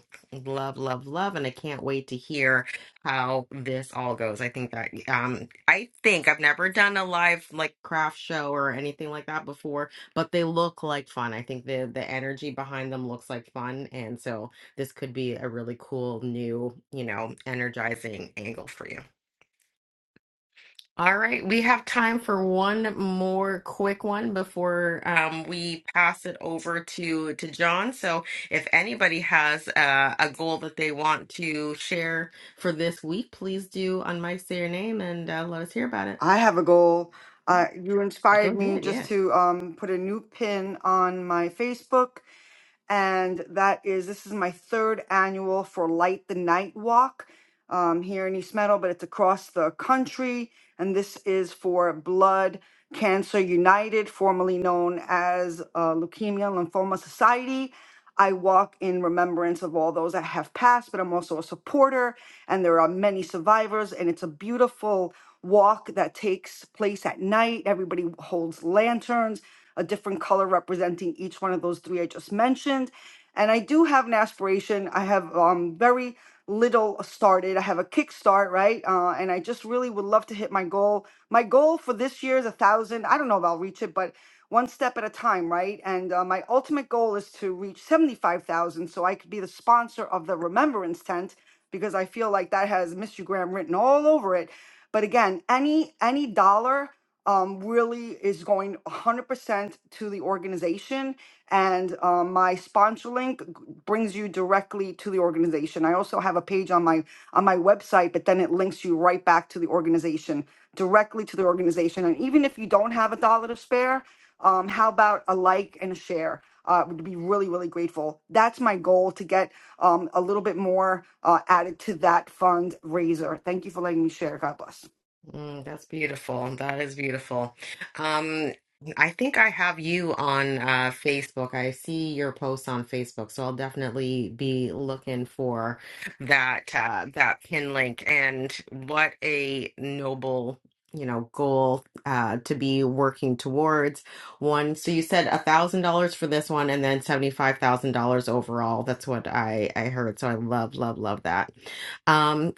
S1: love, love, love, and I can't wait to hear how this all goes. I think that um I think I've never done a live like craft show or anything like that before, but they look like fun. I think the the energy behind them looks like fun. And so this could be a really cool, new, you know, energizing angle for you. All right, we have time for one more quick one before um, we pass it over to to John. So, if anybody has uh, a goal that they want to share for this week, please do on mic say your name and uh, let us hear about it.
S4: i have a goal uh you
S1: Go
S4: inspired me
S1: ahead, yeah.
S4: just to um put a new pin on my facebook and that is this is my third annual for Light the Night Walk um, here in East Meadow, but it's across the country, and this is for Blood Cancer United, formerly known as uh, Leukemia and Lymphoma Society. I walk in remembrance of all those that have passed, but I'm also a supporter, and there are many survivors, and it's a beautiful walk that takes place at night. Everybody holds lanterns a different color representing each one of those three I just mentioned. And I do have an aspiration. I have um, very little started. I have a kickstart, right? Uh, and I just really would love to hit my goal. My goal for this year is a thousand. I don't know if I'll reach it, but one step at a time, right? And uh, my ultimate goal is to reach 75,000 so I could be the sponsor of the Remembrance Tent because I feel like that has Mr. Graham written all over it. But again, any any dollar um, really is going 100% to the organization. And um, my sponsor link g- brings you directly to the organization. I also have a page on my on my website, but then it links you right back to the organization, directly to the organization. And even if you don't have a dollar to spare, um, how about a like and a share? Uh, would be really really grateful. That's my goal to get um, a little bit more uh, added to that fundraiser. Thank you for letting me share. God bless.
S1: Mm, that's beautiful. That is beautiful. Um, I think I have you on uh, Facebook. I see your posts on Facebook, so I'll definitely be looking for that uh, that pin link. And what a noble, you know, goal uh, to be working towards. One, so you said a thousand dollars for this one, and then seventy five thousand dollars overall. That's what I I heard. So I love, love, love that. Um,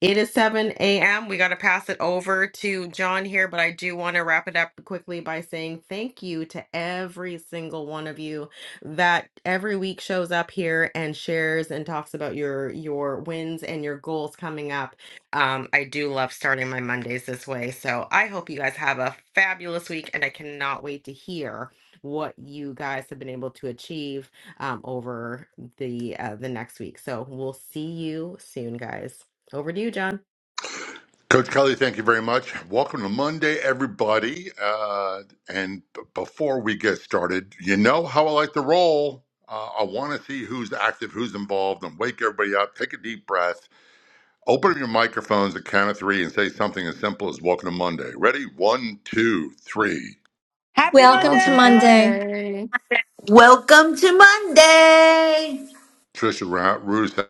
S1: it is 7 a.m. We got to pass it over to John here, but I do want to wrap it up quickly by saying thank you to every single one of you that every week shows up here and shares and talks about your your wins and your goals coming up. Um, I do love starting my Mondays this way. So I hope you guys have a fabulous week, and I cannot wait to hear what you guys have been able to achieve um, over the uh, the next week. So we'll see you soon, guys. Over to you, John.
S16: Coach Kelly, thank you very much. Welcome to Monday, everybody. Uh, and b- before we get started, you know how I like to roll. Uh, I want to see who's active, who's involved, and wake everybody up. Take a deep breath. Open up your microphones at count of three and say something as simple as "Welcome to Monday." Ready? One, two, three.
S12: Welcome to Monday.
S17: Welcome to Monday.
S16: Trisha Ra- Rue said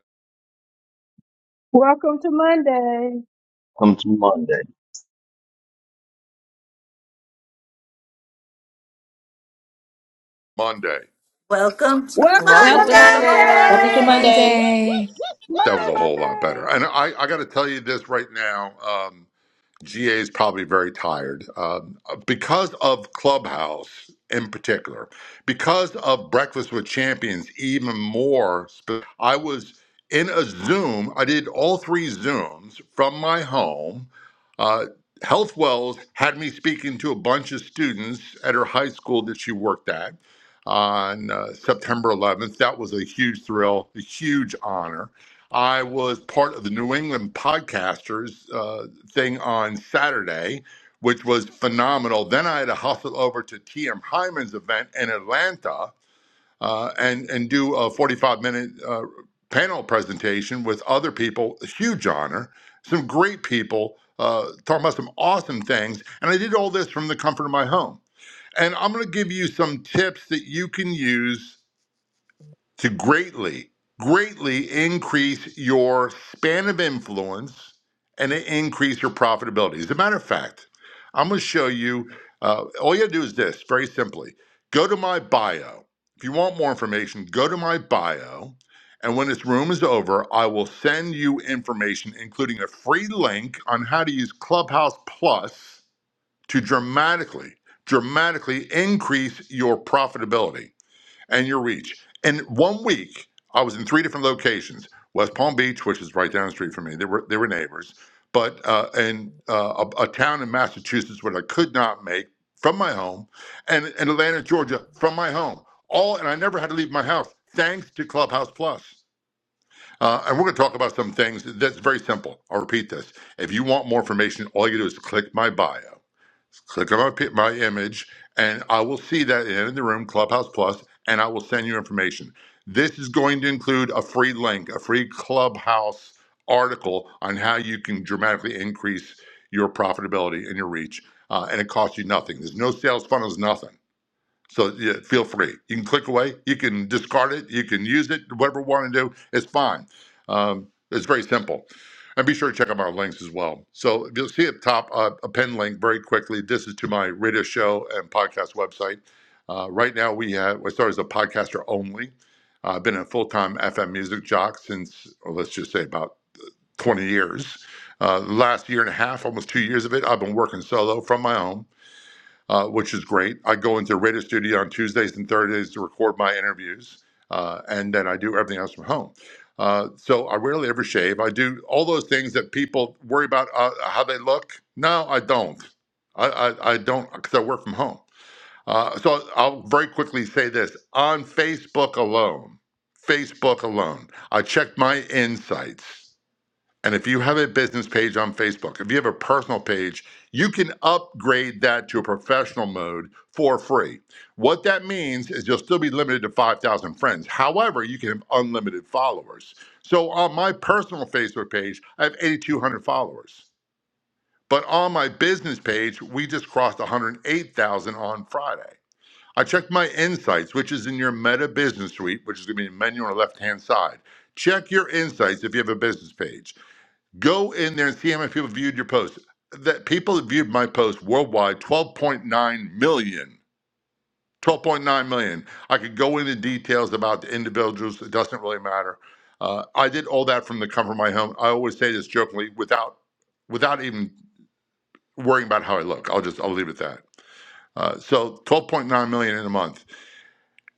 S9: Welcome to Monday.
S14: Come to Monday.
S16: Monday.
S17: Welcome to
S9: Welcome
S4: And
S1: Welcome
S18: Welcome
S1: to
S4: welcome to
S18: to
S19: Welcome
S9: to
S19: to
S1: Monday.
S4: Monday.
S9: Monday.
S18: Monday.
S17: Monday.
S19: Monday.
S18: Woo,
S12: Monday.
S18: woo, woo,
S16: That was
S15: Monday,
S16: a
S18: woo.
S16: whole lot
S15: Monday.
S16: better. And I, I got to tell you this right now. Um, GA is probably very tired um, because of Clubhouse in particular, because of Breakfast with Champions, even more. Sp- I was in a Zoom, I did all three Zooms from my home. Uh, Health Wells had me speaking to a bunch of students at her high school that she worked at on uh, September 11th. That was a huge thrill, a huge honor. I was part of the New England Podcasters. uh, thing on Saturday, which was phenomenal. Then I had to hustle over to TM Hyman's event in Atlanta uh, and and do a 45 minute uh, panel presentation with other people. A huge honor. Some great people uh, talking about some awesome things, and I did all this from the comfort of my home. And I'm going to give you some tips that you can use to greatly, greatly increase your span of influence and to increase your profitability. As a matter of fact, I'm going to show you. Uh, all you have to do is this very simply go to my bio. If you want more information, go to my bio. And when this room is over, I will send you information, including a free link on how to use Clubhouse Plus to dramatically, dramatically increase your profitability and your reach. In one week, I was in three different locations: West Palm Beach, which is right down the street from me. They were they were neighbors, but uh, and uh, a, a town in Massachusetts where I could not make from my home, and in Atlanta, Georgia, from my home. All and I never had to leave my house thanks to Clubhouse Plus. Uh, and we're going to talk about some things that's very simple. I'll repeat this. If you want more information, all you do is click my bio click on my, my image and I will see that in the room, Clubhouse Plus, and I will send you information. This is going to include a free link, a free Clubhouse article on how you can dramatically increase your profitability and your reach. Uh, and it costs you nothing. There's no sales funnels, nothing. So yeah, feel free. You can click away. You can discard it. You can use it. Whatever you want to do, it's fine. Um, it's very simple. And be sure to check out my links as well. So you'll see at the top uh, a pin link very quickly. This is to my radio show and podcast website. Uh, right now we have I started as a podcaster only. Uh, I've been a full time FM music jock since well, let's just say about 20 years. Uh, the last year and a half, almost two years of it, I've been working solo from my home uh, which is great. I go into Radio Studio on Tuesdays and Thursdays to record my interviews, uh, and then I do everything else from home. Uh, so I rarely ever shave. I do all those things that people worry about uh, how they look. No, I don't. I, I, I don't because I work from home. Uh, so I'll very quickly say this on Facebook alone, Facebook alone, I checked my insights. And if you have a business page on Facebook, if you have a personal page, you can upgrade that to a professional mode for free. What that means is you'll still be limited to 5,000 friends. However, you can have unlimited followers. So on my personal Facebook page, I have 8,200 followers. But on my business page, we just crossed 108,000 on Friday. I checked my insights, which is in your Meta Business Suite, which is going to be a menu on the left hand side. Check your insights if you have a business page. Go in there and see how many people viewed your post. That people that viewed my post worldwide, 12.9 million. 12.9 million. I could go into details about the individuals. It doesn't really matter. Uh, I did all that from the comfort of my home. I always say this jokingly, without without even worrying about how I look. I'll just I'll leave it at that. Uh, so 12.9 million in a month.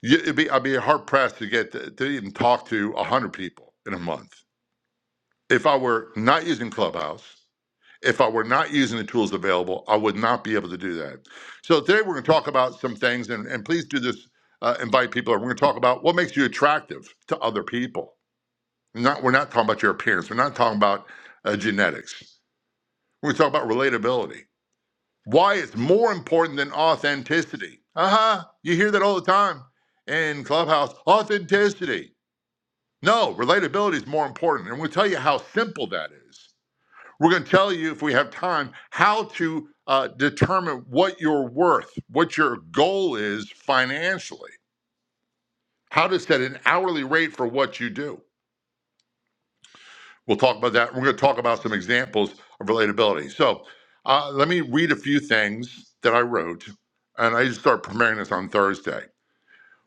S16: You, it'd be, I'd be hard pressed to get to, to even talk to 100 people in a month. If I were not using Clubhouse, if I were not using the tools available, I would not be able to do that. So today we're going to talk about some things, and, and please do this. Uh, invite people. We're going to talk about what makes you attractive to other people. Not we're not talking about your appearance. We're not talking about uh, genetics. We're going to talk about relatability. Why it's more important than authenticity. Uh huh. You hear that all the time in Clubhouse. Authenticity. No, relatability is more important, and we'll tell you how simple that is. We're going to tell you, if we have time, how to uh, determine what you're worth, what your goal is financially, how to set an hourly rate for what you do. We'll talk about that. We're going to talk about some examples of relatability. So uh, let me read a few things that I wrote, and I just started preparing this on Thursday.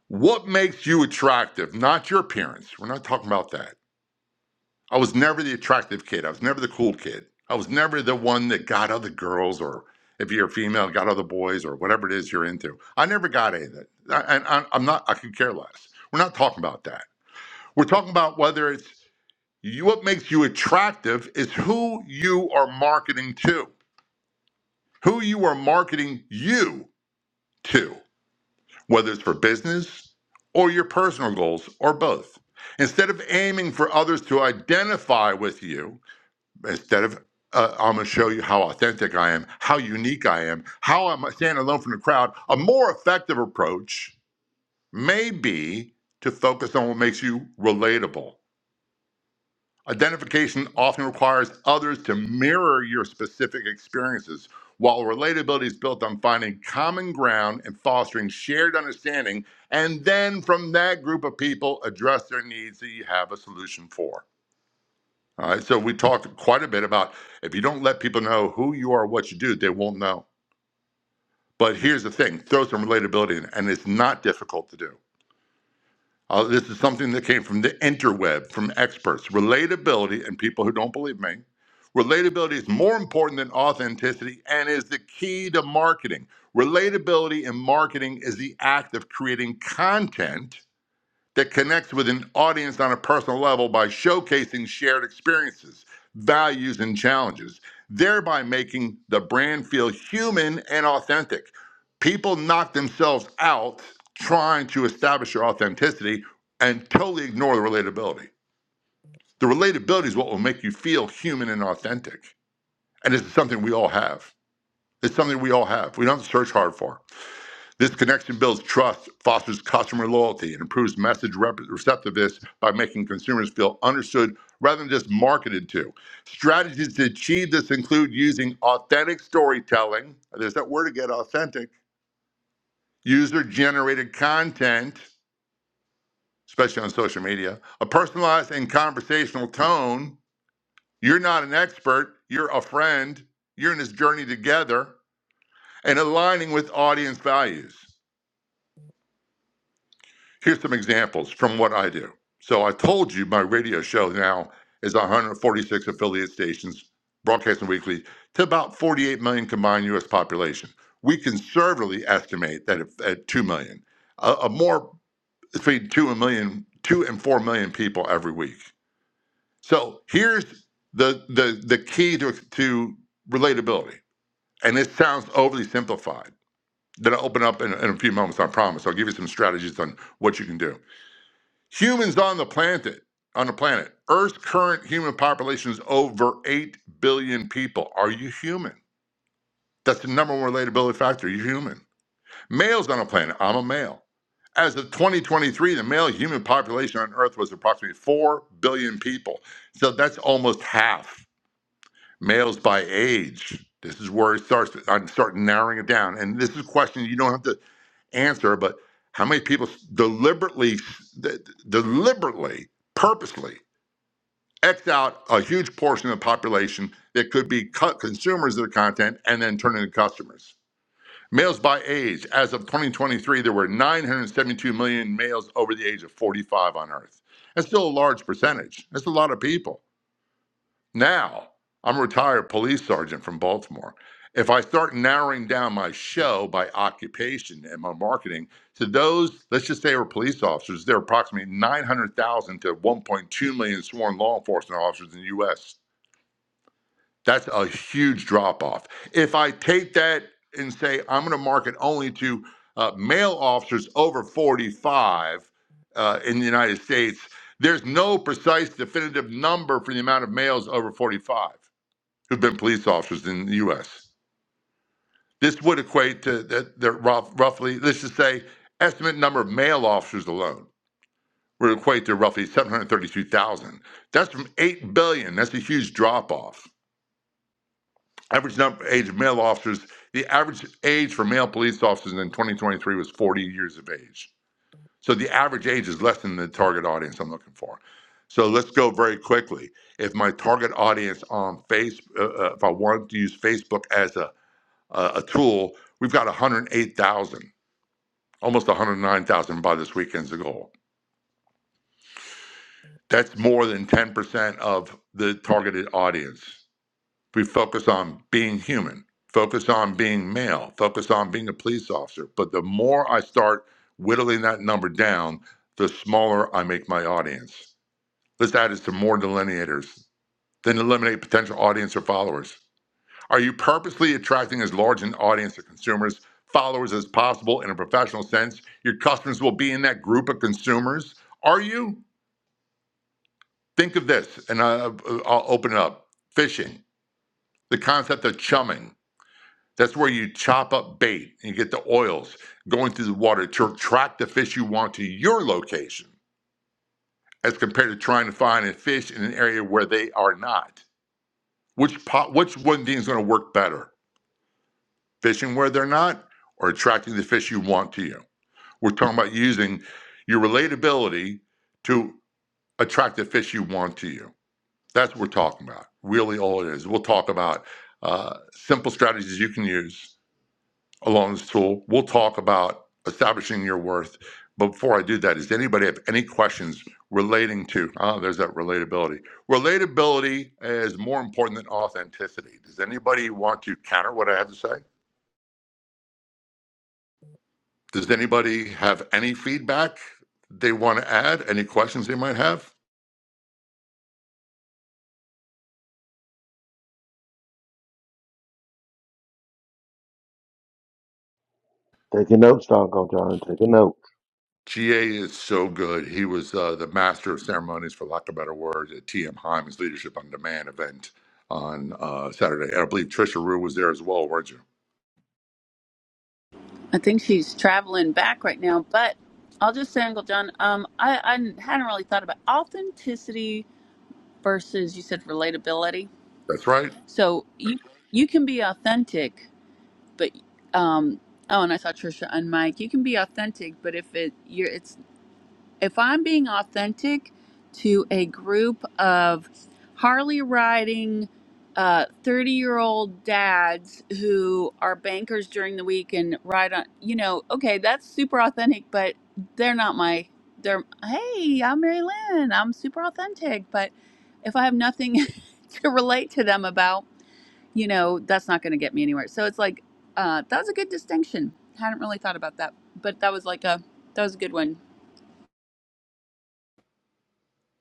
S16: What makes you attractive? Not your appearance. We're not talking about that I was never the attractive kid. I was never the cool kid. I was never the one that got other girls, or if you're a female, got other boys, or whatever it is you're into. I never got any of that. I- And I- I'm not, I could care less. We're not talking about that. We're talking about whether it's you, what makes you attractive is who you are marketing to, who you are marketing you to, whether it's for business or your personal goals or both. Instead of aiming for others to identify with you, instead of uh, I'm going to show you how authentic I am, how unique I am, how I'm standing alone from the crowd. A more effective approach may be to focus on what makes you relatable. Identification often requires others to mirror your specific experiences, while relatability is built on finding common ground and fostering shared understanding. And then from that group of people, address their needs that you have a solution for. All right. So we talked quite a bit about if you don't let people know who you are, what you do, they won't know. But here's the thing throw some relatability in, and it's not difficult to do. Uh, this is something that came from the interweb, from experts. Relatability, and people who don't believe me, relatability is more important than authenticity and is the key to marketing. Relatability in marketing is the act of creating content that connects with an audience on a personal level by showcasing shared experiences, values, and challenges, thereby making the brand feel human and authentic. People knock themselves out trying to establish your authenticity and totally ignore the relatability. The relatability is what will make you feel human and authentic. And this is something we all have. It's something we all have. We don't have to search hard for. This connection builds trust, fosters customer loyalty, and improves message rep- receptiveness by making consumers feel understood rather than just marketed to. Strategies to achieve this include using authentic storytelling. There's that word again, authentic. User generated content, especially on social media, a personalized and conversational tone. You're not an expert, you're a friend. You're in this journey together, and aligning with audience values. Here's some examples from what I do. So I told you my radio show now is 146 affiliate stations broadcasting weekly to about 48 million combined U.S. population. We conservatively estimate that if- at 2 million, a, a more between 2 and million, two and 4 million people every week. So here's the the the key to to relatability. And it sounds overly simplified. Then I'll open up in, in a few moments, I promise. I'll give you some strategies on what you can do. Humans on the planet, on the planet, Earth's current human population is over 8 billion people. Are you human? That's the number one relatability factor. You're human. Males on the planet, I'm a male. As of 2023, the male human population on Earth was approximately 4 billion people. So that's almost half males by age. This is where it starts. I'm starting narrowing it down, and this is a question you don't have to answer. But how many people deliberately, deliberately, purposely X out a huge portion of the population that could be co- consumers of the content and then turn into customers? Males by age. As of 2023, there were 972 million males over the age of 45 on Earth. That's still a large percentage. That's a lot of people. Now, I'm a retired police sergeant from Baltimore. If I start narrowing down my show by occupation and my marketing to those, let's just say, are police officers, there are approximately 900,000 to 1.2 million sworn law enforcement officers in the U.S. That's a huge drop off. If I take that and say I'm going to market only to uh, male officers over 45 uh, in the United States, there's no precise definitive number for the amount of males over 45 who've been police officers in the U.S. This would equate to that that rough, roughly, let's just say, estimate number of male officers alone would equate to roughly 732,000. That's from 8 billion. That's a huge drop off. Average number age of male officers, the average age for male police officers in 2023 was 40 years of age. So the average age is less than the target audience I'm looking for. So let's go very quickly. If my target audience on Facebook, uh, uh, if I wanted to use Facebook as a uh, a tool, we've got 108,000, almost 109,000 by this weekend's goal. That's more than 10% of the targeted audience. We focus on being human, focus on being male, focus on being a police officer. But the more I start whittling that number down, the smaller I make my audience. Let's add is to more delineators, then eliminate potential audience or followers. Are you purposely attracting as large an audience of consumers, followers as possible in a professional sense? Your customers will be in that group of consumers. Are you? Think of this, and uh, I'll, I'll open it up. Fishing, the concept of chumming. That's where you chop up bait and you get the oils going through the water to attract the fish you want to your location, as compared to trying to find a fish in an area where they are not. Which po- which one thing is going to work better? Fishing where they're not, or attracting the fish you want to you? We're talking about using your relatability to attract the fish you want to you. That's what we're talking about. Really, all it is. We'll talk about uh, simple strategies you can use along this tool. We'll talk about establishing your worth. But before I do that, does anybody have any questions relating to? Ah, there's that relatability. Relatability is more important than authenticity. Does anybody want to counter what I have to say? Does anybody have any feedback they want to add? Any questions they might have?
S20: Taking notes, Uncle John. Taking notes.
S16: GA is so good. He was uh, the master of ceremonies, for lack of better words, at TM Hyman's Leadership on Demand event on uh, Saturday. And I believe Trisha Rue was there as well, weren't you?
S6: She's traveling back right now, but I'll just say, Uncle John, um, I, I hadn't really thought about authenticity versus you said relatability.
S16: That's right.
S6: So you you can be authentic, but um, oh, and I saw Trisha and Mike. You can be authentic, but if it you're it's if I'm being authentic to a group of Harley riding, uh, 30 year old dads who are bankers during the week and ride on, you know, okay, that's super authentic, but they're not my, they're, hey, I'm Mary Lynn, I'm super authentic. But if I have nothing to relate to them about, you know, that's not going to get me anywhere. So it's like, uh, that was a good distinction. Hadn't really thought about that, but that was like a, that was a good one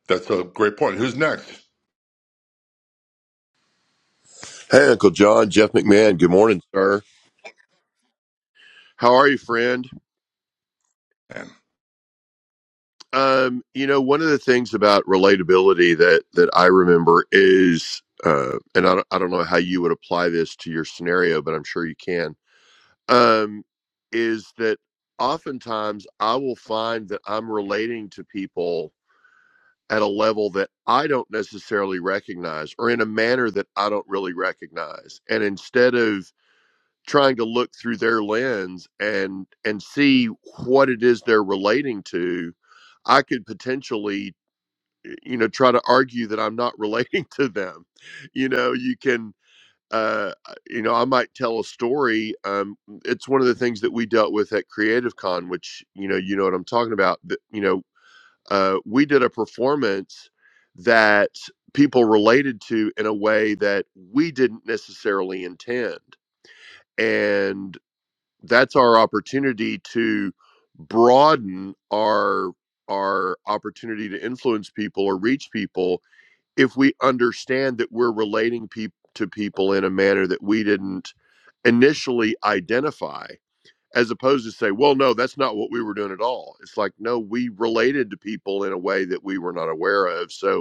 S16: That's a great point. Who's next?
S21: Hey, Uncle John, Jeff McMahon. Good morning, sir. How are you, friend?
S16: And,
S21: Um, you know, one of the things about relatability that that I remember is, uh, and I don't, I don't know how you would apply this to your scenario, but I'm sure you can. Um, is that oftentimes I will find that I'm relating to people at a level that I don't necessarily recognize, or in a manner that I don't really recognize, and instead of trying to look through their lens and and see what it is they're relating to i could potentially eh, you know try to argue that i'm not relating to them you know you can uh you know i might tell a story um it's one of the things that we dealt with at creative con which you know you know what i'm talking about that you know uh we did a performance that people related to in a way that we didn't necessarily intend and that's our opportunity to broaden our our opportunity to influence people or reach people if we understand that we're relating peop to people in a manner that we didn't initially identify as opposed to say well no that's not what we were doing at all it's like no we related to people in a way that we were not aware of so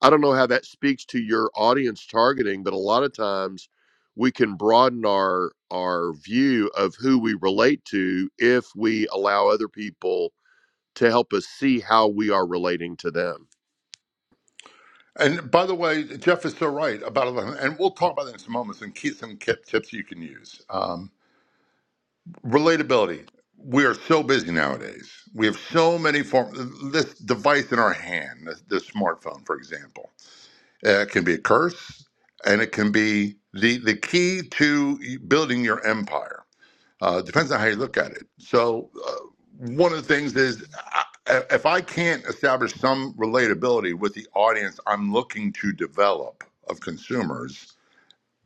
S21: I don't know how that speaks to your audience targeting, but a lot of times we can broaden our our view of who we relate to if we allow other people to help us see how we are relating to them.
S16: and by the way, Jeff is so right about eleven. And we'll talk about that in some moments and keep some kip tips you can use. Um, relatability. We are so busy nowadays. We have so many forms. This device in our hand, this, this smartphone, for example Uh, It can be a curse, and it can be the the key to building your empire. Uh, depends on how you look at it. So, uh, one of the things is I, if I can't establish some relatability with the audience I'm looking to develop of consumers,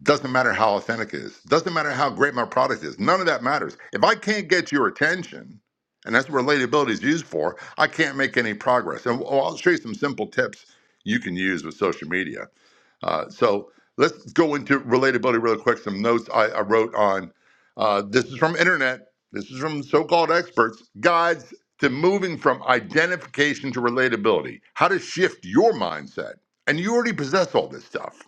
S16: doesn't matter how authentic it is, doesn't matter how great my product is, none of that matters. If I can't get your attention, and that's what relatability is used for, I can't make any progress. And well, I'll show you some simple tips you can use with social media uh, so let's go into relatability real quick. Some notes I, I wrote on uh, this is from internet. This is from so-called experts. Guides to moving from identification to relatability. How to shift your mindset. And you already possess all this stuff.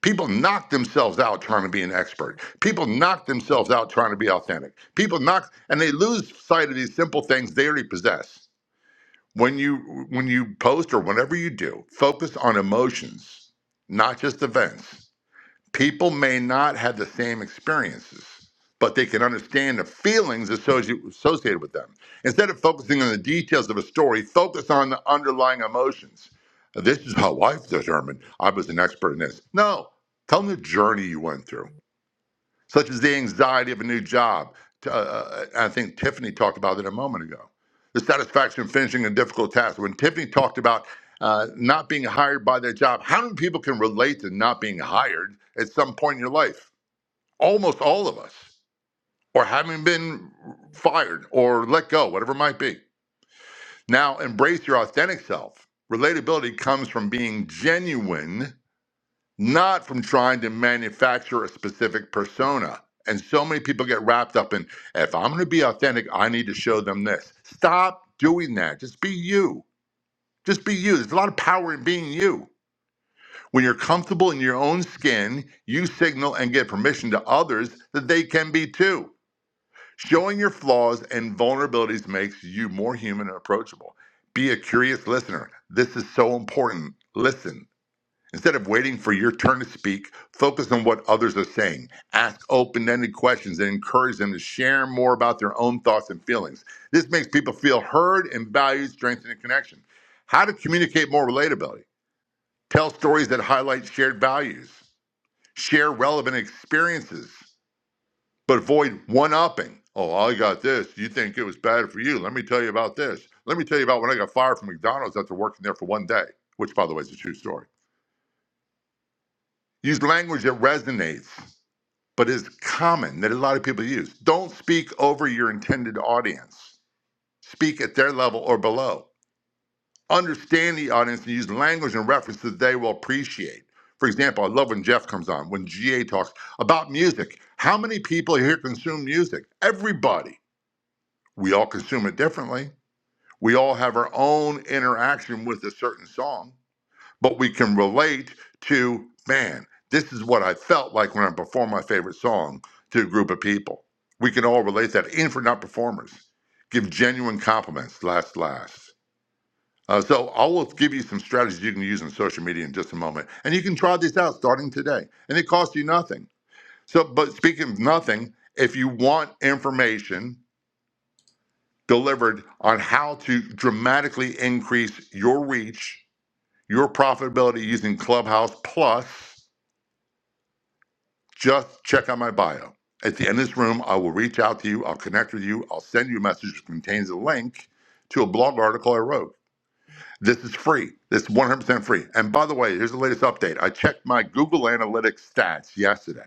S16: People knock themselves out trying to be an expert. People knock themselves out trying to be authentic. People knock and they lose sight of these simple things they already possess when you when you post or whatever you do focus on emotions not just events people may not have the same experiences but they can understand the feelings associated, associated with them instead of focusing on the details of a story focus on the underlying emotions this is how i've determined i was an expert in this no tell them the journey you went through such as the anxiety of a new job. Uh, I think Tiffany talked about it a moment ago. The satisfaction of finishing a difficult task. When Tiffany talked about uh, not being hired by their job, how many people can relate to not being hired at some point in your life? Almost all of us, or having been fired or let go, whatever it might be. Now, embrace your authentic self. Relatability comes from being genuine not from trying to manufacture a specific persona. And so many people get wrapped up in if I'm going to be authentic, I need to show them this. Stop doing that. Just be you. Just be you. There's a lot of power in being you. When you're comfortable in your own skin, you signal and give permission to others that they can be too. Showing your flaws and vulnerabilities makes you more human and approachable. Be a curious listener. This is so important. Listen Instead of waiting for your turn to speak, focus on what others are saying. Ask open ended questions and encourage them to share more about their own thoughts and feelings. This makes people feel heard and valued, strengthening connection. How to communicate more relatability. Tell stories that highlight shared values. Share relevant experiences, but avoid one upping. Oh, I got this. You think it was bad for you. Let me tell you about this. Let me tell you about when I got fired from McDonald's after working there for one day, which, by the way, is a true story. Use language that resonates but is common that a lot of people use. Don't speak over your intended audience. Speak at their level or below. Understand the audience and use language and references they will appreciate. For example, I love when Jeff comes on, when GA talks about music. How many people here consume music? Everybody. We all consume it differently. We all have our own interaction with a certain song but we can relate to man this is what i felt like when i performed my favorite song to a group of people we can all relate that even if we're not performers give genuine compliments last last uh, so i will give you some strategies you can use on social media in just a moment and you can try these out starting today and it costs you nothing so but speaking of nothing if you want information delivered on how to dramatically increase your reach your profitability using clubhouse plus Just check out my bio. At the end of this room, I will reach out to you. I'll connect with you. I'll send you a message that contains a link to a blog article I wrote. This is free. This is 100% free. And by the way, here's the latest update. I checked my Google Analytics stats yesterday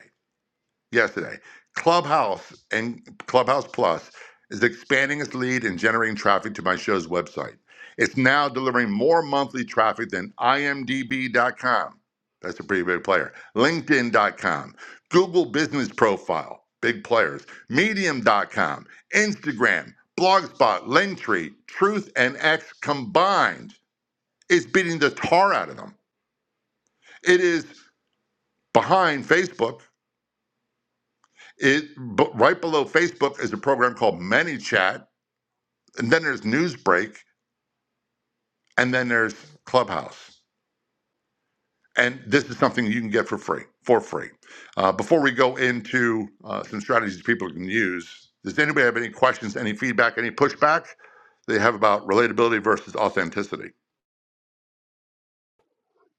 S16: yesterday. Clubhouse and Clubhouse Plus is expanding its lead and generating traffic to my show's website. It's now delivering more monthly traffic than imdb.com. That's a pretty big player. LinkedIn.com, Google Business Profile, big players. Medium.com, Instagram, Blogspot, Linktree, Truth, and X combined is beating the tar out of them. It is behind Facebook It but right below Facebook is a program called ManyChat, and then there's Newsbreak, and then there's Clubhouse. And this is something you can get for free. For free. Uh, before we go into uh, some strategies people can use, does anybody have any questions, any feedback, any pushback they have about relatability versus authenticity?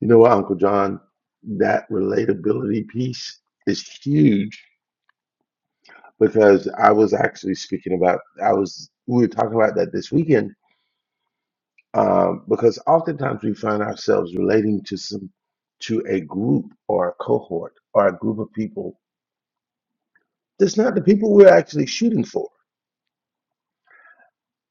S20: You know what, Uncle John? That relatability piece is huge because I was actually speaking about. I was we were talking about that this weekend um, because oftentimes we find ourselves relating to some to a group or a cohort or a group of people that's not the people we're actually shooting for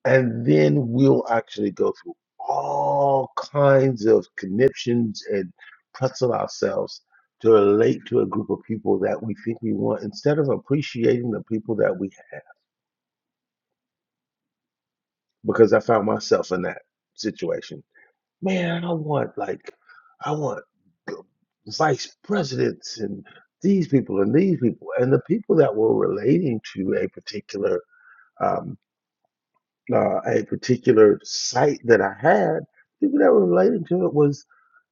S20: and then we'll actually go through all kinds of conniptions and pretzel ourselves to relate to a group of people that we think we want instead of appreciating the people that we have. Because I found myself in that situation. Man, I want like, I want g- vice presidents and these people and these people and the people that were relating to a particular um, uh, a particular site that I had, people that were relating to it was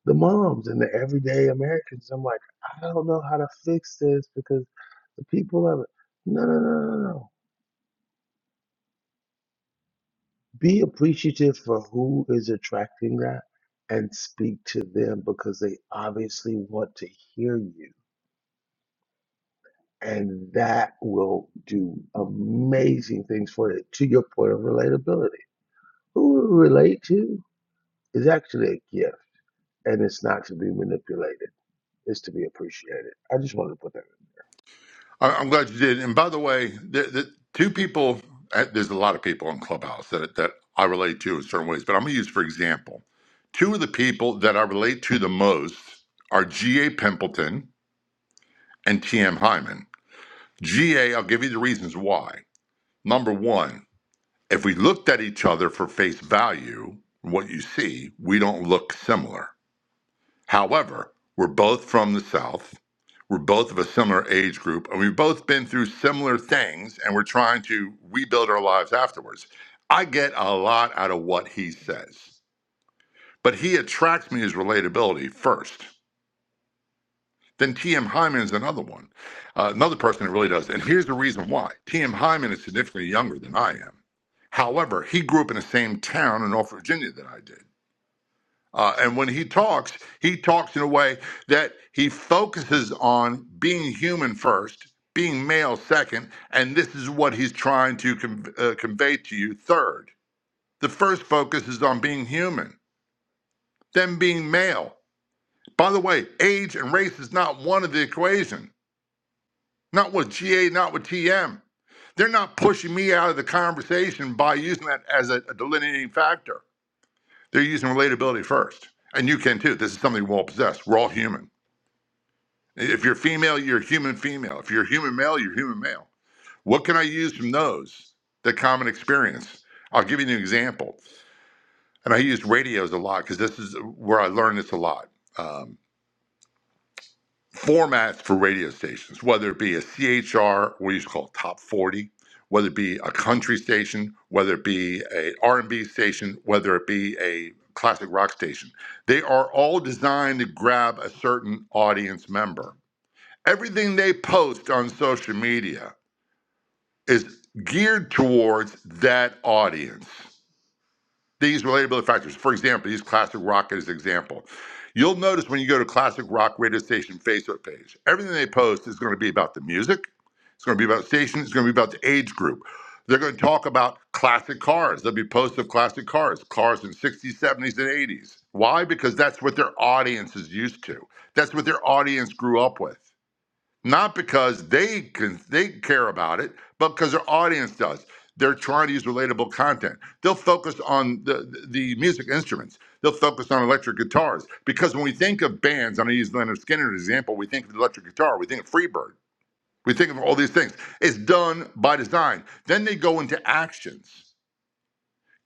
S20: the moms and the everyday Americans. I'm like, I don't know how to fix this because the people of it. No, no, no, no, no. no. Be appreciative for who is attracting that and speak to them because they obviously want to hear you. And that will do amazing things for it. to your point of relatability. Who we relate to is actually a gift and it's not to be manipulated. It's to be appreciated. I just wanted to put that.
S16: I- I'm glad you did. And by the way, the, the two people, uh, there's a lot of people on Clubhouse that, that I relate to in certain ways, but I'm going to use for example. Two of the people that I relate to the most are G.A. Pimpleton and T.M. Hyman. G. will give you the reasons why. Number one, if we looked at each other for face value, what you see, we don't look similar. However, we're both from the South. We're both of a similar age group, and we've both been through similar things, and we're trying to rebuild our lives afterwards. I get a lot out of what he says, but he attracts me as relatability first. Then T.M. Hyman is another one, uh, another person that really does. And here's the reason why T.M. Hyman is significantly younger than I am. However, he grew up in the same town in North Virginia that I did. Uh, and when he talks, he talks in a way that he focuses on being human first, being male second, and this is what he's trying to con- uh, convey to you third. The first focus is on being human, then being male. By the way, age and race is not one of the equation, not with GA, not with TM. They're not pushing me out of the conversation by using that as a, a delineating factor. They're using relatability first. And you can too. This is something we all possess. We're all human. If you're female, you're human female. If you're human male, you're human male. What can I use from those? The common experience. I'll give you an example. And I use radios a lot because this is where I learned this a lot. Um, formats for radio stations, whether it be a CHR, what you used to call top 40, whether it be a country station, whether it be a R&B station, whether it be a classic rock station. They are all designed to grab a certain audience member Everything they post on social media is geared towards that audience. These relatability factors, for example, use classic rock as an example. You'll notice when you go to classic rock radio station Facebook page, everything they post is going to be about the music. It's going to be about station. It's going to be about the age group. They're going to talk about classic cars. There'll be posts of classic cars, cars in 60s, 70s, and 80s. Why? Because that's what their audience is used to. That's what their audience grew up with not because they can they care about it, but because their audience does. They're trying to use relatable content. They'll focus on the the music instruments. They'll focus on electric guitars because when we think of bands, I'm going to use Leonard Skinner as an example. We think of the electric guitar. We think of Freebird. We think of all these things. It's done by design. Then they go into actions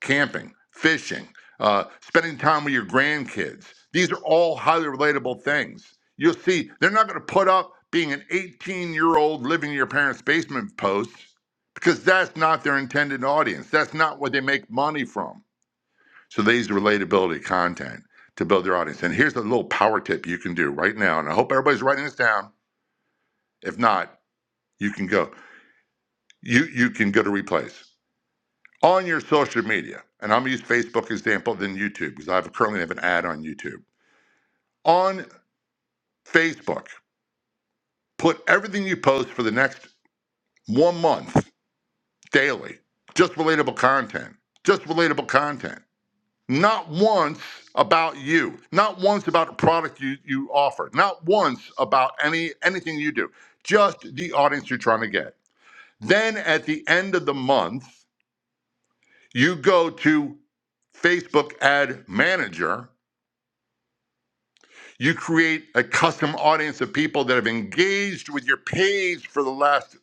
S16: camping, fishing, uh, spending time with your grandkids. These are all highly relatable things. You'll see they're not going to put up being an 18 year old living in your parents' basement post because that's not their intended audience. That's not what they make money from. So they use relatability content to build their audience. And here's a little power tip you can do right now. And I hope everybody's writing this down. If not, you can go. You you can go to replays. on your social media, and I'm gonna use Facebook example than YouTube because I have currently have an ad on YouTube. On Facebook, put everything you post for the next one month daily, just relatable content, just relatable content. Not once about you, not once about a product you, you offer, not once about any anything you do, just the audience you're trying to get. Then at the end of the month, you go to Facebook ad manager You create a custom audience of people that have engaged with your page for the last.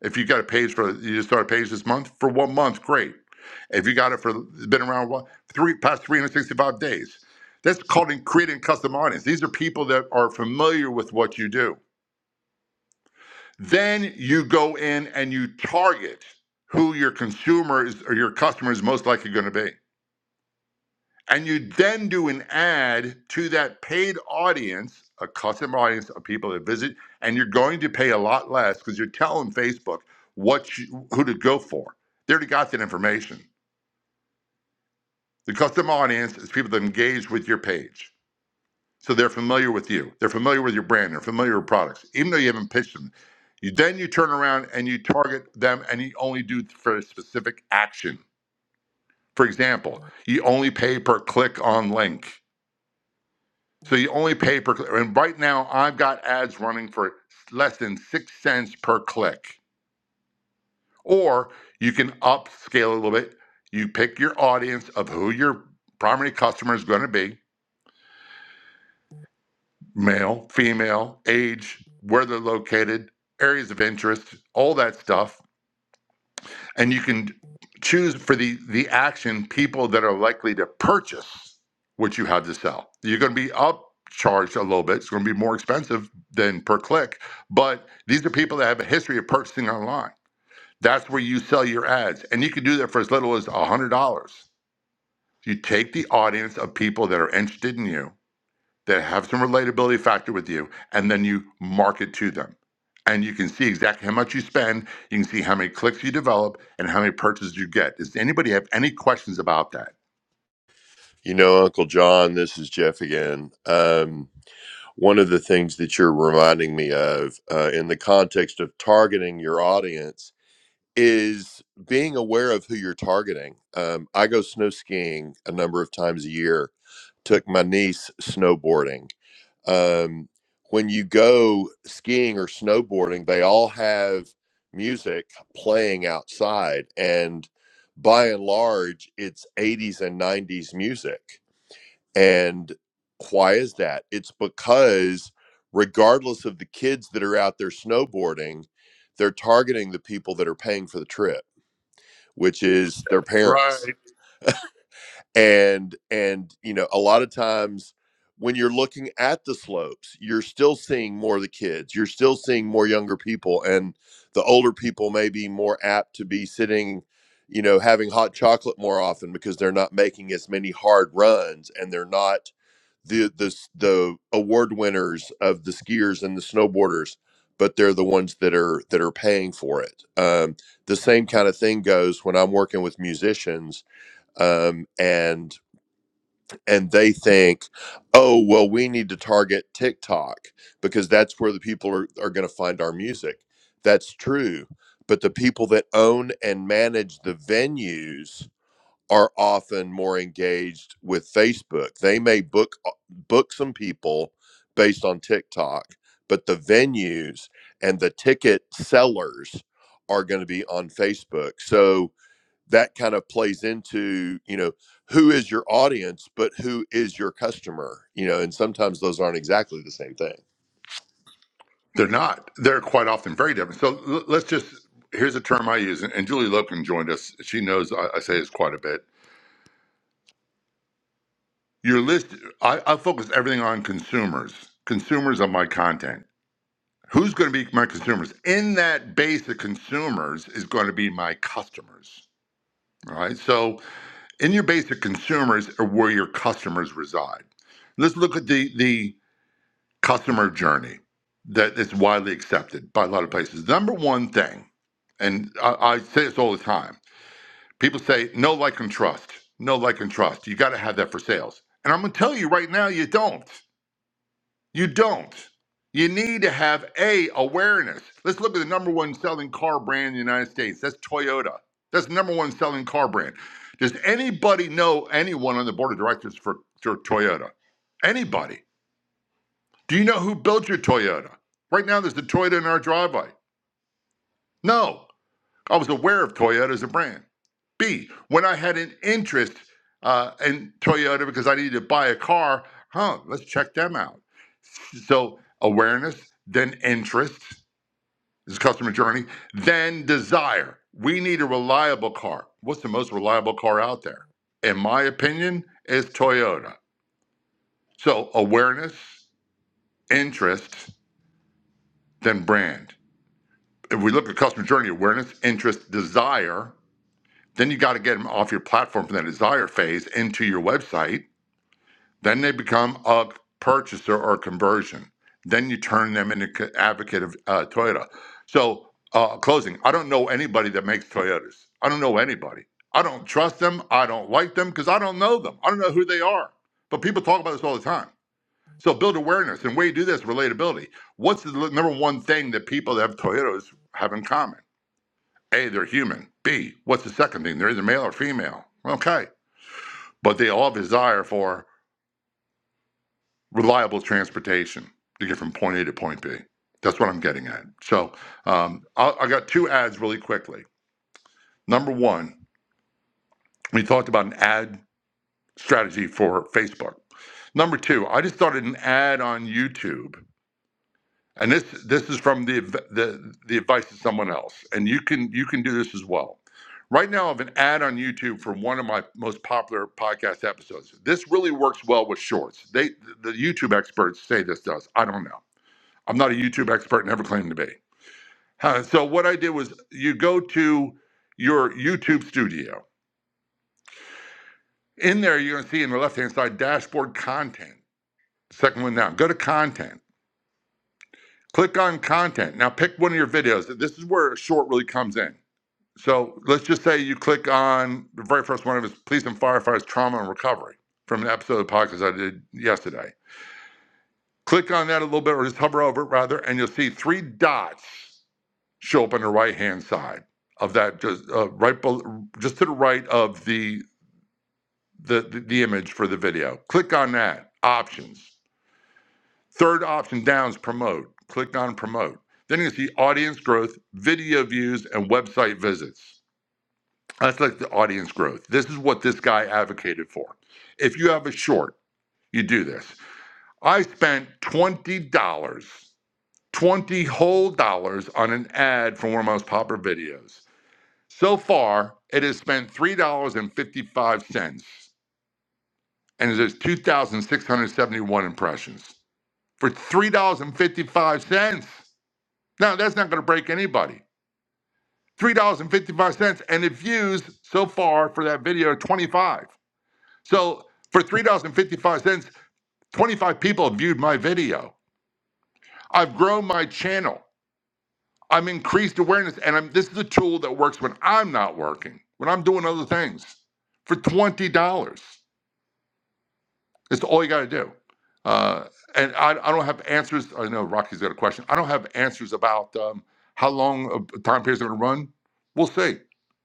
S16: If you got a page for you just started a page this month for one month, great. If you got it for been around what, three past 365 days, that's called creating a custom audience. These are people that are familiar with what you do. Then you go in and you target who your consumer is or your customer is most likely going to be. and you then do an ad to that paid audience, a customer audience of people that visit, and you're going to pay a lot less because you're telling Facebook what you, who to go for. They already got that information. The customer audience is people that engage with your page, so they're familiar with you, they're familiar with your brand, they're familiar with products, even though you haven't pitched them. You then you turn around and you target them, and you only do for a specific action. For example, you only pay per click on link So you only pay per click. And right now, I've got ads running for less than six cents per click. Or you can upscale a little bit. You pick your audience of who your primary customer is going to be male, female, age, where they're located, areas of interest, all that stuff and you can choose for the the action people that are likely to purchase what you have to sell. You're going to be upcharged a little bit. It's going to be more expensive than per click, but these are people that have a history of purchasing online. That's where you sell your ads, and you can do that for as little as one hundred dollars. You take the audience of people that are interested in you, that have some relatability factor with you, and then you market to them. And you can see exactly how much you spend. You can see how many clicks you develop and how many purchases you get. Does anybody have any questions about that?
S21: You know, Uncle John, this is Jeff again. Um, one of the things that you're reminding me of uh, in the context of targeting your audience is being aware of who you're targeting. Um, I go snow skiing a number of times a year. Took my niece snowboarding. Um, when you go skiing or snowboarding, they all have music playing outside, and by and large, it's 80s and 90s music. And why is that? It's because, regardless of the kids that are out there snowboarding, they're targeting the people that are paying for the trip which is their parents
S16: Right.
S21: and and you know a lot of times when you're looking at the slopes you're still seeing more of the kids you're still seeing more younger people and the older people may be more apt to be sitting you know having hot chocolate more often because they're not making as many hard runs and they're not the the the award winners of the skiers and the snowboarders, but they're the ones that are that are paying for it. Um, the same kind of thing goes when I'm working with musicians, um, and and they think, oh well, we need to target TikTok because that's where the people are are going to find our music. That's true, but the people that own and manage the venues are often more engaged with Facebook. They may book uh, book some people based on TikTok, but the venues and the ticket sellers are going to be on Facebook. So that kind of plays into you know who is your audience but who is your customer you know and sometimes those aren't exactly the same thing
S16: They're not. They're quite often very different. So l- let's just, here's a term I use, and and Julie Loken joined us. She knows I, I say this quite a bit. Your list, I, I focus everything on consumers, consumers of my content. Who's going to be my consumers? In that base of consumers is going to be my customers. All right. So in your basic consumers are where your customers reside. Let's look at the the customer journey that is widely accepted by a lot of places. Number one thing, and I, I say this all the time, people say no like and trust. No like and trust. You got to have that for sales. And I'm gonna tell you right now, you don't. You don't. You need to have a awareness. Let's look at the number one selling car brand in the United States. That's Toyota. That's the number one selling car brand. Does anybody know anyone on the board of directors for, for Toyota? Anybody? Do you know who built your Toyota? Right now, there's a Toyota in our driveway. No, I was aware of Toyota as a brand. B, when I had an interest uh, in Toyota because I needed to buy a car, huh, let's check them out. So awareness, then interest is customer journey, then desire. We need a reliable car. What's the most reliable car out there? In my opinion, is Toyota. So awareness, interest, then brand. If we look at customer journey, awareness, interest, desire, then you got to get them off your platform from that desire phase into your website Then they become a purchaser or conversion. Then you turn them into c- advocate of uh, Toyota. So, uh, closing. I don't know anybody that makes Toyotas. I don't know anybody. I don't trust them. I don't like them because I don't know them. I don't know who they are. But people talk about this all the time. So build awareness. And the way you do this, relatability. What's the number one thing that people that have Toyotas have in common? A, they're human. B, what's the second thing? They're either male or female. Okay. But they all have desire for reliable transportation to get from point A to point B. That's what I'm getting at. So um, I, I got two ads really quickly. Number one, we talked about an ad strategy for Facebook. Number two, I just started an ad on YouTube, and this this is from the the the advice of someone else, and you can you can do this as well. Right now, I have an ad on YouTube for one of my most popular podcast episodes. This really works well with shorts. They the YouTube experts say this does. I don't know. I'm not a YouTube expert, never claimed to be. Huh, So what I did was you go to your YouTube studio. In there, you're going to see in the left-hand side dashboard content. Second one down. Go to content. Click on content. Now pick one of your videos. This is where a short really comes in. So let's just say you click on the very first one of his police and firefighters trauma and recovery from an episode of the podcast I did yesterday. Click on that a little bit, or just hover over it rather, and you'll see three dots show up on the right hand side of that just uh, right just to the right of the, the the the image for the video click on that options third option down is promote click on promote then you see audience growth video views and website visits that's like the audience growth this is what this guy advocated for if you have a short you do this i spent $20 dollars, 20 whole dollars on an ad for one of my most popular videos So far, it has spent $3.55 and fifty-five cents and it has 2,671 impressions for $3.55. Now, that's not going to break anybody. $3.55 and fifty-five cents, and it views so far for that video 25. So for $3.55, 25 people have viewed my video. I've grown my channel. I'm increased awareness and I'm this is a tool that works when I'm not working, when I'm doing other things for $20. It's all you got to do. Uh, and I, I don't have answers. I know Rocky's got a question. I don't have answers about um, how long a time periods are going to run. We'll see.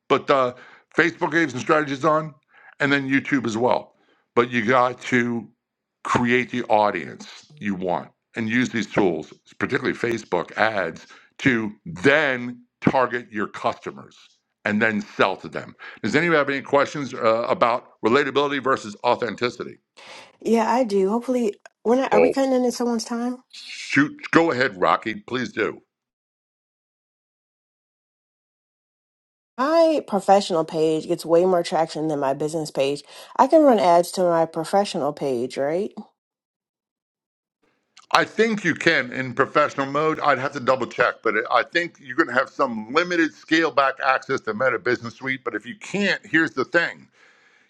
S16: But uh, Facebook gave some strategies on, and then YouTube as well. But you got to create the audience you want and use these tools, particularly Facebook ads, to then target your customers and then sell to them. Does anyone have any questions uh, about relatability versus authenticity?
S22: Yeah, I do. Hopefully, we're not. Are we
S16: Oh.
S22: cutting into someone's time?
S16: Shoot, go ahead, Rocky. Please do.
S22: My professional page gets way more traction than my business page. I can run ads to my professional page, right?
S16: I think you can in professional mode. I'd have to double check, but I think you're going to have some limited scale back access to Meta Business Suite. But if you can't, here's the thing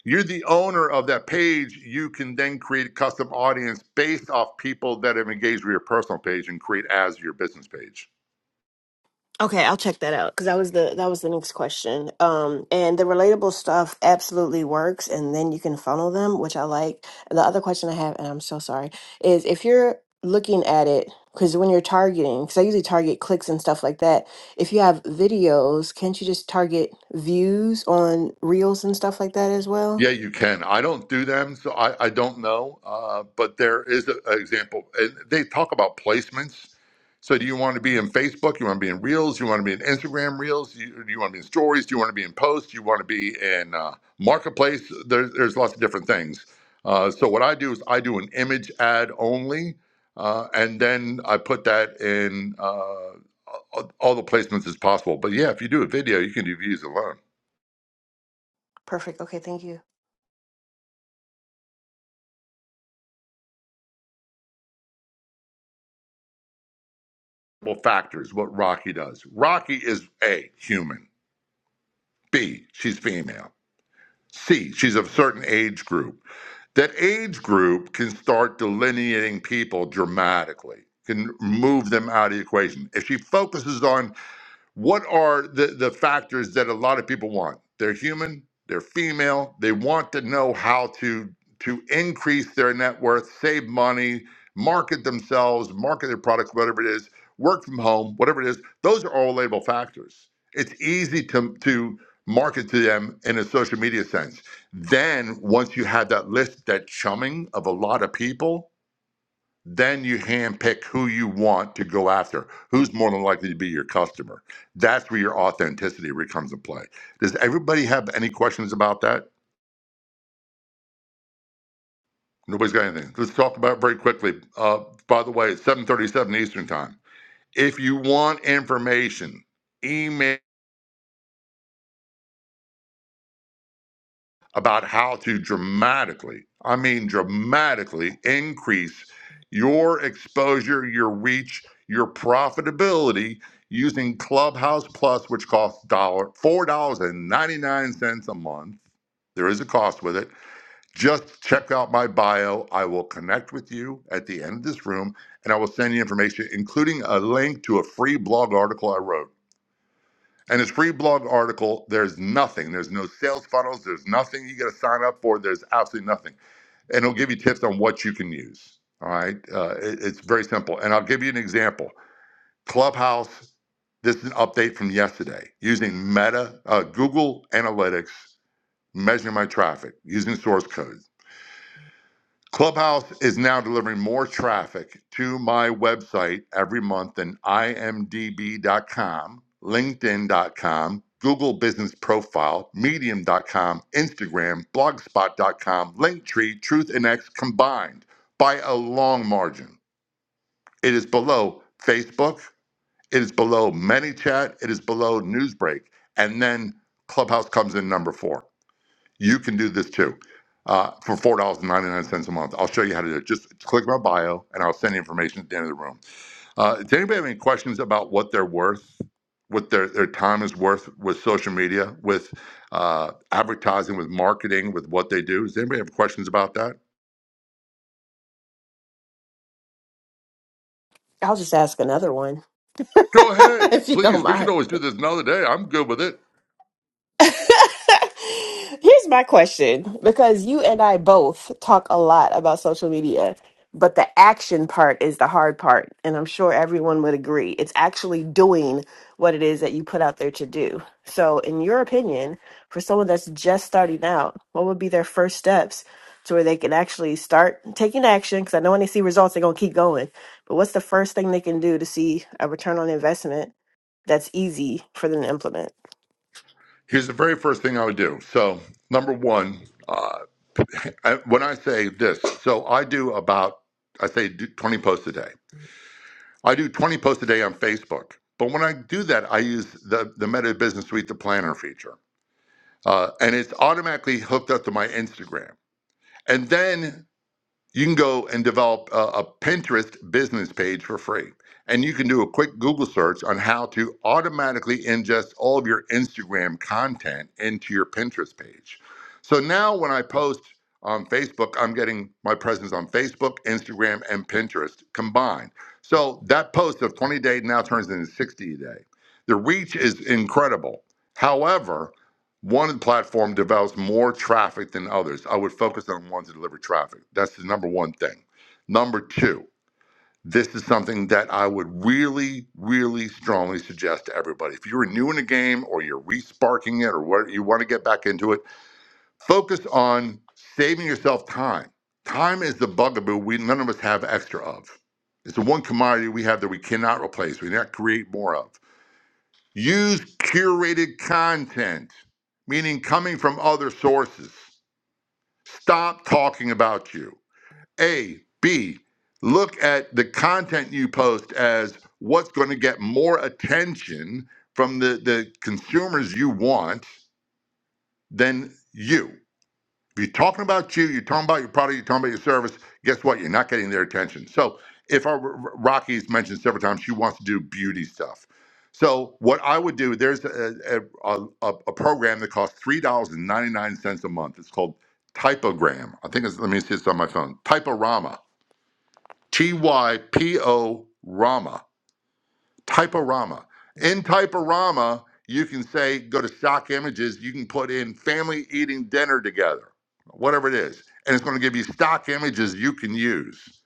S16: you're the owner of that page. You can then create a custom audience based off people that have engaged with your personal page and create as your business page.
S22: Okay, I'll check that out because that was the that was the next question. Um, and the relatable stuff absolutely works, and then you can funnel them, which I like. The other question I have, and I'm so sorry, is if you're looking at it because when you're targeting, because I usually target clicks and stuff like that. If you have videos, can't you just target views on reels and stuff like that as well?
S16: Yeah, you can. I don't do them, so I, I don't know. Uh, but there is an example. And they talk about placements. So, do you want to be in Facebook? You want to be in Reels? You want to be in Instagram Reels? You, do you want to be in Stories? Do you want to be in Posts? Do You want to be in uh, Marketplace? There, there's lots of different things. Uh, so, what I do is I do an image ad only, uh, and then I put that in uh, all all the placements as possible. But yeah, if you do a video, you can do views alone.
S22: Perfect. Okay, thank you.
S16: Well, factors what Rocky does. Rocky is A, human. B, she's female. C, she's of a certain age group. That age group can start delineating people dramatically, can move them out of the equation. If she focuses on what are the, the factors that a lot of people want? They're human, they're female, they want to know how to to increase their net worth, save money, market themselves, market their products, whatever it is, work from home, whatever it is. Those are all label factors. It's easy to to market to them in a social media sense. Then once you have that list, that chumming of a lot of people, then you handpick who you want to go after, who's more than likely to be your customer. That's where your authenticity really comes into play. Does everybody have any questions about that? Nobody's got anything. Let's talk about it very quickly. Uh, by the way, it's 7:37 Eastern Time. If you want information, email. about how to dramatically, I mean, dramatically increase your exposure, your reach, your profitability using Clubhouse Plus, which costs dollar four dollars and ninety nine cents a month. There is a cost with it. Just check out my bio. I will connect with you at the end of this room, and I will send you information, including a link to a free blog article I wrote. And his free blog article. There's nothing. There's no sales funnels. There's nothing you got to sign up for. There's absolutely nothing. And it'll give you tips on what you can use. All right. Uh, it- it's very simple. And I'll give you an example. Clubhouse. This is an update from yesterday using Meta, uh, Google Analytics, measuring my traffic using source code. Clubhouse is now delivering more traffic to my website every month than imdb.com, linkedin.com, Google Business Profile, medium.com, Instagram, blogspot.com, Linktree, Truth and X combined by a long margin. It is below Facebook, it is below ManyChat, it is below Newsbreak, and then Clubhouse comes in number 4. You can do this too uh, for four dollars and ninety nine cents a month. I'll show you how to do it. Just click my bio, and I'll send information at the end of the room. Uh, does anybody have any questions about what they're worth, what their their time is worth with social media, with uh, advertising, with marketing, with what they do? Does anybody have questions about that?
S22: I'll just ask another one
S16: Go ahead,
S22: if you don't
S16: please. We
S22: mind.
S16: could always do this another day. I'm good with it.
S22: Here's my question because you and I both talk a lot about social media, but the action part is the hard part. And I'm sure everyone would agree. It's actually doing what it is that you put out there to do. So, in your opinion, for someone that's just starting out, what would be their first steps to where they can actually start taking action? Because I know when they see results, they're going to keep going. But what's the first thing they can do to see a return on investment that's easy for them to implement?
S16: Here's the very first thing I would do. So number one, uh, I- when I say this, so I do about I say do 20 posts a day. I do 20 posts a day on Facebook. But when I do that, I use the, the Meta Business Suite, the planner feature. Uh, and it's automatically hooked up to my Instagram. And then you can go and develop a, a Pinterest business page for free. And you can do a quick Google search on how to automatically ingest all of your Instagram content into your Pinterest page. So now when I post on Facebook, I'm getting my presence on Facebook, Instagram, and Pinterest combined. So that post of 20 days now turns into 60 a day. The reach is incredible. However, one platform develops more traffic than others. I would focus on ones that deliver traffic. That's the number one thing. Number two, this is something that I would really, really strongly suggest to everybody. If you're new in the game or you're resparking it or what you want to get back into it, focus on saving yourself time. Time is the bugaboo we none of us have extra of. It's the one commodity we have that we cannot replace, we cannot create more of. Use curated content, meaning coming from other sources. Stop talking about you. A, B, look at the content you post as what's going to get more attention from the, the consumers you want than you. If you're talking about you, you're talking about your product, you're talking about your service, guess what? You're not getting their attention. So, if our Rocky's mentioned several times, she wants to do beauty stuff. So, what I would do, there's a, a, a, a program that costs $3.99 a month. It's called Typogram. I think it's, let me see, it's on my phone. Typorama. T Y P O Rama. Typorama. In Typorama, you can say, go to stock images, you can put in family eating dinner together, whatever it is. And it's going to give you stock images you can use.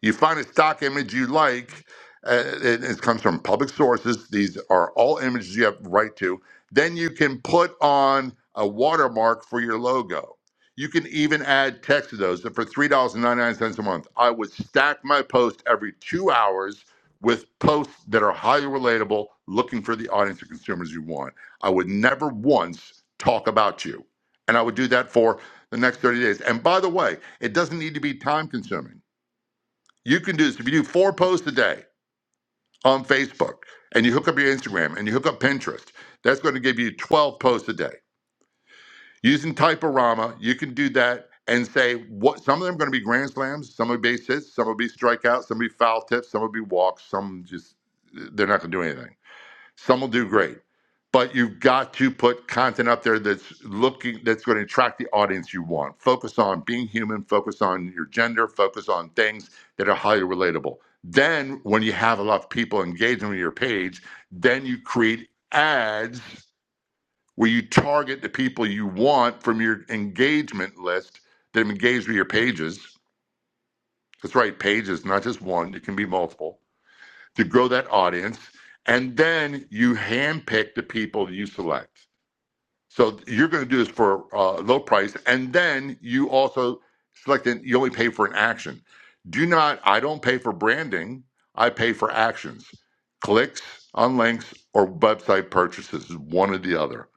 S16: You find a stock image you like, uh, it, it comes from public sources. These are all images you have right to. Then you can put on a watermark for your logo. You can even add text to those. And for $3.99 a month, I would stack my post every two hours with posts that are highly relatable, looking for the audience of consumers you want. I would never once talk about you. And I would do that for the next 30 days. And by the way, it doesn't need to be time consuming. You can do this if you do four posts a day on Facebook and you hook up your Instagram and you hook up Pinterest, that's going to give you 12 posts a day. Using Typorama, you can do that and say what some of them are going to be grand slams, some will be base hits, some will be strikeouts, some will be foul tips, some will be walks, some just they're not going to do anything some will do great, but you've got to put content up there that's looking that's going to attract the audience you want. Focus on being human, focus on your gender, focus on things that are highly relatable. Then when you have a lot of people engaging with your page, then you create ads where you target the people you want from your engagement list that have engaged with your pages. That's right, pages, not just one, it can be multiple to grow that audience. And then you handpick the people that you select. So you're going to do this for uh, low price, and then you also select an, you only pay for an action. Do not. I don't pay for branding. I pay for actions, clicks on links, or website purchases. One or the other.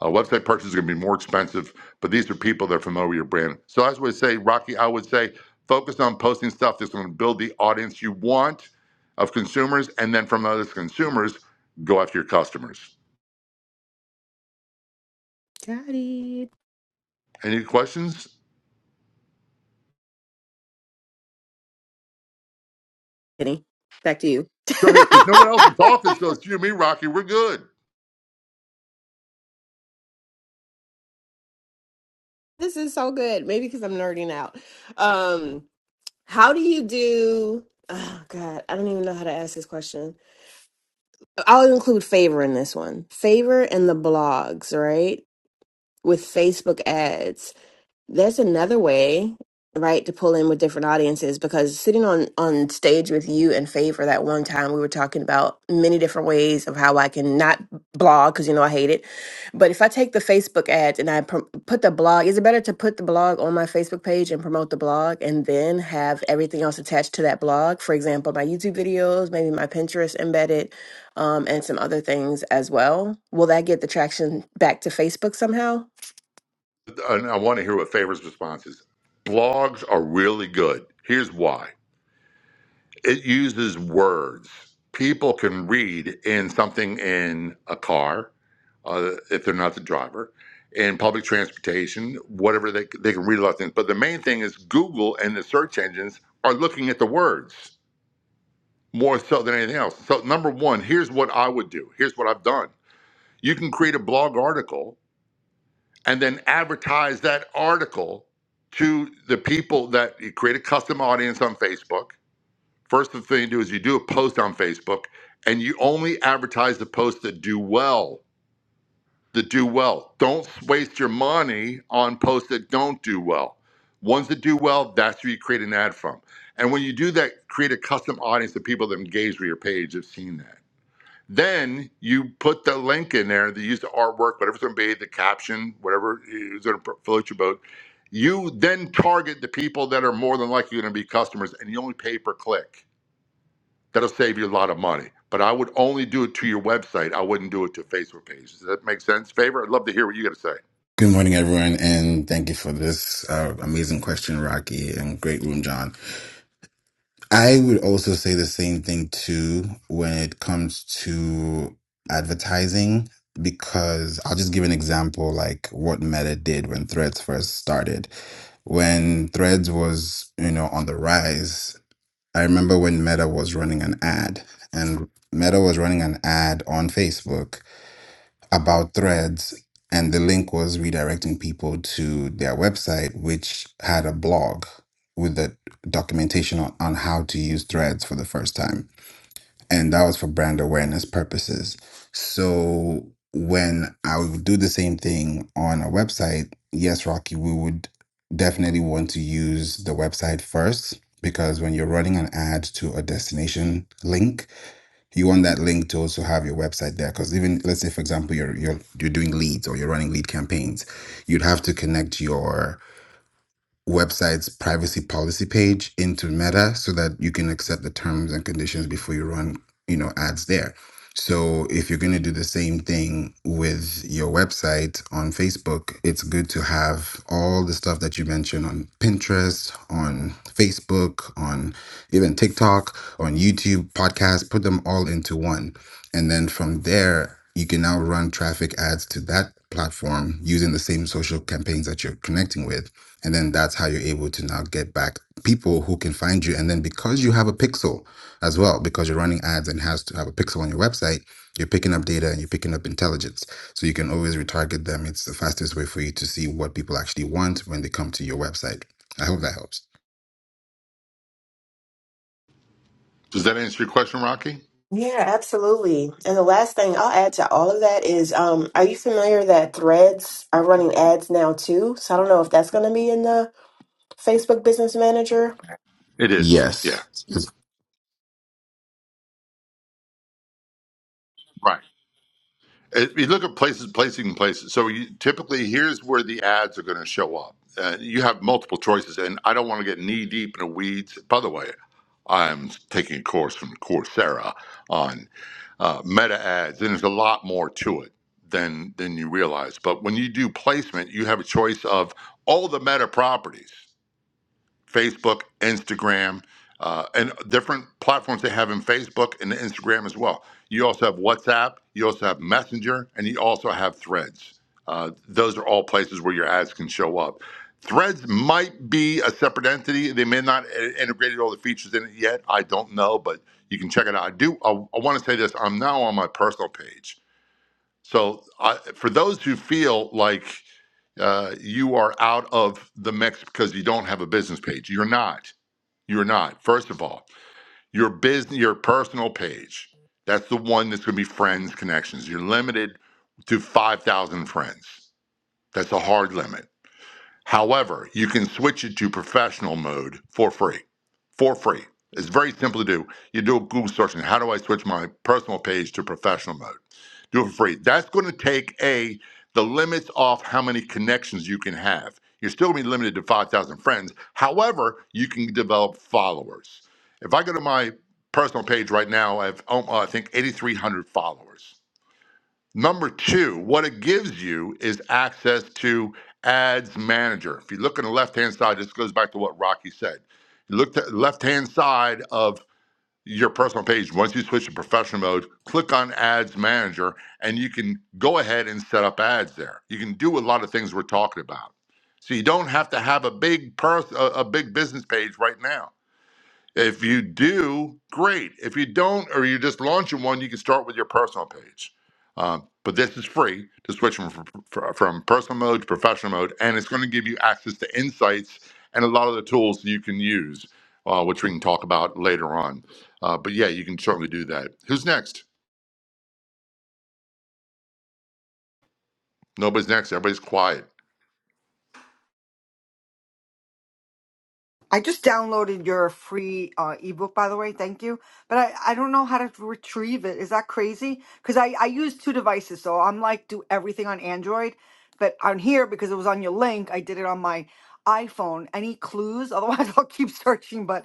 S16: A website purchase is going to be more expensive, but these are people that are familiar with your brand. So as we say, Rocky, I would say focus on posting stuff that's going to build the audience you want of consumers, and then from those consumers, go after your customers.
S22: Got it.
S16: Any questions?
S22: Kenny, back to you.
S16: Go ahead, because no one else in the office goes, you, and me, Rocky, we're good.
S22: this is so good. Maybe because I'm nerding out. Um, how do you do? Oh God, I don't even know how to ask this question. I'll include favor in this one. Favor and the blogs, right? With Facebook ads. That's another way, right, to pull in with different audiences because sitting on on stage with you and Faye for that one time we were talking about many different ways of how I can not blog because you know I hate it. But if I take the Facebook ads and I pr- put the blog, is it better to put the blog on my Facebook page and promote the blog and then have everything else attached to that blog? For example, my YouTube videos, maybe my Pinterest embedded, um, and some other things as well. Will that get the traction back to Facebook somehow?
S16: And I want to hear what Favor's response is. Blogs are really good. Here's why it uses words. People can read in something in a car, uh, if they're not the driver, in public transportation, whatever they, they can read a lot of things. But the main thing is Google and the search engines are looking at the words more so than anything else. So, number one, here's what I would do. Here's what I've done. You can create a blog article and then advertise that article to the people that you create a custom audience on Facebook. First thing you do is you do a post on Facebook and you only advertise the posts that do well. That do well. Don't waste your money on posts that don't do well. Ones that do well, that's where you create an ad from. And when you do that, create a custom audience of people that engage with your page have seen that. Then you put the link in there. They use the artwork, whatever's going to be the caption, whatever is going to float your boat. You then target the people that are more than likely going to be customers, and you only pay per click. That'll save you a lot of money. But I would only do it to your website. I wouldn't do it to Facebook page. Does that make sense? Favor? I'd love to hear what you got to say.
S23: Good morning, everyone, and thank you for this uh, amazing question, Rocky, and great room, John. I would also say the same thing too when it comes to advertising, because I'll just give an example like what Meta did when Threads first started. When Threads was, you know, on the rise, I remember when Meta was running an ad, and Meta was running an ad on Facebook about threads and the link was redirecting people to their website which had a blog with the documentation on, on how to use threads for the first time and that was for brand awareness purposes so when i would do the same thing on a website yes rocky we would definitely want to use the website first because when you're running an ad to a destination link you want that link to also have your website there because even let's say for example you're you're you're doing leads or you're running lead campaigns you'd have to connect your website's privacy policy page into Meta so that you can accept the terms and conditions before you run, you know, ads there. So if you're going to do the same thing with your website on Facebook, it's good to have all the stuff that you mentioned on Pinterest, on Facebook, on even TikTok, on YouTube, podcast, put them all into one. And then from there, you can now run traffic ads to that platform using the same social campaigns that you're connecting with and then that's how you're able to now get back people who can find you. And then because you have a pixel as well, because you're running ads and has to have a pixel on your website, you're picking up data and you're picking up intelligence. So you can always retarget them. It's the fastest way for you to see what people actually want when they come to your website. I hope that helps.
S16: Does that answer your question, Rocky?
S22: Yeah, absolutely. And the last thing I'll add to all of that is, um, are you familiar that Threads are running ads now too? So I don't know if that's going to be in the Facebook Business Manager.
S16: It is. Yeah.
S23: Yes.
S16: Right. If you look at places, placing places. So you, typically, here's where the ads are going to show up. Uh, you have multiple choices, and I don't want to get knee deep in the weeds. By the way, I'm taking a course from Coursera on uh, meta ads, and there's a lot more to it than than you realize. But when you do placement, you have a choice of all the meta properties. Facebook, Instagram, uh, and different platforms they have in Facebook and Instagram as well. You also have WhatsApp, you also have Messenger, and you also have Threads. Uh, those are all places where your ads can show up. Threads might be a separate entity. They may not i- integrated all the features in it yet. I don't know, but you can check it out. I do. I, I want to say this. I'm now on my personal page. So I, for those who feel like uh, you are out of the mix because you don't have a business page, you're not you're not. First of all, your business, your personal page, that's the one that's going to be friends, connections. You're limited to 5,000 friends. That's a hard limit. However, you can switch it to professional mode for free. For free. It's very simple to do. You do a Google search and how do I switch my personal page to professional mode? Do it for free. That's going to take a the limits off how many connections you can have. You're still going to be limited to 5,000 friends. However, you can develop followers. If I go to my personal page right now, I have, oh, I think, 8,300 followers. Number two, what it gives you is access to Ads Manager. If you look on the left hand side, this goes back to what Rocky said. You look to the left hand side of your personal page, once you switch to professional mode, click on Ads Manager and you can go ahead and set up ads there. You can do a lot of things we're talking about. So you don't have to have a big person, a a big business page right now. If you do, great. If you don't, or you're just launching one, you can start with your personal page. Um, but this is free to switch from, fr- from personal mode to professional mode, and it's going to give you access to insights and a lot of the tools you can use, uh, which we can talk about later on. Uh, but yeah, you can certainly do that. Who's next? Nobody's next. Everybody's quiet.
S4: I just downloaded your free uh, ebook, by the way. Thank you. But I, I don't know how to retrieve it. Is that crazy? Because I, I use two devices. So I'm like, do everything on Android. But on here, because it was on your link, I did it on my iPhone. Any clues? Otherwise, I'll keep searching. But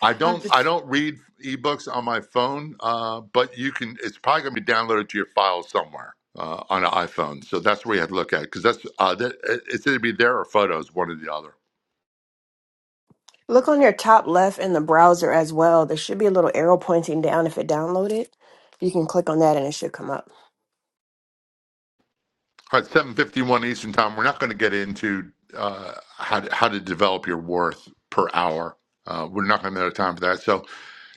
S16: I
S4: I'm
S16: don't I
S4: just.
S16: don't read ebooks on my phone, uh, but you can. It's probably going to be downloaded to your file somewhere uh, on an iPhone. So that's where you have to look at because that's uh, that, it- it's either be there or photos, one or the other.
S22: Look on your top left in the browser as well. There should be a little arrow pointing down if it downloaded. You can click on that and it should come up.
S16: All right, seven fifty one Eastern time. We're not going to get into uh, how to, how to develop your worth per hour. Uh, we're not going to have time for that. So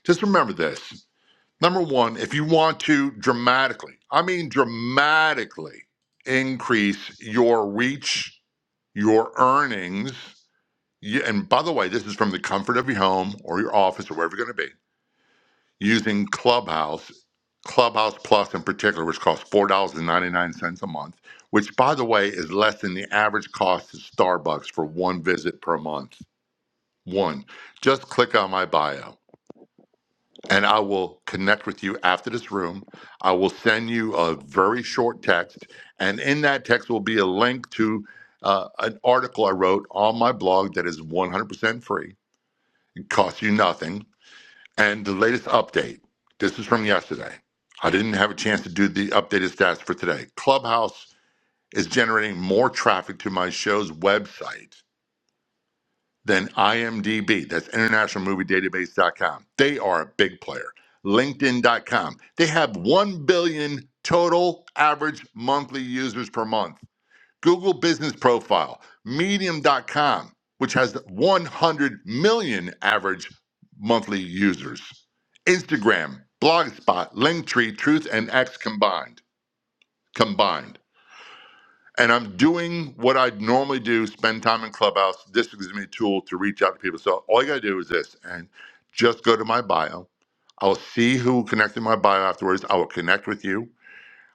S16: just remember this. Number one, if you want to dramatically, I mean dramatically increase your reach, your earnings Yeah, and by the way, this is from the comfort of your home or your office or wherever you're going to be using Clubhouse, Clubhouse Plus in particular, which costs four dollars and ninety nine cents a month, which by the way is less than the average cost of Starbucks for one visit per month. One, just click on my bio, and I will connect with you after this room. I will send you a very short text, and in that text will be a link to uh, an article I wrote on my blog that is one hundred percent free costs you nothing. And the latest update, this is from yesterday. I didn't have a chance to do the updated stats for today. Clubhouse is generating more traffic to my show's website than IMDb. That's internationalmoviedatabase.com. They are a big player. LinkedIn.com. They have 1 billion total average monthly users per month. Google Business Profile, Medium.com, which has 100 million average monthly users, Instagram, Blogspot, Linktree, Truth, and X combined. Combined. And I'm doing what I normally do: spend time in Clubhouse. This gives me a tool to reach out to people. So all you gotta do is this, and just go to my bio. I'll see who connected my bio afterwards. I will connect with you.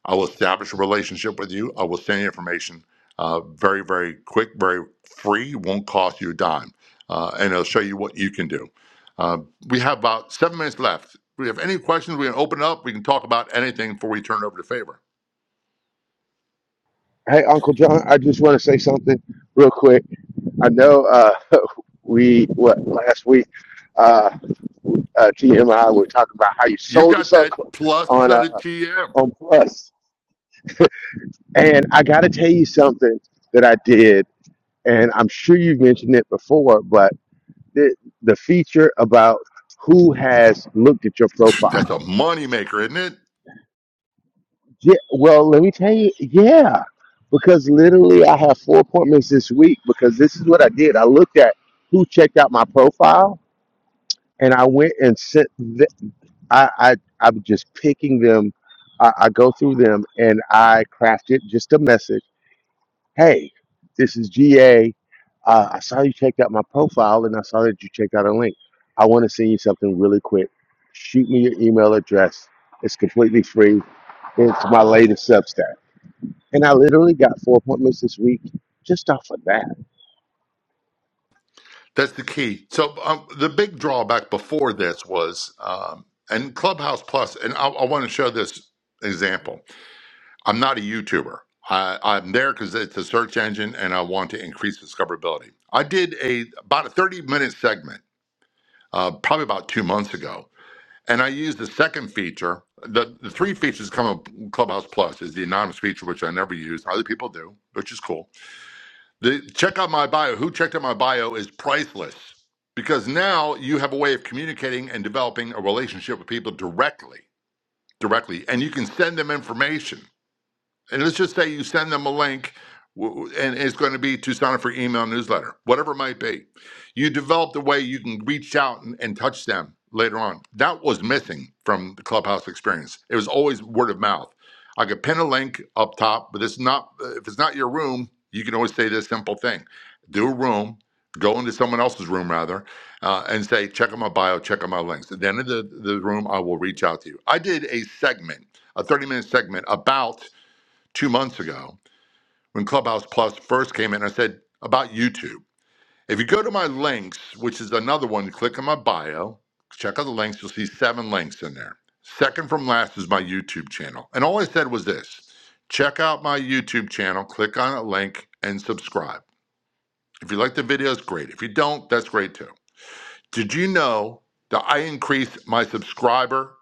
S16: I will establish a relationship with you. I will send you information uh, very, very quick, very free, won't cost you a dime, uh, and it'll show you what you can do. Uh, we have about seven minutes left. If we have any questions, we can open it up. We can talk about anything before we turn it over to Favor.
S20: in. Hey, Uncle John, I just want to say something real quick. I know uh, we what last week uh, uh, TM and I were talking about how you
S16: You
S20: sold us
S16: got
S20: up
S16: that plus
S20: on
S16: of
S20: uh,
S16: the TM?
S20: on Plus, and I got to tell you something that I did, and I'm sure you've mentioned it before, but the, the feature about who has looked at your profile
S16: That's a moneymaker, isn't it?
S20: Yeah, well, let me tell you, yeah, because literally I have four appointments this week because this is what I did. I looked at who checked out my profile and I went and sent, the, I, I, I'm just picking them. I, I go through them and I crafted just a message. Hey, this is GA. Uh, I saw you checked out my profile and I saw that you checked out a link. I want to send you something really quick. Shoot me your email address. It's completely free. It's my latest Substack. And I literally got four appointments this week just off of that.
S16: That's the key. So um, the big drawback before this was, um, and Clubhouse Plus, and I, I want to show this example I'm not a YouTuber. I, I'm there because it's a search engine and I want to increase discoverability. I did a about a 30 minute segment, uh, probably about two months ago, and I used the second feature. The, the three features come up Clubhouse Plus is the anonymous feature, which I never use. Other people do, which is cool. The check out my bio. Who checked out my bio is priceless because now you have a way of communicating and developing a relationship with people directly, directly, and you can send them information and let's just say you send them a link and it's going to be to sign up for email newsletter whatever it might be you develop the way you can reach out and, and touch them later on that was missing from the clubhouse experience it was always word of mouth i could pin a link up top but it's not if it's not your room you can always say this simple thing do a room go into someone else's room rather uh, and say check out my bio check out my links at the end of the, the room i will reach out to you i did a segment a 30 minute segment about two months ago when Clubhouse Plus first came in. I said about YouTube. If you go to my links, which is another one, click on my bio, check out the links, you'll see seven links in there. Second from last is my YouTube channel. And all I said was this check out my YouTube channel, click on a link, and subscribe. If you like the videos, great. If you don't, that's great too. Did you know that I increased my subscriber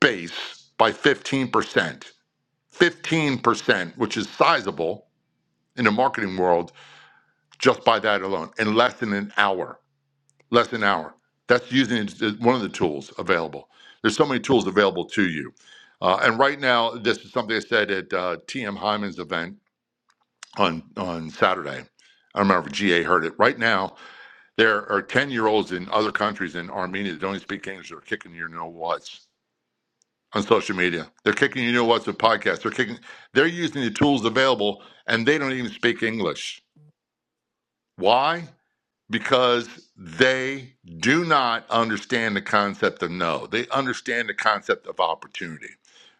S16: base by 15%? 15%, which is sizable in the marketing world just by that alone in less than an hour. Less than an hour. That's using one of the tools available. There's so many tools available to you. Uh, and right now, this is something I said at uh, TM Hyman's event on on Saturday. I don't remember if GA heard it. Right now, there are 10 year olds in other countries in Armenia that don't even speak English. They're kicking your know what's on social media. They're kicking your know what's with podcasts. They're kicking. They're using the tools available, and they don't even speak English. Why? because they do not understand the concept of no. They understand the concept of opportunity.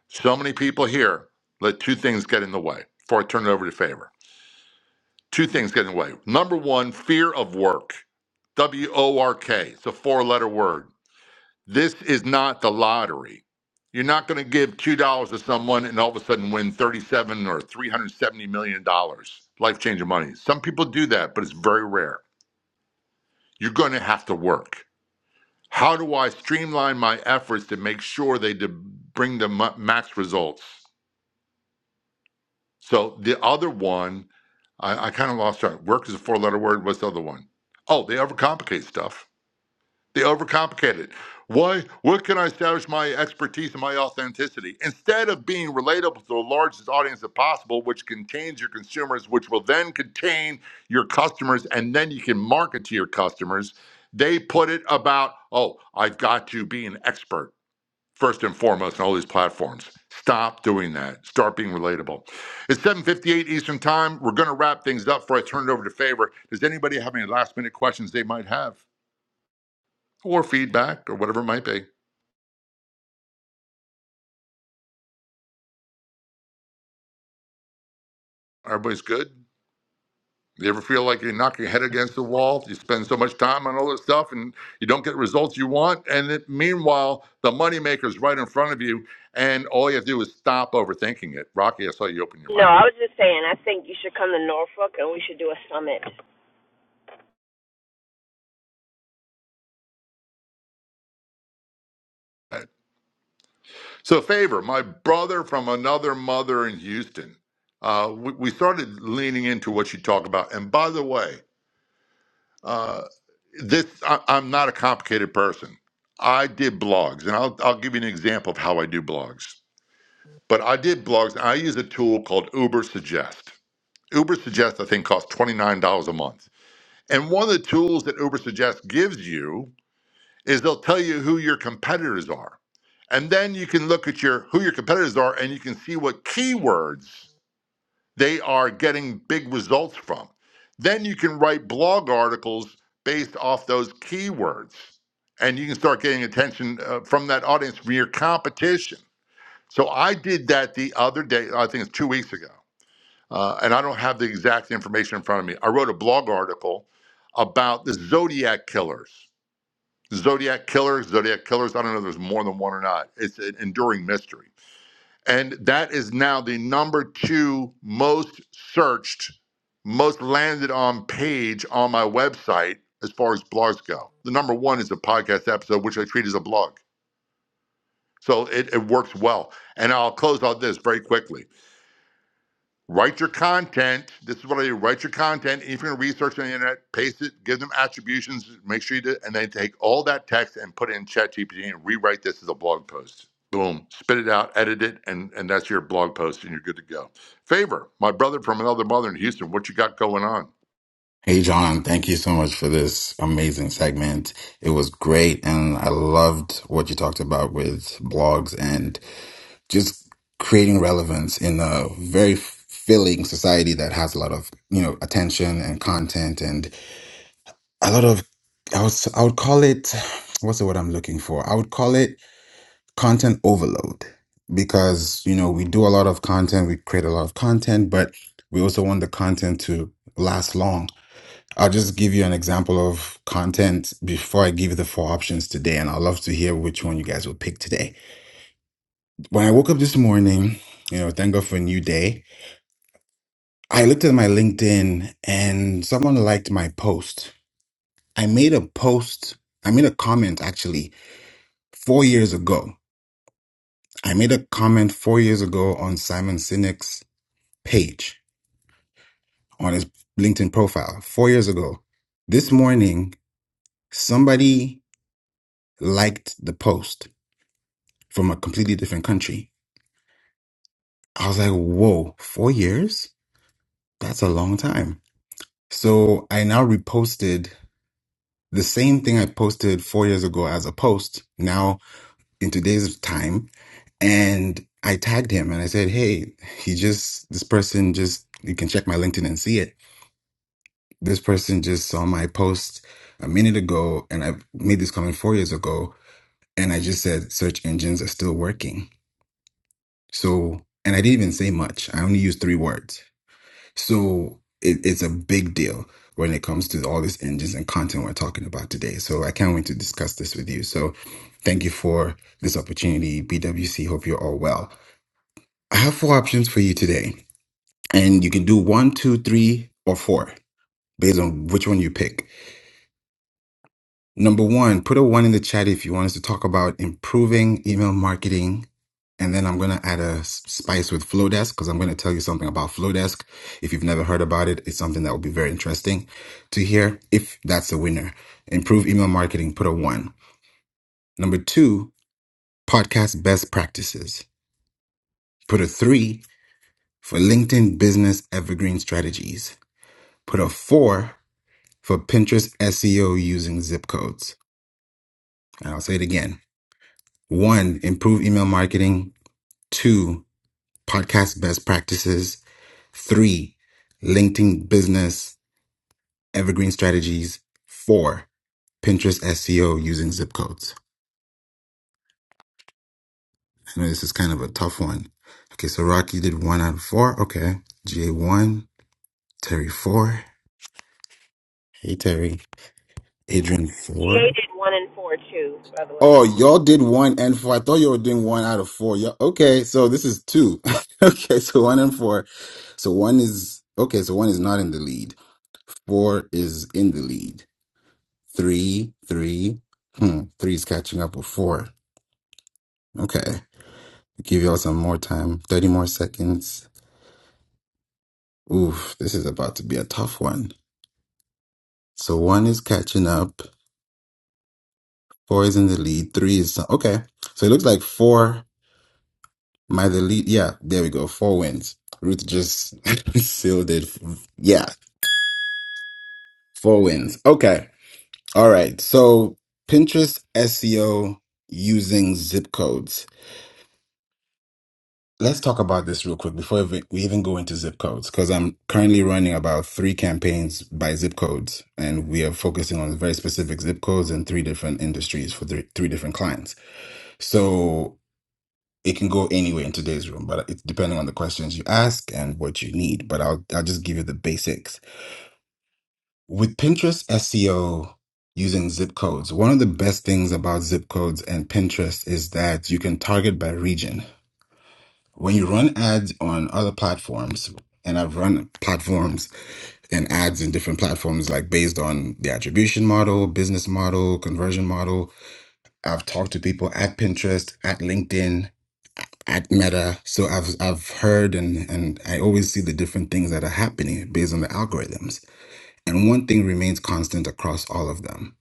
S16: So many people here let two things get in the way before I turn it over to favor. Two things get in the way. Number one, fear of work. W O R K. It's a four letter word. This is not the lottery. You're not going to give $2 to someone and all of a sudden win 37 or $370 million, dollars, life changing money. Some people do that, but it's very rare. You're going to have to work. How do I streamline my efforts to make sure they de- bring the mu max results? So the other one, I, I kind of lost track. Work is a four letter word. What's the other one? Oh, they overcomplicate stuff. They overcomplicate it. Why? What can I establish my expertise and my authenticity instead of being relatable to the largest audience as possible, which contains your consumers, which will then contain your customers, and then you can market to your customers. They put it about, oh, I've got to be an expert first and foremost on all these platforms. Stop doing that. Start being relatable. It's 7:58 Eastern Time. We're going to wrap things up before I turn it over to Favor. Does anybody have any last minute questions they might have or feedback or whatever it might be? Everybody's good. You ever feel like you knock your head against the wall? You spend so much time on all this stuff and you don't get the results you want. And it, meanwhile, the moneymaker's right in front of you. And all you have to do is stop overthinking it. Rocky, I saw you open your
S22: No,
S16: mic.
S22: I was just saying, I think you should come to Norfolk and we should do a summit.
S16: So, Favor, my brother from another mother in Houston, uh, we, we started leaning into what you talk about. And by the way, uh, this I, I'm not a complicated person. I did blogs, and I'll, I'll give you an example of how I do blogs. But I did blogs, and I use a tool called Uber Suggest. Uber Suggest, I think, costs $29 a month. And one of the tools that Uber Suggest gives you is they'll tell you who your competitors are. And then you can look at your who your competitors are and you can see what keywords they are getting big results from. Then you can write blog articles based off those keywords. And you can start getting attention uh, from that audience from your competition. So I did that the other day, I think it's 2 weeks ago. Uh, and I don't have the exact information in front of me. I wrote a blog article about the Zodiac killers Zodiac killers. Zodiac Killers. I don't know if there's more than one or not. It's an enduring mystery. And that is now the number two most searched, most landed on page on my website as far as blogs go. The number one is a podcast episode, which I treat as a blog. So it, it works well. And I'll close on this very quickly. Write your content. This is what I do. Write your content. If you're going to research on the internet, paste it, give them attributions, make sure you do, and then take all that text and put it in ChatGPT and rewrite this as a blog post. Boom. Spit it out, edit it, and, and that's your blog post, and you're good to go. Favor, my brother from another mother in Houston, what you got going on?
S23: Hey, John, thank you so much for this amazing segment. It was great. And I loved what you talked about with blogs. and. just creating relevance in a very filling society that has a lot of you know attention and content and a lot of I would I would call it what's the word I'm looking for? I would call it content overload because you know we do a lot of content, we create a lot of content, but we also want the content to last long. I'll just give you an example of content before I give you the four options today, and I'd love to hear which one you guys will pick today. When I woke up this morning, you know, thank God for a new day. I looked at my LinkedIn and someone liked my post. I made a post, I made a comment actually four years ago. I made a comment four years ago on Simon Sinek's page on his LinkedIn profile four years ago. This morning, somebody liked the post from a completely different country. I was like, whoa, four years? That's a long time. So I now reposted the same thing I posted four years ago as a post. Now in today's time and I tagged him and I said, Hey, he just, this person just, you can check my LinkedIn and see it. This person just saw my post a minute ago and I made this comment four years ago. And I just said, search engines are still working. So, and I didn't even say much. I only used three words. So it, it's a big deal when it comes to all these engines and content we're talking about today. So I can't wait to discuss this with you. So thank you for this opportunity. BWC, hope you're all well. I have four options for you today, and you can do one, two, three, or four based on which one you pick. Number one, put a one in the chat if you want us to talk about improving email marketing. And then I'm going to add a s- spice with Flowdesk because I'm going to tell you something about Flowdesk. If you've never heard about it, it's something that will be very interesting to hear if that's a winner. Improve email marketing, put a one. Number two, podcast best practices, put a three for LinkedIn business evergreen strategies. Put a four for Pinterest SEO using zip codes. And I'll say it again. One, improve email marketing. Two, podcast best practices. Three, LinkedIn business, evergreen strategies. Four, Pinterest SEO using zip codes. I know this is kind of a tough one. Okay, so Rocky did one out of four. Okay. GA one, Terry four. Hey, Terry. Adrian four.
S22: GA did one and four too, by the way.
S23: Oh, y'all did one and four. I thought y'all were doing one out of four. Yeah. Okay. So this is two. okay. So one and four. So one is, okay. So one is not in the lead. Four is in the lead. Three, three. Hmm. Three is catching up with four. Okay. Give y'all some more time. 30 more seconds. Oof. This is about to be a tough one. So one is catching up. Four is in the lead. Three is, okay. So it looks like four My the lead, yeah, there we go. Four wins. Ruth just sealed it. Yeah, four wins. Okay, all right. So Pinterest SEO using zip codes. Let's talk about this real quick before we we even go into zip codes, because I'm currently running about three campaigns by zip codes, and we are focusing on very specific zip codes in three different industries for three, three different clients. So it can go anywhere in today's room, but it's depending on the questions you ask and what you need. But I'll I'll just give you the basics. With Pinterest SEO using zip codes, one of the best things about zip codes and Pinterest is that you can target by region. When you run ads on other platforms, and I've run platforms and ads in different platforms, like based on the attribution model, business model, conversion model. I've talked to people at Pinterest, at LinkedIn, at Meta. So I've I've heard and and I always see the different things that are happening based on the algorithms. And one thing remains constant across all of them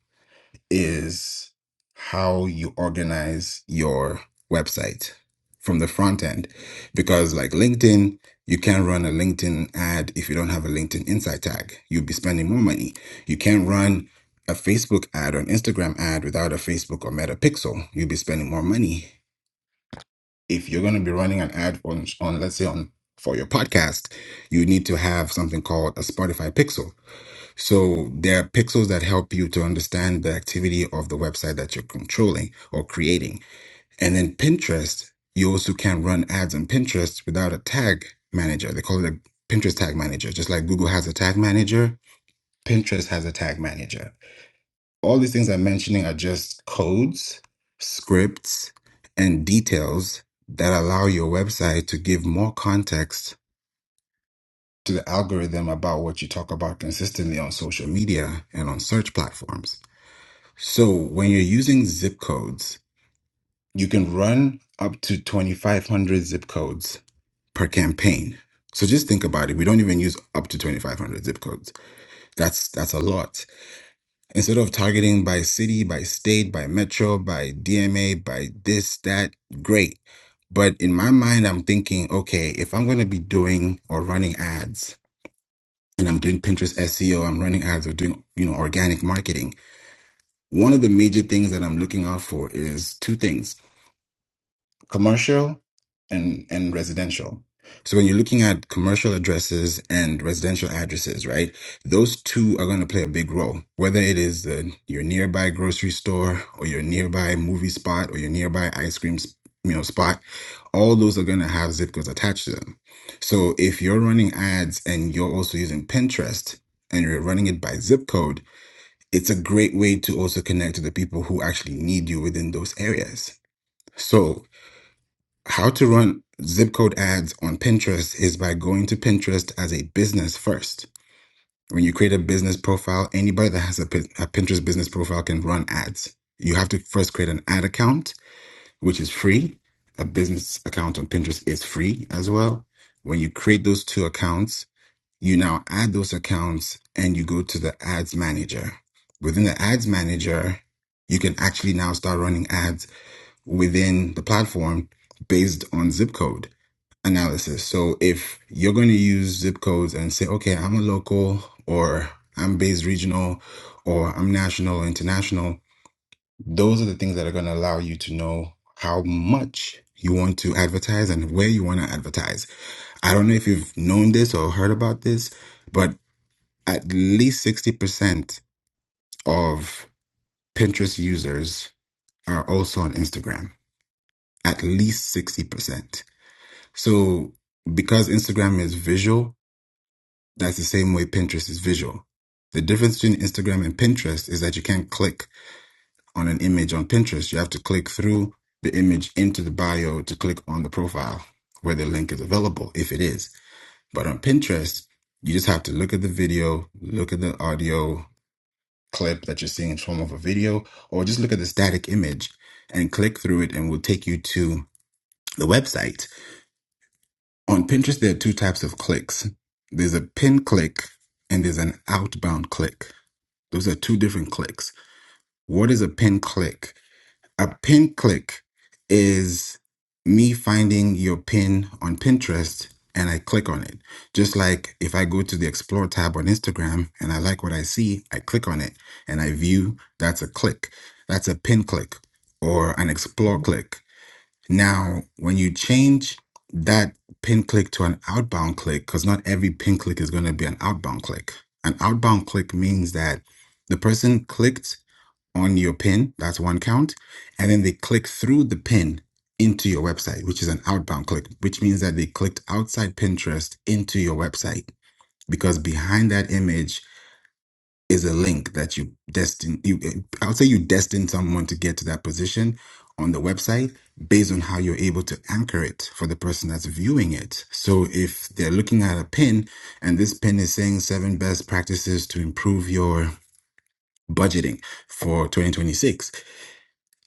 S23: is how you organize your website from the front end. Because like LinkedIn, you can't run a LinkedIn ad if you don't have a LinkedIn insight tag. You'll be spending more money. You can't run a Facebook ad or an Instagram ad without a Facebook or Meta pixel. You'll be spending more money if you're going to be running an ad on, on let's say on for your podcast you need to have something called a spotify pixel so there are pixels that help you to understand the activity of the website that you're controlling or creating and then pinterest you also can run ads on pinterest without a tag manager they call it a pinterest tag manager just like google has a tag manager pinterest has a tag manager all these things I'm mentioning are just codes, scripts, and details that allow your website to give more context to the algorithm about what you talk about consistently on social media and on search platforms. So when you're using zip codes, you can run up to 2,500 zip codes per campaign. So just think about it. We don't even use up to 2,500 zip codes. That's that's a lot. instead of targeting by city, by state, by metro, by DMA, by this, that, great. But in my mind, I'm thinking, okay, if I'm going to be doing or running ads and I'm doing Pinterest SEO, I'm running ads or doing, you know, organic marketing. One of the major things that I'm looking out for is two things commercial and and residential. So when you're looking at commercial addresses and residential addresses, right? Those two are going to play a big role. Whether it is the, your nearby grocery store or your nearby movie spot or your nearby ice cream, s- you know, spot, all those are going to have zip codes attached to them. So if you're running ads and you're also using Pinterest and you're running it by zip code, it's a great way to also connect to the people who actually need you within those areas. So. How to run zip code ads on Pinterest is by going to Pinterest as a business first. When you create a business profile, anybody that has a, a Pinterest business profile can run ads. You have to first create an ad account, which is free. A business account on Pinterest is free as well. When you create those two accounts, you now add those accounts and you go to the ads manager. Within the ads manager, you can actually now start running ads within the platform based on zip code analysis. So if you're going to use zip codes and say, okay, I'm a local or I'm based regional or I'm national international, those are the things that are going to allow you to know how much you want to advertise and where you want to advertise. I don't know if you've known this or heard about this, but at least 60% of Pinterest users are also on Instagram. At least 60%. So because Instagram is visual, That's the same way Pinterest is visual. The difference between Instagram and Pinterest is that you can't click on an image on Pinterest. You have to click through the image into the bio to click on the profile where the link is available, if it is. But on Pinterest, you just have to look at the video, look at the audio clip that you're seeing in form of a video, or just look at the static image and click through it and will take you to the website. On Pinterest, there are two types of clicks. There's a pin click and there's an outbound click Those are two different clicks. What is a pin click? A pin click is me finding your pin on Pinterest and I click on it. Just like if I go to the Explore tab on Instagram and I like what I see, I click on it and I view, that's a click. That's a pin click or an Explore click. Now, when you change that pin click to an outbound click, because not every pin click is going to be an outbound click. An outbound click means that the person clicked on your pin, that's one count, and then they click through the pin into your website, which is an outbound click, which means that they clicked outside Pinterest into your website. Because behind that image is a link that you destined you i would say you destined someone to get to that position on the website based on how you're able to anchor it for the person that's viewing it so if they're looking at a pin and this pin is saying seven best practices to improve your budgeting for 2026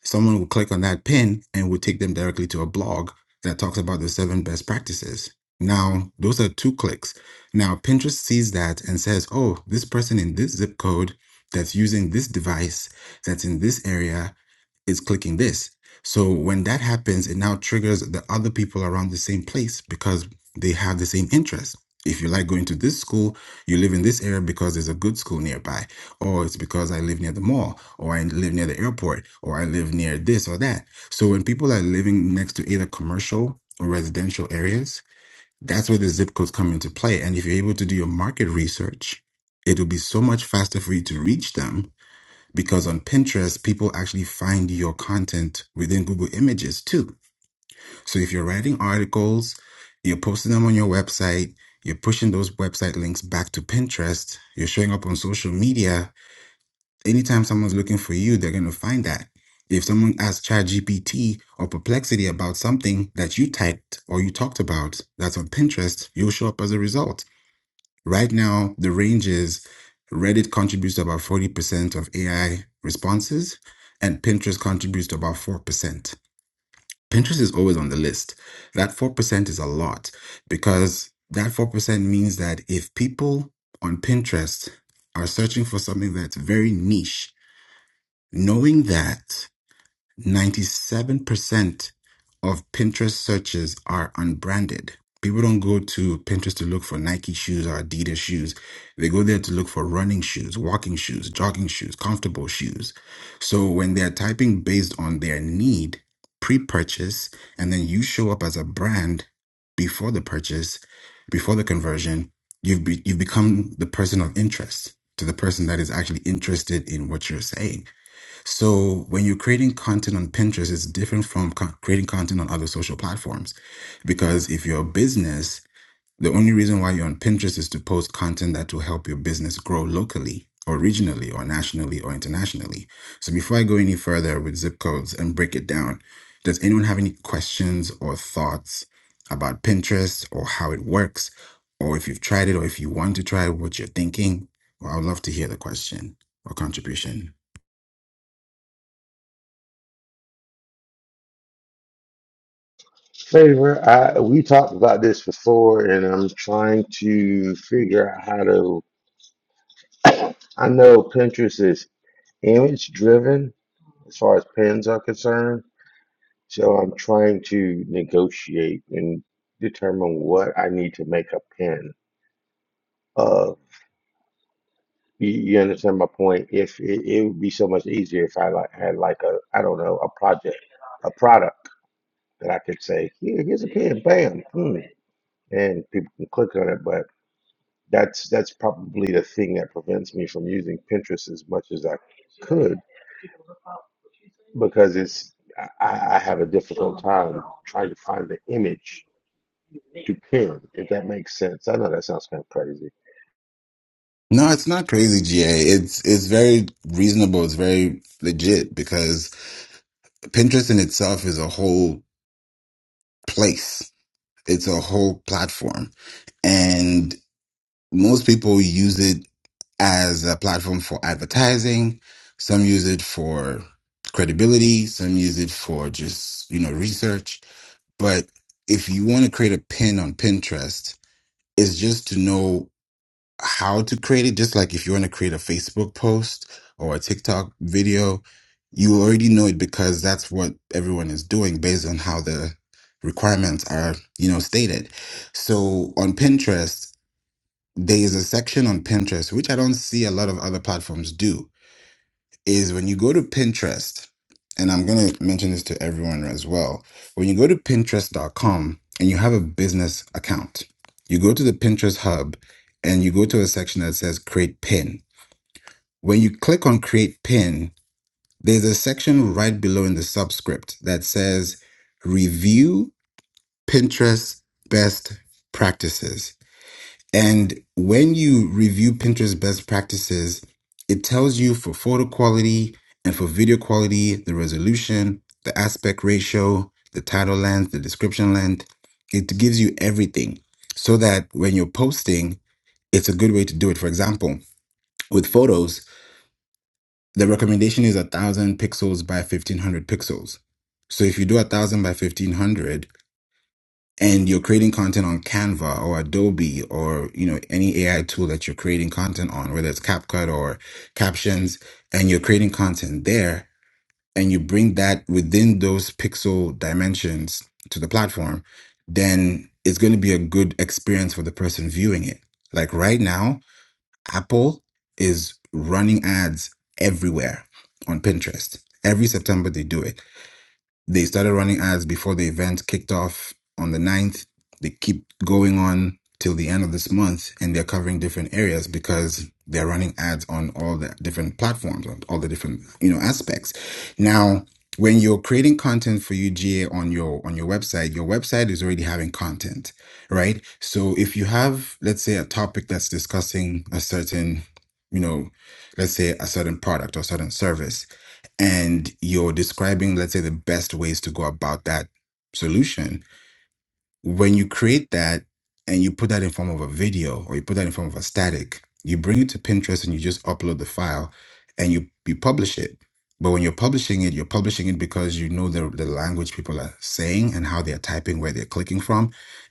S23: someone will click on that pin and will take them directly to a blog that talks about the seven best practices. Now, those are two clicks. Now, Pinterest sees that and says, oh, this person in this zip code that's using this device that's in this area is clicking this. So when that happens, it now triggers the other people around the same place because they have the same interest. If you like going to this school, you live in this area because there's a good school nearby, or it's because I live near the mall, or I live near the airport, or I live near this or that. So when people are living next to either commercial or residential areas, that's where the zip codes come into play. And if you're able to do your market research, it'll be so much faster for you to reach them because on Pinterest, people actually find your content within Google Images too. So if you're writing articles, you're posting them on your website, you're pushing those website links back to Pinterest, you're showing up on social media, anytime someone's looking for you, they're going to find that. If someone asks ChatGPT or Perplexity about something that you typed or you talked about that's on Pinterest, you'll show up as a result. Right now, the range is Reddit contributes to about 40% of AI responses, and Pinterest contributes to about 4%. Pinterest is always on the list. That 4% is a lot because that 4% means that if people on Pinterest are searching for something that's very niche, knowing that 97% of Pinterest searches are unbranded. People don't go to Pinterest to look for Nike shoes or Adidas shoes. They go there to look for running shoes, walking shoes, jogging shoes, comfortable shoes. So when they're typing based on their need, pre purchase, and then you show up as a brand before the purchase, before the conversion, you've, be- you've become the person of interest to the person that is actually interested in what you're saying. So when you're creating content on Pinterest, it's different from co- creating content on other social platforms. Because if you're a business, the only reason why you're on Pinterest is to post content that will help your business grow locally or regionally or nationally or internationally. So before I go any further with zip codes and break it down, does anyone have any questions or thoughts about Pinterest or how it works? Or if you've tried it or if you want to try it, what you're thinking? Well, I would love to hear the question or contribution.
S20: Favor, I we talked about this before, and I'm trying to figure out how to. I know Pinterest is image driven as far as pins are concerned. So I'm trying to negotiate and determine what I need to make a pin of. You, you understand my point? If it, it would be so much easier if I like, had like a, I don't know, a project, a product that I could say, here, here's a pin, bam, hmm," and people can click on it. But that's that's probably the thing that prevents me from using Pinterest as much as I could because it's I, I I have a difficult time trying to find the image prepared, if that makes sense. I know that sounds kind of crazy.
S23: No, it's not crazy, GA. It's it's very reasonable. It's very legit because Pinterest in itself is a whole place. It's a whole platform, and most people use it as a platform for advertising. Some use it for credibility. Some use it for just you know research. But if you want to create a pin on Pinterest, it's just to know. how to create it. Just like if you want to create a Facebook post or a TikTok video, you already know it because that's what everyone is doing based on how the requirements are, you know, stated. So on Pinterest, there is a section on Pinterest, which I don't see a lot of other platforms do is when you go to Pinterest, and I'm going to mention this to everyone as well. When you go to Pinterest.com and you have a business account, you go to the Pinterest hub and you go to a section that says create pin. When you click on create pin, there's a section right below in the subscript that says review Pinterest best practices. And when you review Pinterest best practices, it tells you for photo quality and for video quality, the resolution, the aspect ratio, the title length, the description length. It gives you everything so that when you're posting, it's a good way to do it. For example, with photos, the recommendation is 1000 pixels by 1500 pixels. So if you do 1000 by 1500, and you're creating content on Canva or Adobe or you know any AI tool that you're creating content on, whether it's CapCut or Captions, and you're creating content there, and you bring that within those pixel dimensions to the platform, then it's going to be a good experience for the person viewing it. Like right now, Apple is running ads everywhere on Pinterest. Every September they do it they started running ads before the event kicked off on the ninth. They keep going on till the end of this month and they're covering different areas because they're running ads on all the different platforms, on all the different, you know, aspects. Now, when you're creating content for UGA on your on your website, your website is already having content, right? So if you have, let's say, a topic that's discussing a certain, you know, let's say a certain product or certain service and you're describing let's say the best ways to go about that solution when you create that and you put that in form of a video or you put that in form of a static, you bring it to Pinterest and you just upload the file and you you publish it. But when you're publishing it, you're publishing it because you know the, the language people are saying and how they're typing, where they're clicking from.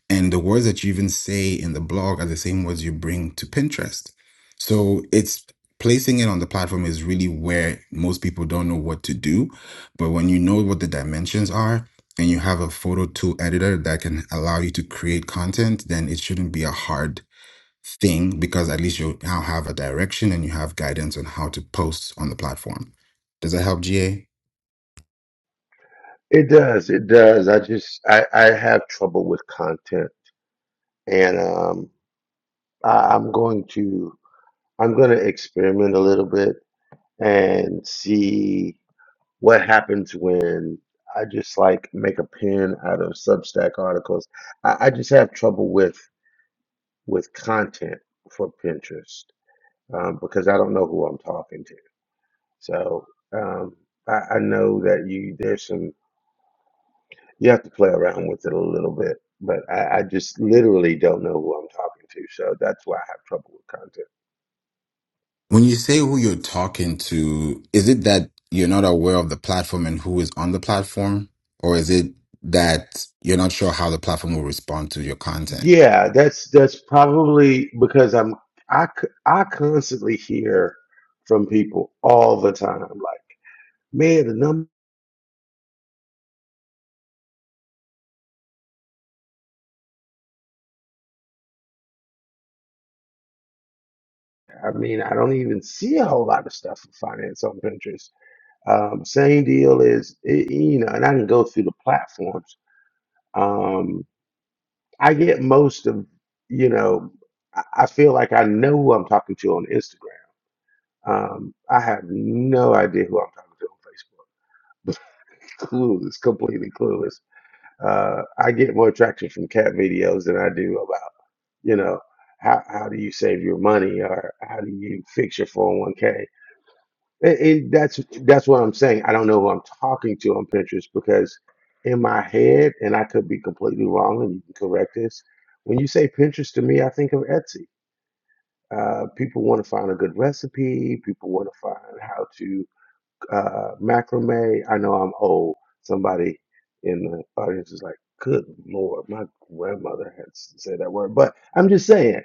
S23: And the words that you even say in the blog are the same words you bring to Pinterest. So it's placing it on the platform is really where most people don't know what to do. But when you know what the dimensions are, and you have a photo tool editor that can allow you to create content, then it shouldn't be a hard thing because at least you now have a direction and you have guidance on how to post on the platform. Does that help, GA?
S20: It does, it does. I just I, I have trouble with content and um I, I'm going to I'm gonna experiment a little bit and see what happens when I just like make a pen out of Substack articles. I, I just have trouble with with content for Pinterest um, because I don't know who I'm talking to. So um, I, I know that you there's some. You have to play around with it a little bit, but I, I just literally don't know who I'm talking to, so that's why I have trouble with content.
S23: When you say who you're talking to, is it that you're not aware of the platform and who is on the platform? Or is it that you're not sure how the platform will respond to your content?
S20: Yeah, that's that's probably because I'm I c- I constantly hear from people all the time, like, man, the number. I mean, I don't even see a whole lot of stuff for finance on Pinterest. Um, same deal is, it, you know, and I can go through the platforms. Um, I get most of, you know, I I feel like I know who I'm talking to on Instagram Um, I have no idea who I'm talking to on Facebook. clueless, completely clueless. Uh, I get more traction from cat videos than I do about, you know, how how do you save your money or how do you fix your 401k? And, and that's that's what I'm saying. I don't know who I'm talking to on Pinterest because in my head, and I could be completely wrong, and you can correct this. When you say Pinterest to me, I think of Etsy. Uh, people want to find a good recipe. People want to find how to uh, macrame. I know I'm old. Somebody in the audience is like, "Good Lord, my grandmother had s- said that word." But I'm just saying,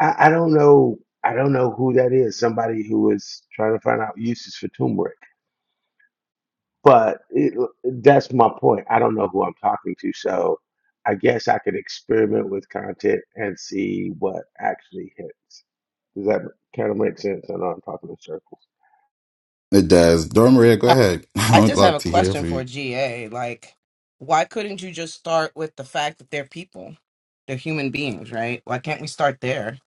S20: I, I don't know. I don't know who that is. Somebody who is trying to find out uses for turmeric. But it, that's my point. I don't know who I'm talking to, so I guess I could experiment with content and see what actually hits. Does that kind of make sense? I know I'm talking in circles.
S23: It does. Dora Maria, go
S24: Uh,
S23: ahead. I
S24: I
S23: would
S24: just have
S23: like
S24: a
S23: to hear
S24: question
S23: from
S24: for
S23: you.
S24: GA. Like, why couldn't you just start with the fact that they're people? They're human beings, right? Why can't we start there?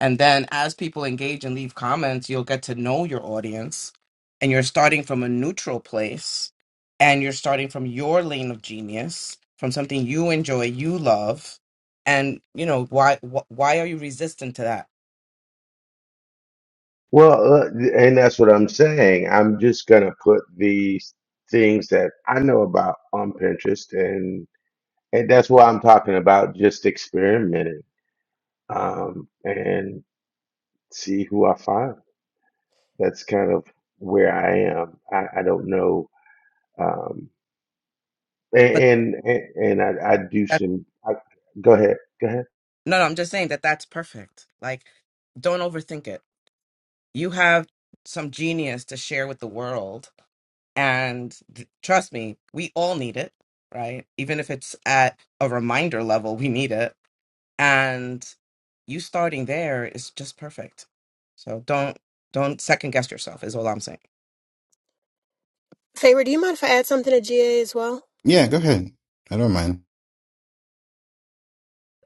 S24: And then as people engage and leave comments, you'll get to know your audience and you're starting from a neutral place and you're starting from your lane of genius, from something you enjoy, you love. And, you know, why wh- why are you resistant to that?
S20: Well, uh, and that's what I'm saying. I'm just gonna put these things that I know about on Pinterest, and and that's why I'm talking about just experimenting, um, and see who I find. That's kind of where I am. I, I don't know, um,
S24: But
S20: and and and I, I do
S24: that,
S20: some. I, go ahead, go ahead.
S24: no, no, I'm just saying that that's perfect. Like, don't overthink it. you have some genius to share with the world and th- trust me we all need it right even if it's at a reminder level we need it and you starting there is just perfect so don't don't second guess yourself is all i'm saying
S22: Favor, do you mind if I add something to GA as well?
S23: Yeah, go ahead. I don't mind.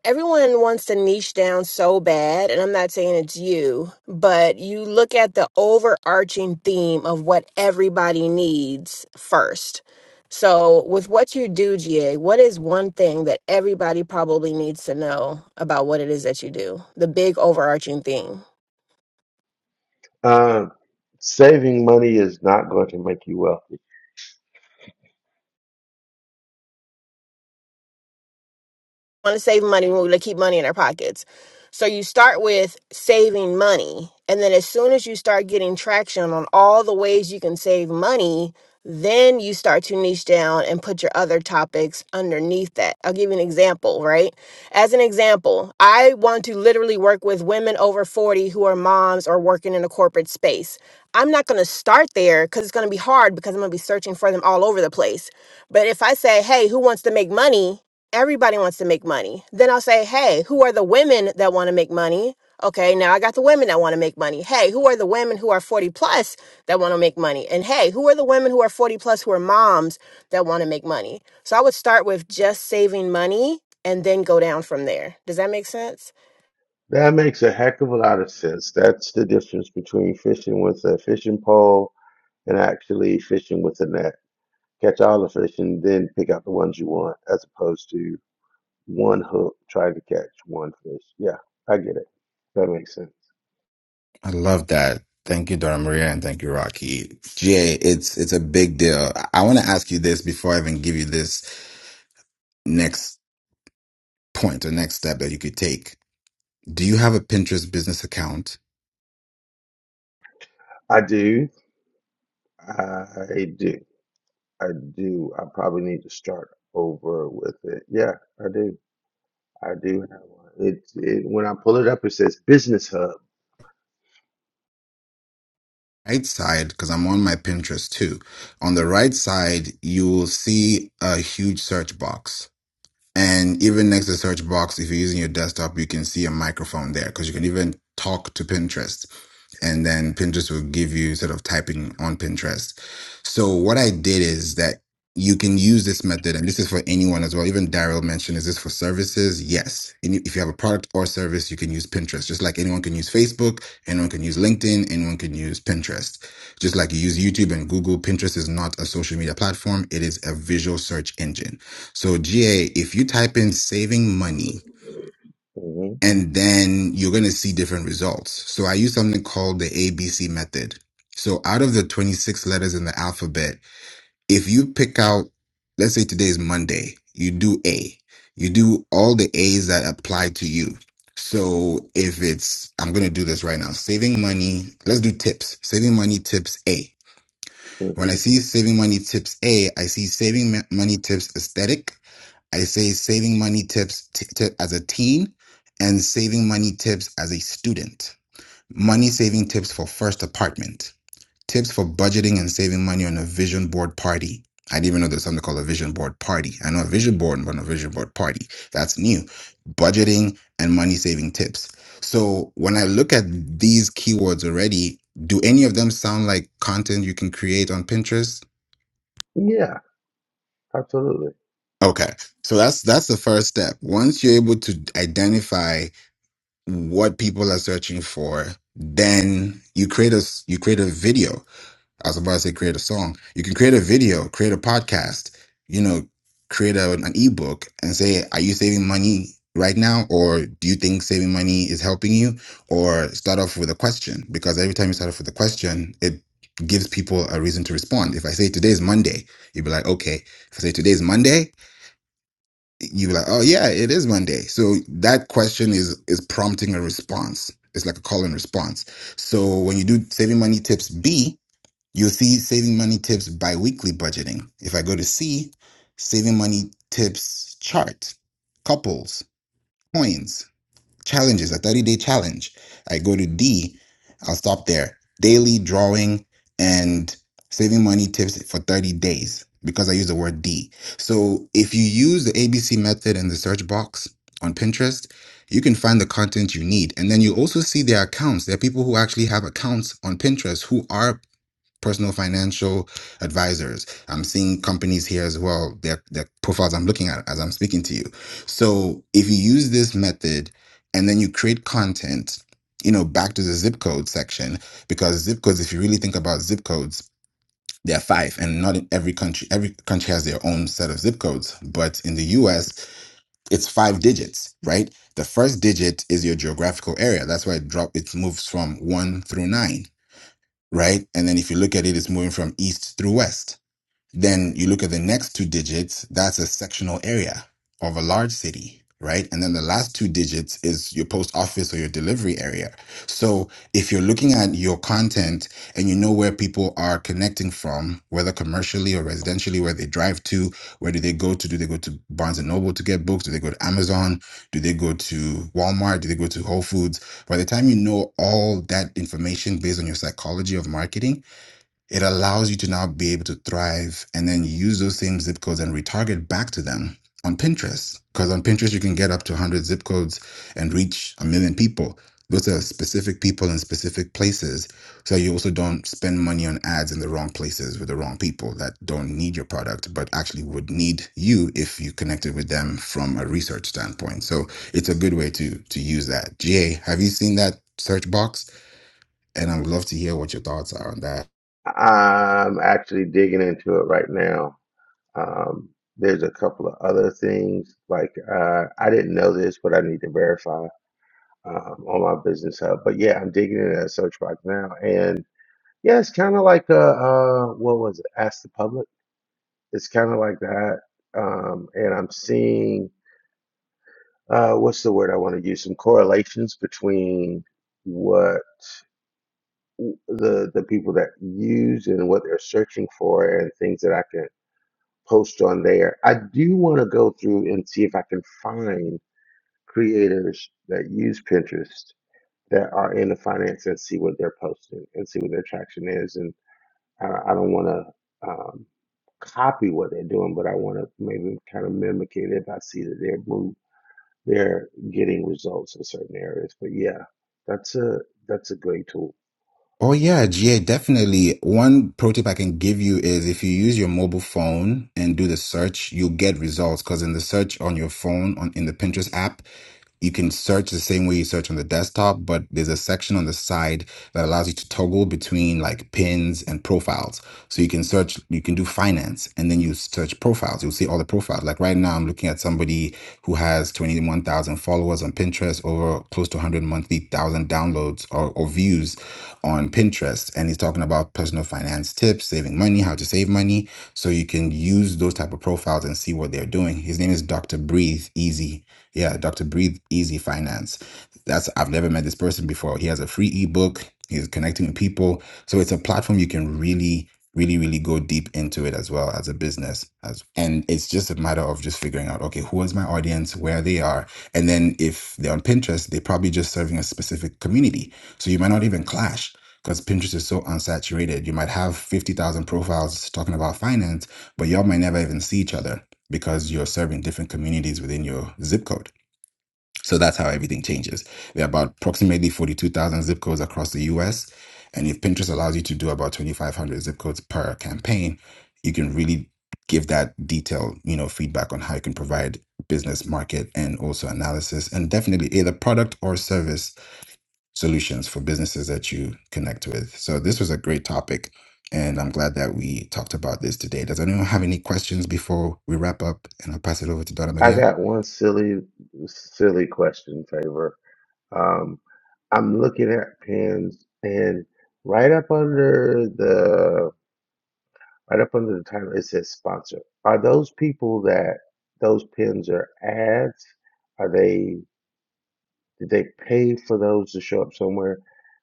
S22: Everyone wants to niche down so bad, and I'm not saying it's you, but you look at the overarching theme of what everybody needs first. So, with what you do, GA, what is one thing that everybody probably needs to know about what it is that you do? The big overarching theme.
S20: Uh, saving money is not going to make you wealthy.
S22: want to save money, we want to keep money in our pockets. So you start with saving money. And then as soon as you start getting traction on all the ways you can save money, then you start to niche down and put your other topics underneath that. I'll give you an example, right? As an example, I want to literally work with women over 40 who are moms or working in a corporate space. I'm not going to start there because it's going to be hard because I'm going to be searching for them all over the place. But if I say, hey, who wants to make money? Everybody wants to make money. Then I'll say, hey, who are the women that want to make money? Okay, now I got the women that want to make money. Hey, who are the women who are 40 plus that want to make money? And hey, who are the women who are 40 plus who are moms that want to make money? So I would start with just saving money and then go down from there. Does that make sense?
S20: That makes a heck of a lot of sense. That's the difference between fishing with a fishing pole and actually fishing with a net. Catch all the fish and then pick out the ones you want, as opposed to one hook, trying to catch one fish. Yeah, I get it. That makes sense.
S23: I love that. Thank you, Dora Maria, and thank you, Rocky. Jay, it's it's a big deal. I want to ask you this before I even give you this next point or next step that you could take. Do you have a Pinterest business account?
S20: I do. I do. I do. I probably need to start over with it. Yeah, I do. I do have one. It, it when I pull it up, it says Business Hub.
S23: Right side, because I'm on my Pinterest too. On the right side, you will see a huge search box. And even next to the search box, if you're using your desktop, you can see a microphone there because you can even talk to Pinterest. And then Pinterest will give you sort of typing on Pinterest. So what I did is that you can use this method, and this is for anyone as well. Even Daryl mentioned, is this for services? Yes. And if you have a product or service, you can use Pinterest. Just like anyone can use Facebook, anyone can use LinkedIn, anyone can use Pinterest. Just like you use YouTube and Google, Pinterest is not a social media platform. It is a visual search engine. So GA, if you type in saving money
S20: hmm
S23: and then you're going to see different results. So I use something called the ABC method. So out of the 26 letters in the alphabet, if you pick out, let's say today is Monday, you do A, you do all the A's that apply to you. So if it's, I'm going to do this right now, saving money, let's do tips, saving money tips A. When
S20: hmm
S23: I see saving money tips A, I see saving ma- money tips aesthetic I say saving money tips t- t- as a teen and saving money tips as a student. Money saving tips for first apartment. Tips for budgeting and saving money on a vision board party. I didn't even know there's something called a vision board party. I know a vision board, but not a vision board party. That's new. Budgeting and money saving tips. So when I look at these keywords already, do any of them sound like content you can create on Pinterest?
S20: Yeah, absolutely.
S23: Okay. So that's that's the first step. Once you're able to identify what people are searching for, then you create a s- you create a video. I was about to say create a song. You can create a video, create a podcast, you know, create a, an ebook, and say, are you saving money right now, or do you think saving money is helping you? Or start off with a question because every time you start off with a question, it gives people a reason to respond. If I say today is Monday, you'd be like, okay. If I say today is Monday, you were like, oh yeah, it is Monday. So that question is is prompting a response. It's like a call and response. So when you do saving money tips B, you'll see saving money tips biweekly budgeting. If I go to C, saving money tips chart, couples, coins challenges, a 30 day challenge. I go to D, I'll stop there. Daily drawing and saving money tips for 30 days because I use the word D. So if you use the ABC method in the search box on Pinterest, you can find the content you need. And then you also see their accounts. There are people who actually have accounts on Pinterest who are personal financial advisors. I'm seeing companies here as well, their, their profiles I'm looking at as I'm speaking to you. So if you use this method and then you create content, you know, back to the zip code section, because zip codes, if you really think about zip codes, there are five, and not in every country. Every country has their own set of zip codes, but in the US, it's five digits, right? The first digit is your geographical area. That's why it drop it moves from one through nine right? And then if you look at it, it's moving from east through west. Then you look at the next two digits, that's a sectional area of a large city, right? And then the last two digits is your post office or your delivery area. So if you're looking at your content and you know where people are connecting from, whether commercially or residentially, where they drive to, where do they go to? Do they go to Barnes and Noble to get books? Do they go to Amazon? Do they go to Walmart? Do they go to Whole Foods? By the time you know all that information based on your psychology of marketing, it allows you to now be able to thrive and then use those same zip codes and retarget back to them on Pinterest. Because on Pinterest, you can get up to 100 zip codes and reach a million people. Those are specific people in specific places. So you also don't spend money on ads in the wrong places with the wrong people that don't need your product, but actually would need you if you connected with them from a research standpoint. So it's a good way to to use that. GA, have you seen that search box? And I would love to hear what your thoughts are on that.
S20: I'm actually digging into it right now. Um, there's a couple of other things like uh, I didn't know this, but I need to verify. um, on my business hub. But yeah, I'm digging into that search box now, and yeah, it's kind of like a uh, what was it? Ask the public. It's kind of like that, um, and I'm seeing uh, what's the word I want to use? Some correlations between what the the people that use and what they're searching for, and things that I can post on there. I do want to go through and see if I can find creators that use Pinterest that are in the finance and see what they're posting and see what their traction is. And I, I don't want to um, copy what they're doing, but I want to maybe kind of mimic it if I see that they're move, they're getting results in certain areas. But yeah, that's a that's a great tool.
S23: Oh yeah, GA definitely. One pro tip I can give you is if you use your mobile phone and do the search, you'll get results because in the search on your phone on in the Pinterest app, you can search the same way you search on the desktop, but there's a section on the side that allows you to toggle between like pins and profiles. So you can search, you can do finance and then you search profiles. You'll see all the profiles. Like right now, I'm looking at somebody who has 21,000 followers on Pinterest, over close to 100 monthly thousand downloads or, or views on Pinterest and he's talking about personal finance tips, saving money, how to save money. So you can use those type of profiles and see what they're doing. His name is Dr. Breathe Easy. Yeah, Dr. Breathe Easy Finance. That's I've never met this person before. He has a free ebook. He's connecting with people. So it's a platform you can really, really, really go deep into it as well as a business. As and it's just a matter of just figuring out, okay, who is my audience, where they are. And then if they're on Pinterest, they're probably just serving a specific community. So you might not even clash because Pinterest is so unsaturated. You might have 50,000 profiles talking about finance, but y'all might never even see each other because you're serving different communities within your zip code. So that's how everything changes. There are about approximately 42,000 zip codes across the US. And if Pinterest allows you to do about 2,500 zip codes per campaign, you can really give that detailed, you know, feedback on how you can provide business market and also analysis and definitely either product or service solutions for businesses that you connect with. So this was a great topic, and I'm glad that we talked about this today. Does anyone have any questions before we wrap up? And I'll pass it over to Donna
S20: I
S23: Maria.
S20: got one silly silly question, favor. Um, I'm looking at pins and right up under the right up under the title, it says sponsor. Are those people that those pins are ads? Are they did they pay for those to show up somewhere?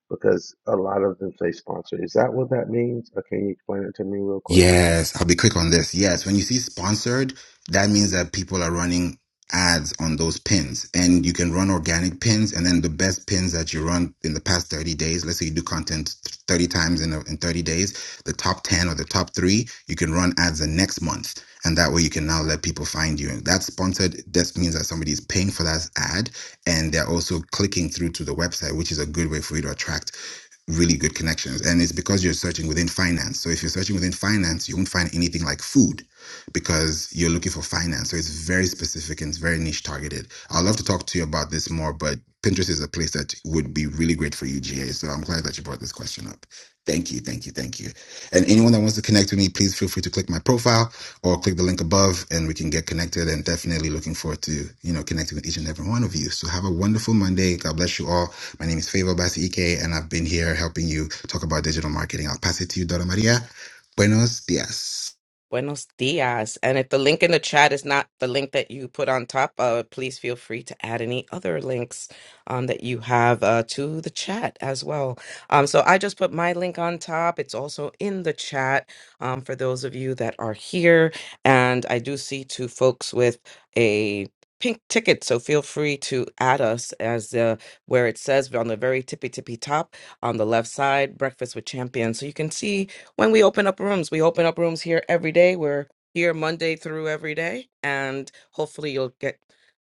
S20: Because a lot of them say sponsor. Is that what that means? Or can you explain it to me real quick?
S23: Yes, I'll be quick on this. Yes, when you see sponsored, that means that people are running ads on those pins and you can run organic pins and then the best pins that you run in the past 30 days let's say you do content 30 times in, a, in 30 days the top 10 or the top 3 you can run ads the next month and that way you can now let people find you and that's sponsored that means that somebody is paying for that ad and they're also clicking through to the website which is a good way for you to attract really good connections. And it's because you're searching within finance. So if you're searching within finance, you won't find anything like food because you're looking for finance. So it's very specific and it's very niche targeted. I'd love to talk to you about this more, but Pinterest is a place that would be really great for you, GA. So I'm glad that you brought this question up. Thank you, thank you, thank you. And anyone that wants to connect with me, please feel free to click my profile or click the link above and we can get connected and definitely looking forward to, you know, connecting with each and every one of you. So have a wonderful Monday. God bless you all. My name is Favor Basi Ike, and I've been here helping you talk about digital marketing. I'll pass it to you, Dora Maria. Buenos dias.
S24: Buenos dias. And if the link in the chat is not the link that you put on top, uh, please feel free to add any other links um, that you have uh, to the chat as well. Um, so I just put my link on top. It's also in the chat um, for those of you that are here. And I do see two folks with a pink ticket so feel free to add us as uh, where it says on the very tippy tippy top on the left side breakfast with champions so you can see when we open up rooms. We open up rooms here every day. We're here Monday through every day, and hopefully you'll get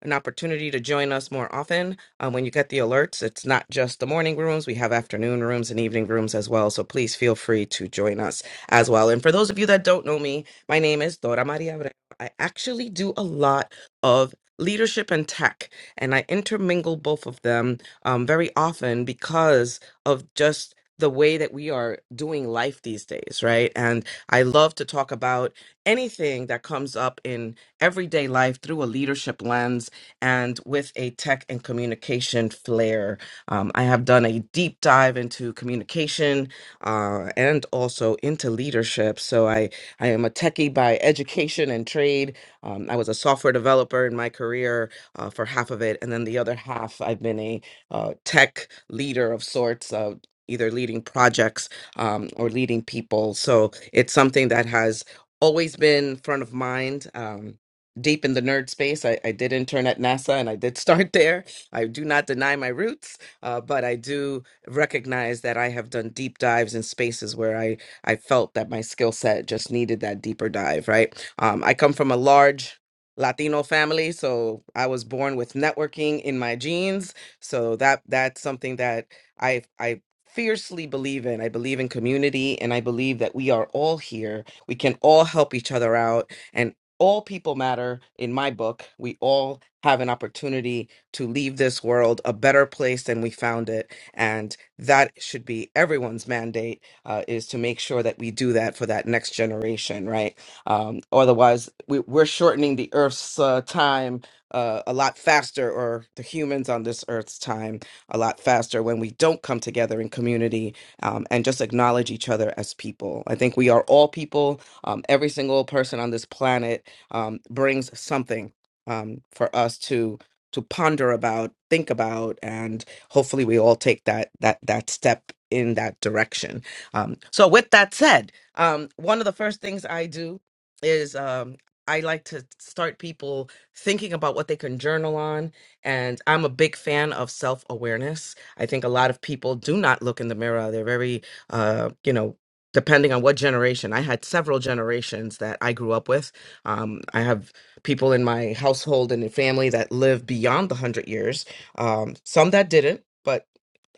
S24: an opportunity to join us more often. Um, when you get the alerts, it's not just the morning rooms. We have afternoon rooms and evening rooms as well. So please feel free to join us as well. And for those of you that don't know me, my name is Dora Maria Abreu. I actually do a lot of leadership and tech, and I intermingle both of them um, very often because of just the way that we are doing life these days, right? And I love to talk about anything that comes up in everyday life through a leadership lens and with a tech and communication flair. Um, I have done a deep dive into communication uh, and also into leadership. So I, I am a techie by education and trade. Um, I was a software developer in my career uh, for half of it. And then the other half, I've been a uh, tech leader of sorts, uh, either leading projects um, or leading people. So it's something that has always been front of mind. Um, Deep in the nerd space, I, I did intern at NASA and I did start there. I do not deny my roots, uh, but I do recognize that I have done deep dives in spaces where I, I felt that my skill set just needed that deeper dive, right? Um, I come from a large Latino family, so I was born with networking in my genes. So that that's something that I I fiercely believe in. I believe in community and I believe that we are all here. We can all help each other out and all people matter in my book. We all have an opportunity to leave this world a better place than we found it and that should be everyone's mandate uh, is to make sure that we do that for that next generation right um, otherwise we, we're shortening the earth's uh, time uh, a lot faster or the humans on this earth's time a lot faster when we don't come together in community um, and just acknowledge each other as people. I think we are all people. Um, every single person on this planet um, brings something um, for us to to ponder about, think about, and hopefully we all take that that that step in that direction. Um, so, with that said, um, one of the first things I do is um, I like to start people thinking about what they can journal on and I'm a big fan of self awareness. I think a lot of people do not look in the mirror. They're very, uh, you know, depending on what generation. I had several generations that I grew up with. Um, I have people in my household and in family that live beyond the 100 years, um, some that didn't, but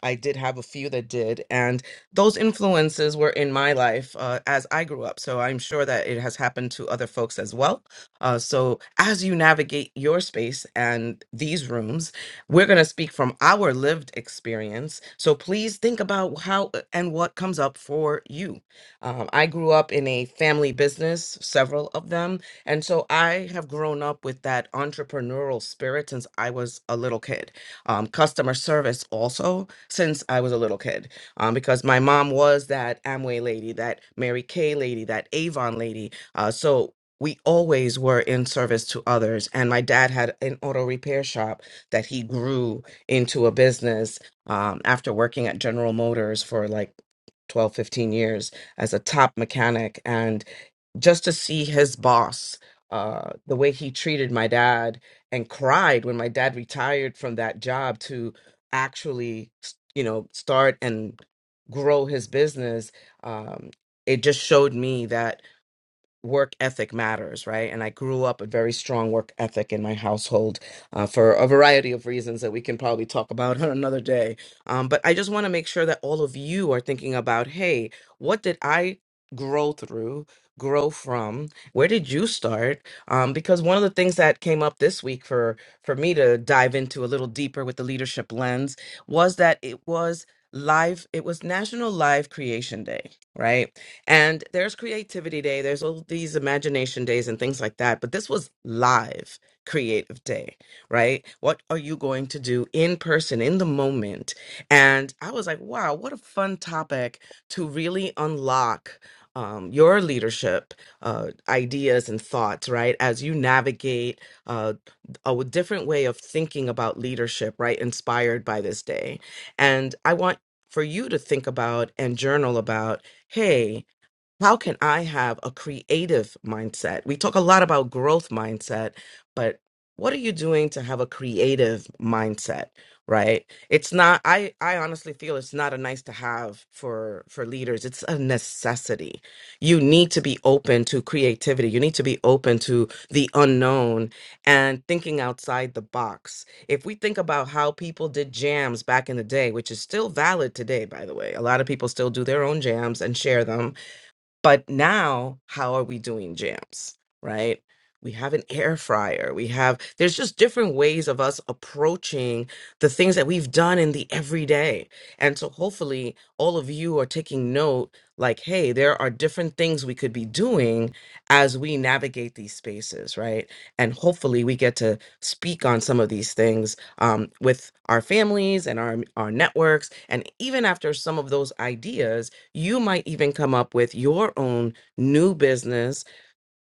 S24: I did have a few that did. And those influences were in my life uh, as I grew up. So I'm sure that it has happened to other folks as well. Uh, so, as you navigate your space and these rooms, we're going to speak from our lived experience. So, please think about how uh, and what comes up for you. Um, I grew up in a family business, several of them. And so, I have grown up with that entrepreneurial spirit since I was a little kid. Um, customer service also since I was a little kid, um, because my mom was that Amway lady, that Mary Kay lady, that Avon lady. Uh, so, we always were in service to others. And my dad had an auto repair shop that he grew into a business um, after working at General Motors for like 12, 15 years as a top mechanic. And just to see his boss, uh, the way he treated my dad and cried when my dad retired from that job to actually, you know, start and grow his business. Um, it just showed me that work ethic matters, right? And I grew up a very strong work ethic in my household uh, for a variety of reasons that we can probably talk about on another day. Um, but I just want to make sure that all of you are thinking about hey, what did I grow through? grow from where did you start um, because one of the things that came up this week for for me to dive into a little deeper with the leadership lens was that it was live it was national live creation day right and there's creativity day, there's all these imagination days and things like that. But this was live creative day, right? What are you going to do in person, in the moment? And I was like, wow, what a fun topic to really unlock. Um, your leadership uh, ideas and thoughts, right? As you navigate uh, a different way of thinking about leadership, right? Inspired by this day. And I want for you to think about and journal about hey, how can I have a creative mindset? We talk a lot about growth mindset, but what are you doing to have a creative mindset, right? It's not I I honestly feel it's not a nice to have for for leaders. It's a necessity. You need to be open to creativity. You need to be open to the unknown and thinking outside the box. If we think about how people did jams back in the day, which is still valid today by the way. A lot of people still do their own jams and share them but now, how are we doing jams, right? We have an air fryer. We have, there's just different ways of us approaching the things that we've done in the everyday. And so hopefully all of you are taking note like, hey, there are different things we could be doing as we navigate these spaces, right? And hopefully we get to speak on some of these things um, with our families and our, our networks. And even after some of those ideas, you might even come up with your own new business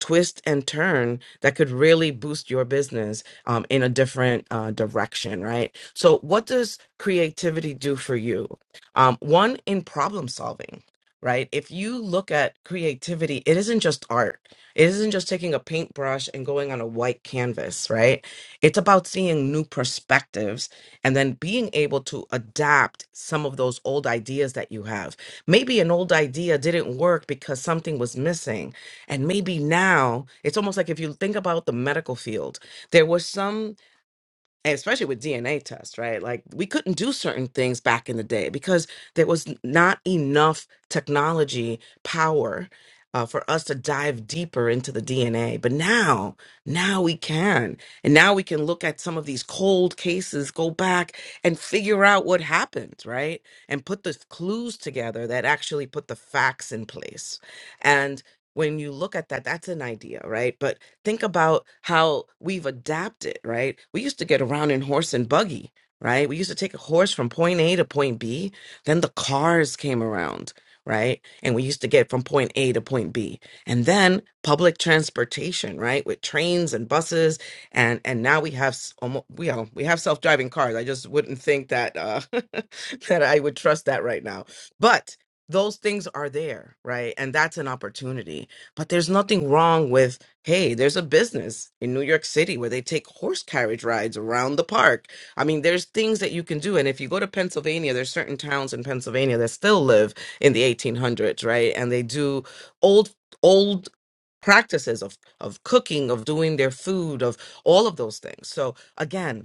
S24: twist and turn that could really boost your business um, in a different uh, direction, right? So, what does creativity do for you? Um, one, in problem solving, right? If you look at creativity, it isn't just art, it isn't just taking a paintbrush and going on a white canvas, right? It's about seeing new perspectives and then being able to adapt some of those old ideas that you have. Maybe an old idea didn't work because something was missing and maybe now it's almost like if you think about the medical field, there was some and especially with DNA tests, right? Like we couldn't do certain things back in the day because there was n- not enough technology power uh, for us to dive deeper into the DNA. But now, now we can. And now we can look at some of these cold cases, go back and figure out what happened, right? And put the clues together that actually put the facts in place. And when you look at that, that's an idea, right? But Think about how we've adapted, right? We used to get around in horse and buggy, right? We used to take a horse from point A to point B. Then the cars came around, right? And we used to get from point A to point B. And then public transportation, right? With trains and buses. And and now we have almost, we know, we have self-driving cars. I just wouldn't think that uh that I would trust that right now. But those things are there, right? And that's an opportunity. But there's nothing wrong with Hey, there's a business in New York City where they take horse carriage rides around the park. I mean, there's things that you can do. And if you go to Pennsylvania, there's certain towns in Pennsylvania that still live in the 1800s, right? And they do old, old practices of of cooking, of doing their food, of all of those things. So again,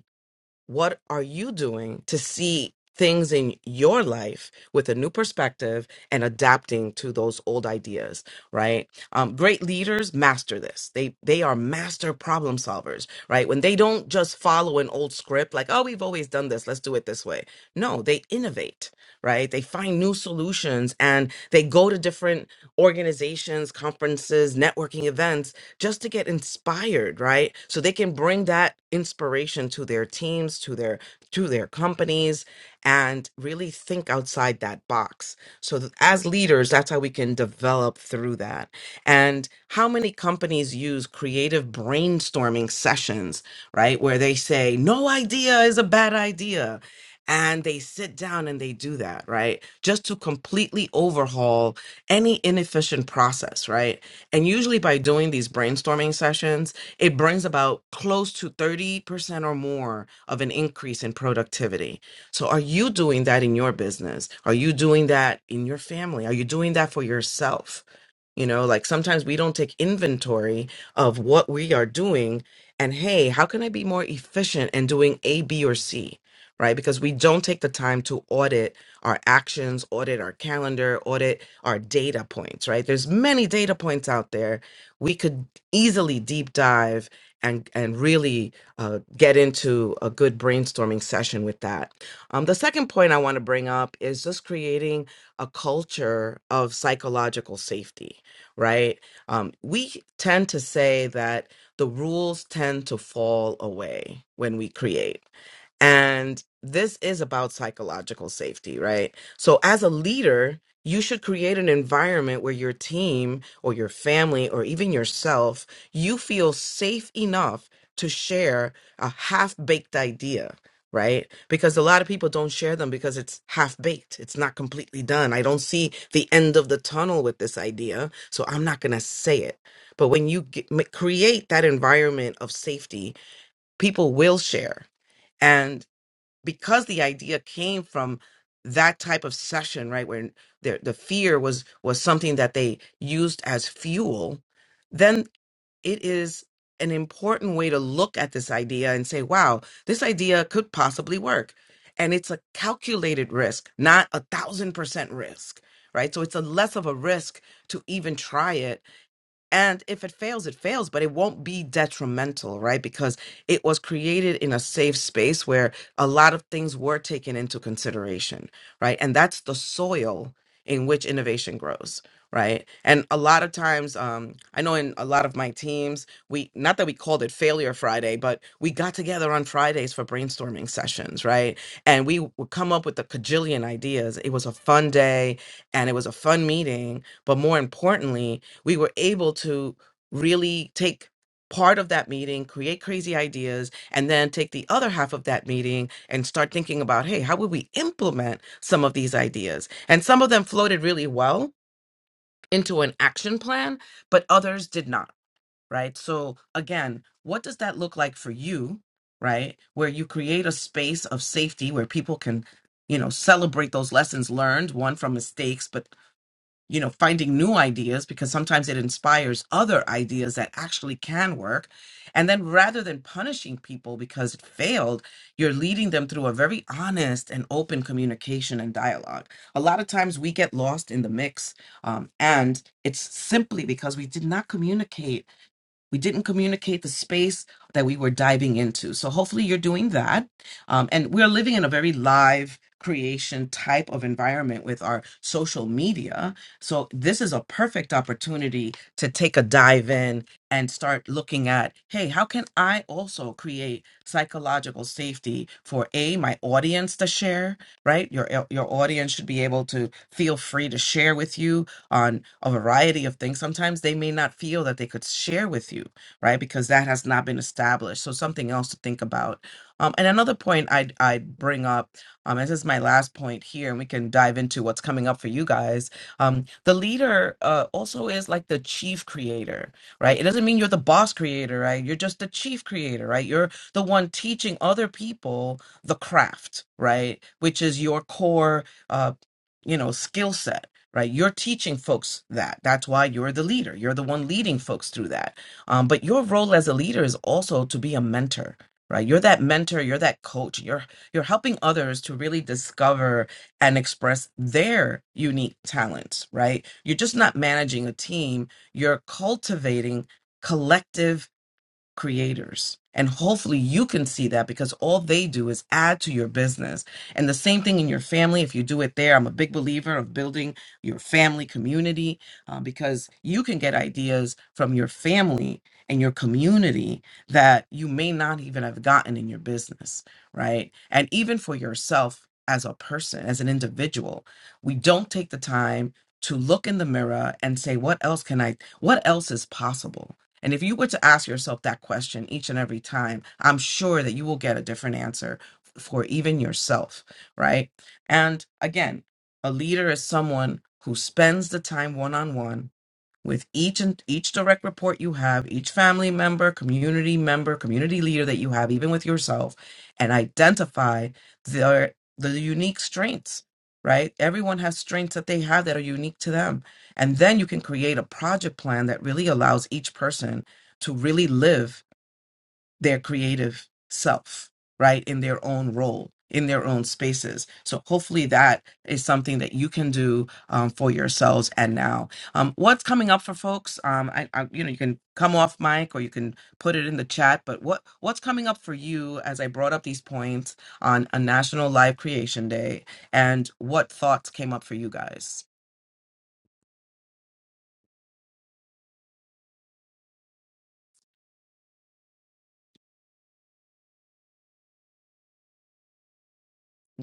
S24: what are you doing to see things in your life with a new perspective and adapting to those old ideas, right? Um, great leaders master this. They they are master problem solvers, right? When they don't just follow an old script like, "Oh, we've always done this, let's do it this way." No, they innovate, right? They find new solutions and they go to different organizations, conferences, networking events just to get inspired, right? So they can bring that inspiration to their teams, to their to their companies and really think outside that box. So th- as leaders, that's how we can develop through that. And how many companies use creative brainstorming sessions, right? Where they say no idea is a bad idea. And they sit down and they do that, right? Just to completely overhaul any inefficient process, right? And usually by doing these brainstorming sessions, it brings about close to 30% or more of an increase in productivity. So are you doing that in your business? Are you doing that in your family? Are you doing that for yourself? You know, like sometimes we don't take inventory of what we are doing and, hey, how can I be more efficient in doing A, B, or C? Right? Because we don't take the time to audit our actions, audit our calendar, audit our data points, right? There's many data points out there. We could easily deep dive and, and really uh, get into a good brainstorming session with that. Um, the second point I want to bring up is just creating a culture of psychological safety right? Um, we tend to say that the rules tend to fall away when we create. And this is about psychological safety, right? So, as a leader, you should create an environment where your team or your family or even yourself, you feel safe enough to share a half baked idea right? Because a lot of people don't share them because it's half baked. It's not completely done. I don't see the end of the tunnel with this idea, so I'm not going to say it. But when you get, ma- create that environment of safety, people will share. And because the idea came from that type of session, right, where the the fear was was something that they used as fuel, it is an important way to look at this idea and say, wow, this idea could possibly work. And it's a calculated risk, not a thousand percent risk, right? So it's a less of a risk to even try it and if it fails, it fails, but it won't be detrimental, right? Because it was created in a safe space where a lot of things were taken into consideration, right? And that's the soil in which innovation grows, right? And a lot of times, um, I know in a lot of my teams, we not that we called it Failure Friday, but we got together on Fridays for brainstorming sessions, right? And we would come up with a cajillion ideas. It was a fun day and it was a fun meeting, but more importantly, we were able to really take part of that meeting, create crazy ideas, and then take the other half of that meeting and start thinking about, hey, how would we implement some of these ideas? And some of them floated really well into an action plan, but others did not, right? So, again, what does that look like for you, right? Where you create a space of safety where people can you know celebrate those lessons learned one from mistakes but you know finding new ideas because sometimes it inspires other ideas that actually can work and then rather than punishing people because it failed you're leading them through a very honest and open communication and dialogue a lot of times we get lost in the mix um, and it's simply because we did not communicate we didn't communicate the space that we were diving into. So hopefully you're doing that. Um, and we're living in a very live creation type of environment with our social media. So this is a perfect opportunity to take a dive in and start looking at, hey, how can I also create psychological safety for A, my audience to share, right? Your your audience should be able to feel free to share with you on a variety of things. Sometimes they may not feel that they could share with you, right? Because that has not been established. So something else to think about. Um, and another point I'd, I'd bring up, um, and this is my last point here, and we can dive into what's coming up for you guys. Um, the leader uh, also is like the chief creator, right? It doesn't mean you're the boss creator, right? You're just the chief creator, right? You're the one teaching other people the craft, right? Which is your core, uh, you know, skill set right? You're teaching folks that. That's why you're the leader. You're the one leading folks through that. Um, but your role as a leader is also to be a mentor, right? You're that mentor. You're that coach. You're you're helping others to really discover and express their unique talents, right? You're just not managing a team. You're cultivating collective creators. And hopefully you can see that because all they do is add to your business. And the same thing in your family, if you do it there, I'm a big believer of building your family community uh, because you can get ideas from your family and your community that you may not even have gotten in your business, right? And even for yourself as a person, as an individual, we don't take the time to look in the mirror and say, what else can I, what else is possible? And if you were to ask yourself that question each and every time, I'm sure that you will get a different answer f- for even yourself, right? And again, a leader is someone who spends the time one on one with each and each direct report you have, each family member, community member, community leader that you have, even with yourself, and identify their the unique strengths. Right? Everyone has strengths that they have that are unique to them. And then you can create a project plan that really allows each person to really live their creative self, right? In their own role, in their own spaces. So hopefully that is something that you can do um, for yourselves and now. Um, what's coming up for folks? Um, I, I, you know, you can come off mic or you can put it in the chat, but what, what's coming up for you as I brought up these points on a National Live Creation Day and what thoughts came up for you guys?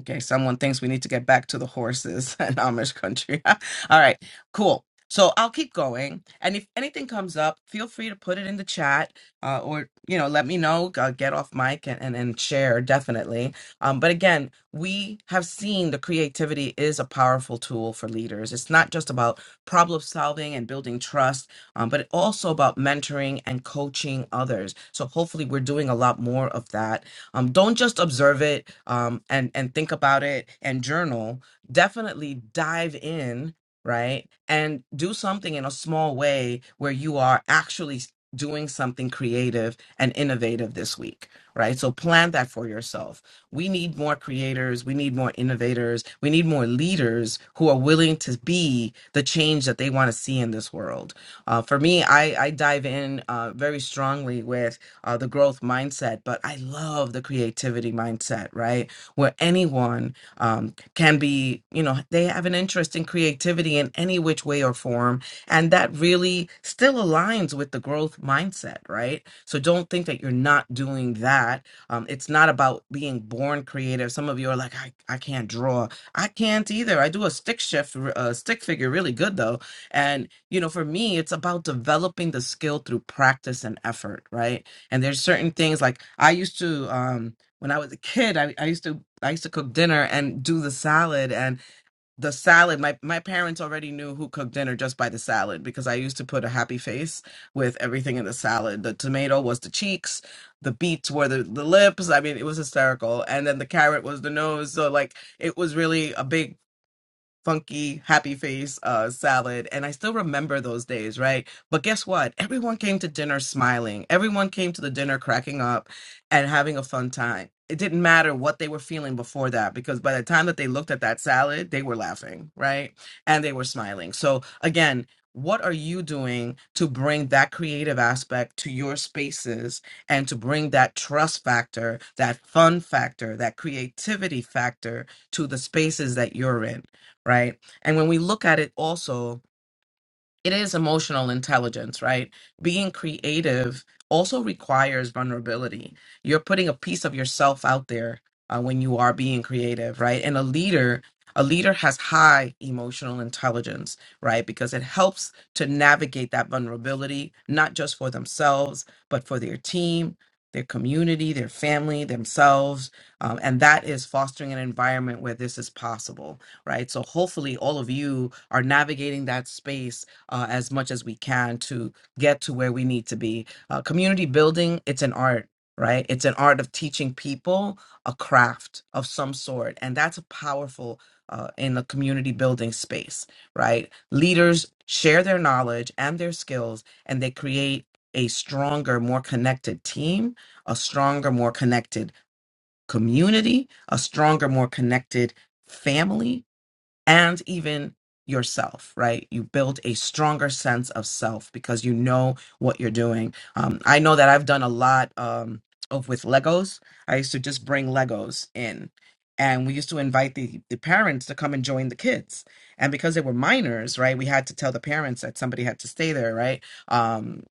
S24: Okay, someone thinks we need to get back to the horses and Amish country. All right, cool. So I'll keep going, and if anything comes up, feel free to put it in the chat, uh, or you know, let me know. i get off mic and, and and share definitely. Um, but again, we have seen the creativity is a powerful tool for leaders. It's not just about problem solving and building trust, um, but also about mentoring and coaching others. So hopefully, we're doing a lot more of that um, don't just observe it um, and and think about it and journal. Definitely dive in, right, and do something in a small way where you are actually s- doing something creative and innovative this week, right? So plan that for yourself. We need more creators. We need more innovators. We need more leaders who are willing to be the change that they want to see in this world. Uh, for me, I, I dive in uh, very strongly with uh, the growth mindset, but I love the creativity mindset, right? Where anyone um, can be, you know, they have an interest in creativity in any which way or form. And that really still aligns with the growth mindset, right? So don't think that you're not doing that. Um, it's not about being born creative. Some of you are like, I, I can't draw. I can't either. I do a stick shift, uh, stick figure really good though. And, you know, for me, it's about developing the skill through practice and effort, right? and there's certain things like i used to um when i was a kid i, I used to i used to cook dinner and do the salad and the salad my, my parents already knew who cooked dinner just by the salad because i used to put a happy face with everything in the salad the tomato was the cheeks the beets were the, the lips i mean it was hysterical and then the carrot was the nose so like it was really a big funky happy face uh, salad and i still remember those days right but guess what everyone came to dinner smiling everyone came to the dinner cracking up and having a fun time it didn't matter what they were feeling before that because by the time that they looked at that salad they were laughing right and they were smiling so again what are you doing to bring that creative aspect to your spaces and to bring that trust factor, that fun factor, that creativity factor to the spaces that you're in? right? And when we look at it also, it is emotional intelligence, right? Being creative also requires vulnerability. You're putting a piece of yourself out there uh, when you are being creative, right? And a leader, a leader has high emotional intelligence, right? Because it helps to navigate that vulnerability, not just for themselves, but for their team, their community, their family, themselves. Um, and that is fostering an environment where this is possible, right? So hopefully all of you are navigating that space uh, as much as we can to get to where we need to be. Uh, community building, it's an art, right? It's an art of teaching people a craft of some sort. And that's powerful uh, in the community building space, right? Leaders share their knowledge and their skills, and they create a stronger, more connected team, a stronger, more connected community, a stronger, more connected family and even yourself, right? You build a stronger sense of self because you know what you're doing. Um, I know that I've done a lot um, of with Legos. I used to just bring Legos in, and we used to invite the the parents to come and join the kids. And because they were minors, right, we had to tell the parents that somebody had to stay there, right? Um,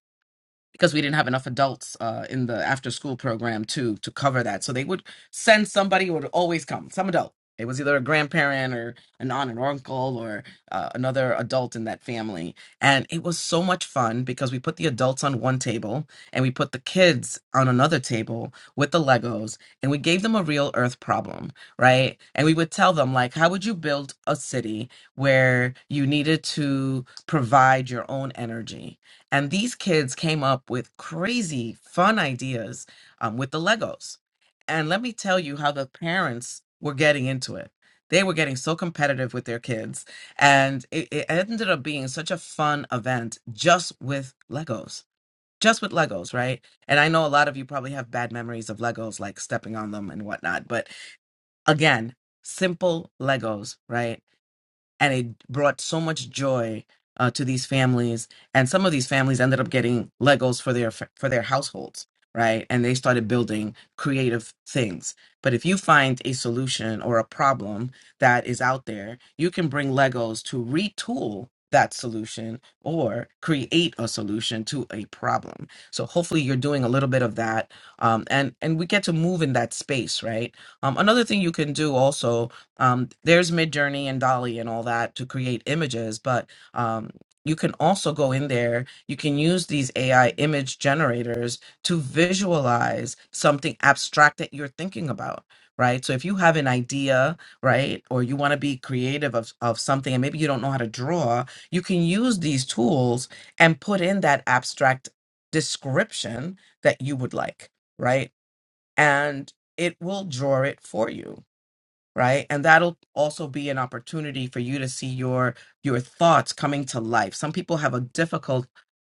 S24: because we didn't have enough adults uh, in the after school program to to cover that. So they would send somebody who would always come, some adult. It was either a grandparent or an aunt and uncle or uh, another adult in that family. And it was so much fun because we put the adults on one table and we put the kids on another table with the Legos and we gave them a real earth problem, right? And we would tell them, like, how would you build a city where you needed to provide your own energy? And these kids came up with crazy fun ideas um, with the Legos. And let me tell you how the parents were getting into it. They were getting so competitive with their kids. And it, it ended up being such a fun event just with Legos, just with Legos, right? And I know a lot of you probably have bad memories of Legos, like stepping on them and whatnot. But again, simple Legos, right? and it brought so much joy uh, to these families. And some of these families ended up getting Legos for their for their households, right? And they started building creative things. But if you find a solution or a problem that is out there, you can bring Legos to retool that solution or create a solution to a problem. So hopefully you're doing a little bit of that, um, and and we get to move in that space, right? Um, another thing you can do also um, there's midjourney and dolly and all that to create images but um, you can also go in there you can use these ai image generators to visualize something abstract that you're thinking about right so if you have an idea right or you want to be creative of, of something and maybe you don't know how to draw you can use these tools and put in that abstract description that you would like right and it will draw it for you right and that'll also be an opportunity for you to see your your thoughts coming to life some people have a difficult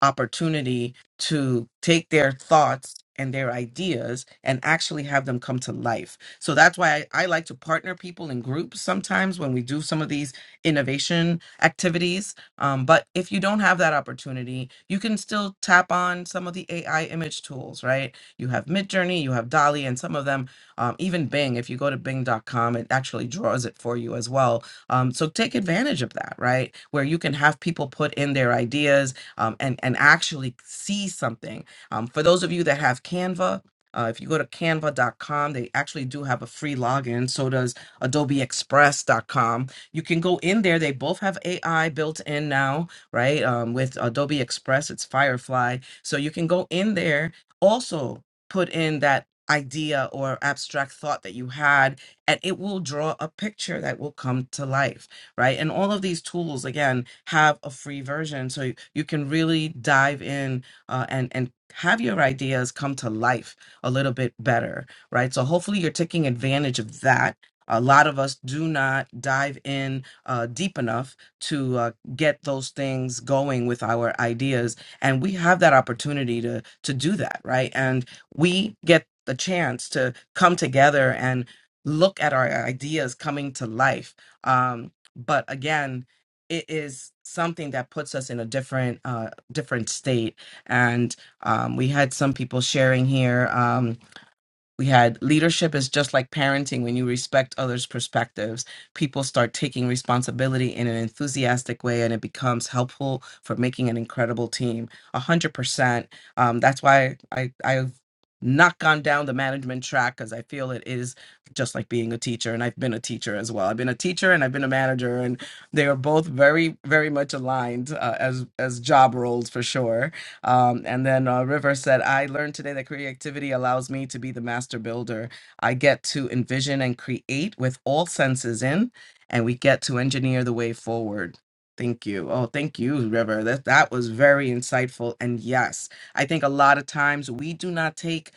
S24: opportunity to take their thoughts and their ideas and actually have them come to life so that's why I, I like to partner people in groups sometimes when we do some of these innovation activities um, but if you don't have that opportunity you can still tap on some of the ai image tools right you have midjourney you have dolly and some of them um, even Bing, if you go to bing.com, it actually draws it for you as well. Um, so take advantage of that, right? Where you can have people put in their ideas um, and, and actually see something. Um, for those of you that have Canva, uh, if you go to canva.com, they actually do have a free login. So does Adobe adobeexpress.com. You can go in there. They both have AI built in now right? Um, with Adobe Express, it's Firefly. So you can go in there, also put in that idea or abstract thought that you had and it will draw a picture that will come to life right and all of these tools again have a free version so you, you can really dive in uh, and and have your ideas come to life a little bit better right so hopefully you're taking advantage of that a lot of us do not dive in uh, deep enough to uh, get those things going with our ideas and we have that opportunity to to do that right and we get the chance to come together and look at our ideas coming to life. Um, but again, it is something that puts us in a different uh, different state. And um, we had some people sharing here. Um, we had leadership is just like parenting when you respect others' perspectives. People start taking responsibility in an enthusiastic way and it becomes helpful for making an incredible team. A hundred percent. Um, that's why I, I've not gone down the management track because I feel it is just like being a teacher. And I've been a teacher as well. I've been a teacher and I've been a manager and they are both very, very much aligned uh, as, as job roles for sure um, and then uh, River said, I learned today that creativity allows me to be the master builder. I get to envision and create with all senses in, and we get to engineer the way forward. Thank you. Oh, thank you, River. That that was very insightful. And yes, I think a lot of times we do not take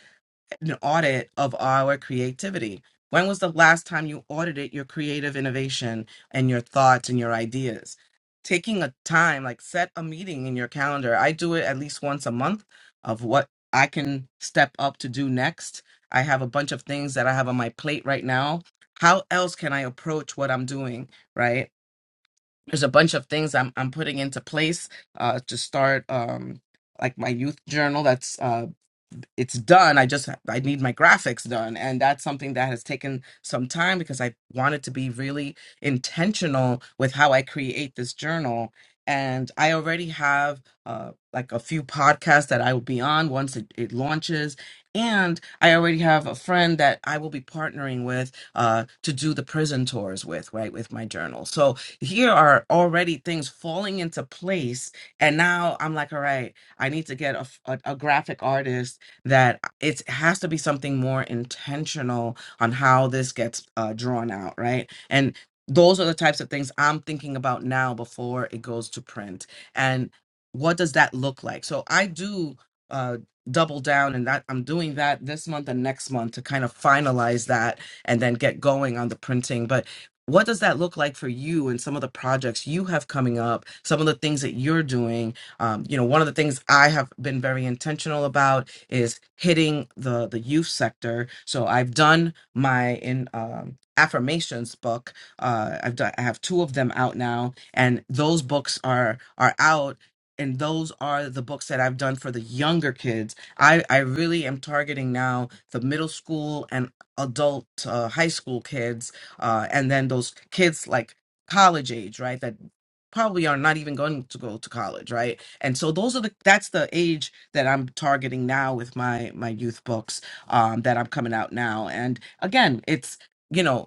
S24: an audit of our creativity. When was the last time you audited your creative innovation and your thoughts and your ideas? Taking a time, like set a meeting in your calendar. I do it at least once a month of what I can step up to do next. I have a bunch of things that I have on my plate right now. How else can I approach what I'm doing? Right there's a bunch of things I'm I'm putting into place uh, to start um, like my youth journal. That's uh, it's done. I just I need my graphics done, and that's something that has taken some time because I wanted to be really intentional with how I create this journal. And I already have uh, like a few podcasts that I will be on once it, it launches. And I already have a friend that I will be partnering with uh, to do the prison tours with, right, with my journal. So here are already things falling into place and now i'm like all right i need to get a, f- a- a graphic artist that it has to be something more intentional on how this gets uh, drawn out right and those are the types of things i'm thinking about now before it goes to print and what does that look like so i do uh, double down and that i'm doing that this month and next month to kind of finalize that and then get going on the printing but what does that look like for you and some of the projects you have coming up some of the things that you're doing um, you know one of the things i have been very intentional about is hitting the the youth sector so i've done my in um, affirmations book uh, i've done i have two of them out now and those books are are out and those are the books that I've done for the younger kids. I, I really am targeting now the middle school and adult uh, high school kids uh, and then those kids like college age, right? That probably are not even going to go to college, right? And so those are the that's the age that I'm targeting now with my my youth books um, that I'm coming out now. And again, it's you know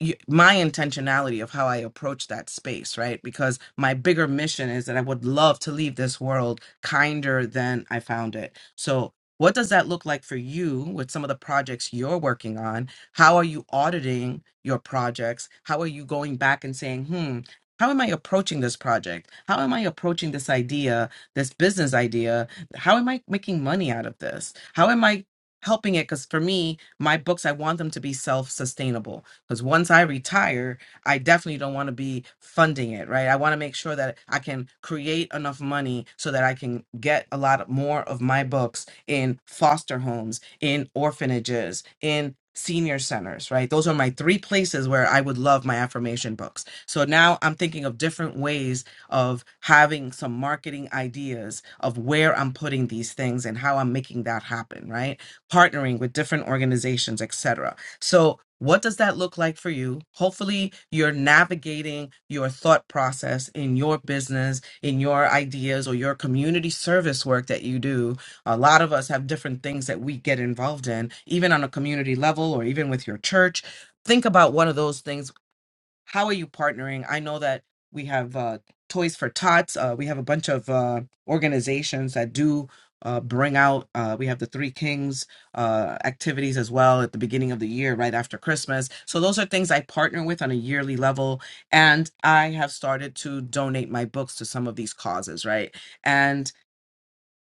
S24: y- my intentionality of how I approach that space, right? Because my bigger mission is that I would love to leave this world kinder than I found it. So, what does that look like for you with some of the projects you're working on? How are you auditing your projects? How are you going back and saying, hmm, how am I approaching this project? How am I approaching this idea, this business idea? How am I making money out of this? How am I helping it? Because for me, my books, I want them to be self sustainable. Because once I retire, I definitely don't want to be funding it, right? I want to make sure that I can create enough money so that I can get a lot of- more of my books in foster homes, in orphanages, in senior centers, right? Those are my three places where I would love my affirmation books. So now I'm thinking of different ways of having some marketing ideas of where I'm putting these things and how I'm making that happen, right? Partnering with different organizations, etc. So, what does that look like for you? Hopefully, you're navigating your thought process in your business, in your ideas, or your community service work that you do. A lot of us have different things that we get involved in, even on a community level or even with your church. Think about one of those things how are you partnering? I know that we have uh, Toys for Tots. Uh, we have a bunch of uh, organizations that do uh, bring out. Uh, we have the Three Kings uh, activities as well at the beginning of the year, right after Christmas. So those are things I partner with on a yearly level, and I have started to donate my books to some of these causes, right? And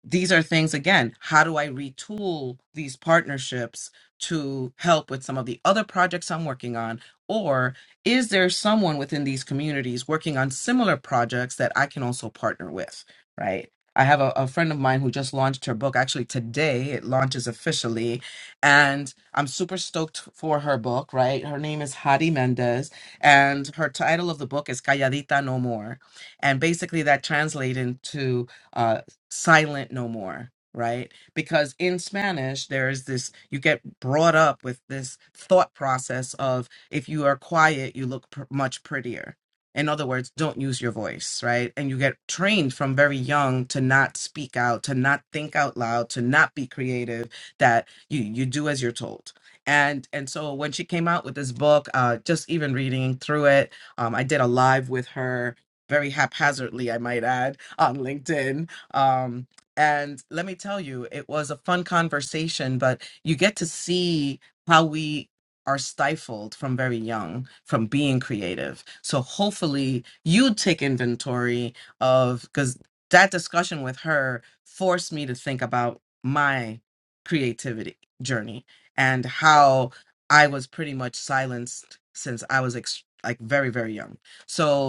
S24: these are things again how do i retool these partnerships to help with some of the other projects i'm working on or is there someone within these communities working on similar projects that i can also partner with right i have a, a friend of mine who just launched her book actually today it launches officially and i'm super stoked for her book right her name is hadi mendez and her title of the book is calladita no more and basically that translates into uh, silent no more, right? Because in Spanish, there is this, you get brought up with this thought process of if you are quiet, you look pr- much prettier. In other words, don't use your voice, right? And you get trained from very young to not speak out, to not think out loud, to not be creative, that you, you do as you're told. And and so when she came out with this book, uh, just even reading through it, um, I did a live with her very haphazardly, I might add, on LinkedIn um, and let me tell you, it was a fun conversation, but you get to see how we are stifled from very young from being creative. So hopefully you take inventory of because that discussion with her forced me to think about my creativity journey and how I was pretty much silenced since I was ex- like very, very young. So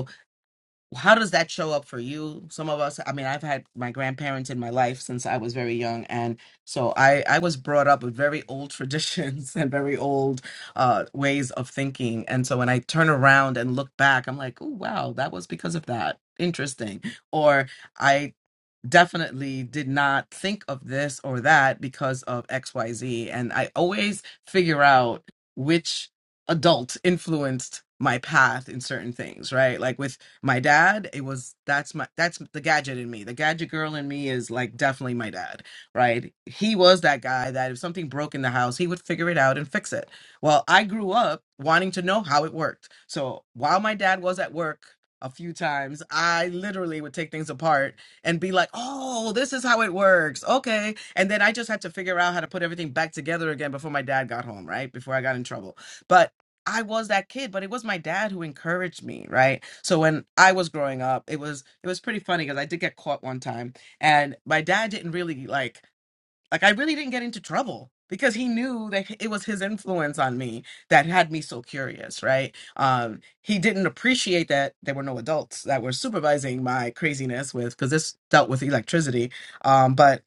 S24: how does that show up for you some of us i mean i've had my grandparents in my life since i was very young and so i i was brought up with very old traditions and very old uh ways of thinking and so when i turn around and look back i'm like oh wow that was because of that interesting or i definitely did not think of this or that because of XYZ. And I always figure out which adult influenced my path in certain things, right? Like with my dad, it was that's my that's the gadget in me. The gadget girl in me is like definitely my dad, right? He was that guy that if something broke in the house, he would figure it out and fix it. Well, I grew up wanting to know how it worked. So, while my dad was at work a few times, I literally would take things apart and be like, oh, this is how it works. Okay. And then I just had to figure out how to put everything back together again before my dad got home, right? Before I got in trouble. But I was that kid, but it was my dad who encouraged me, right? So when I was growing up, it was it was pretty funny because I did get caught one time, and my dad didn't really like. Like I really didn't get into trouble because he knew that it was his influence on me that had me so curious, right? Um, he didn't appreciate that there were no adults that were supervising my craziness with because this dealt with electricity. Um, but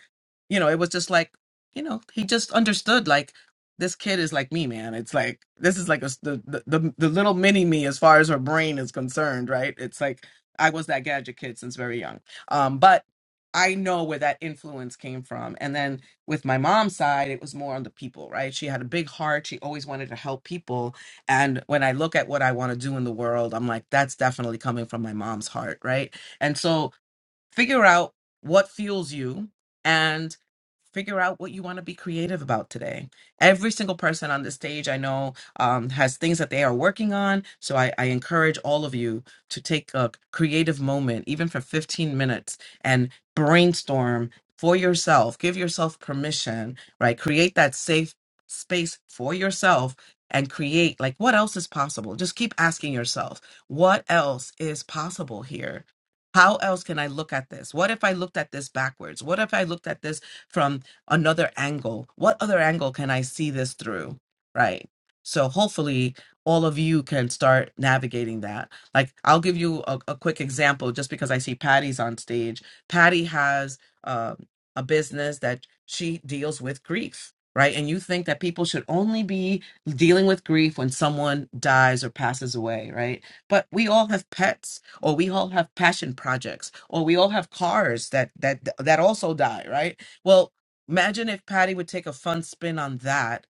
S24: you know, it was just like, you know, he just understood like this kid is like me, man. It's like this is like a, s- the, the the the little mini me as far as her brain is concerned, right? It's like I was that gadget kid since very young. Um, but I know where that influence came from, and then with my mom's side, it was more on the people, right? She had a big heart. She always wanted to help people. And when I look at what I want to do in the world, I'm like, that's definitely coming from my mom's heart, right? And so figure out what fuels you and figure out what you want to be creative about today every single person on the stage i know um, has things that they are working on so I, I encourage all of you to take a creative moment even for 15 minutes and brainstorm for yourself give yourself permission right create that safe space for yourself and create like what else is possible just keep asking yourself what else is possible here how else can I look at this? What if I looked at this backwards? What if I looked at this from another angle? What other angle can I see this through? Right. So hopefully all of you can start navigating that. Like I'll give you a, a quick example just because I see Patty's on stage. Patty has um, a business that she deals with grief, right? And you think that people should only be dealing with grief when someone dies or passes away, right? But we all have pets or we all have passion projects or we all have cars that that that also die right well imagine if patty would take a fun spin on that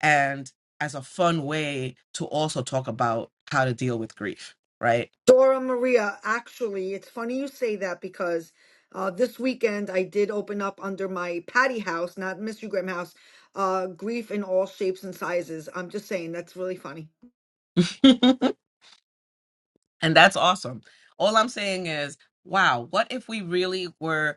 S24: and as a fun way to also talk about how to deal with grief right
S4: Dora Maria, actually, it's funny you say that because uh, this weekend I did open up under my Patty House, not Mystery Graham House, uh, Grief in All Shapes and Sizes. I'm just saying, that's really funny.
S24: And that's awesome. All I'm saying is, wow, what if we really were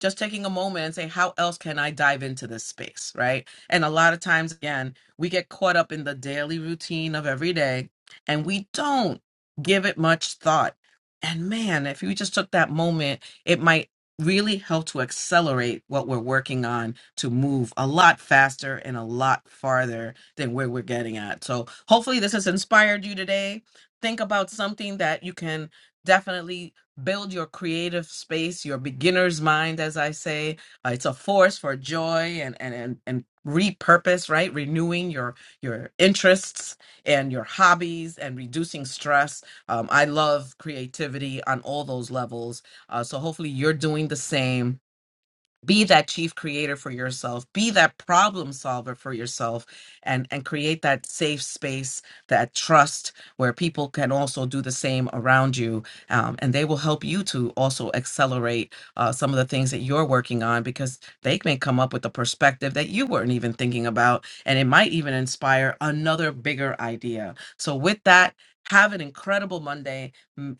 S24: just taking a moment and saying, how else can I dive into this space? Right. And a lot of times, again, we get caught up in the daily routine of every day and we don't give it much thought. And man, if you just took that moment, it might really help to accelerate what we're working on to move a lot faster and a lot farther than where we're getting at. So hopefully this has inspired you today. Think about something that you can definitely build your creative space, your beginner's mind, as I say. Uh, it's a force for joy and and and and repurpose, right? Renewing your your interests and your hobbies and reducing stress. Um, I love creativity on all those levels. Uh, so hopefully you're doing the same be that chief creator for yourself be that problem solver for yourself and and create that safe space that trust where people can also do the same around you um, and they will help you to also accelerate uh, some of the things that you're working on because they may come up with a perspective that you weren't even thinking about and it might even inspire another bigger idea so with that have an incredible monday Mm,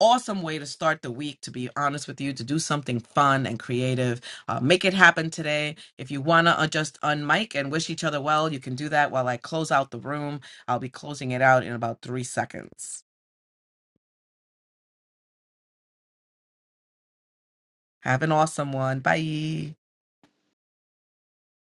S24: awesome way to start the week to be honest with you to do something fun and creative uh, make it happen today. If you want to just unmic and wish each other well, you can do that while I close out the room. I'll be closing it out in about three seconds. Have an awesome one. Bye.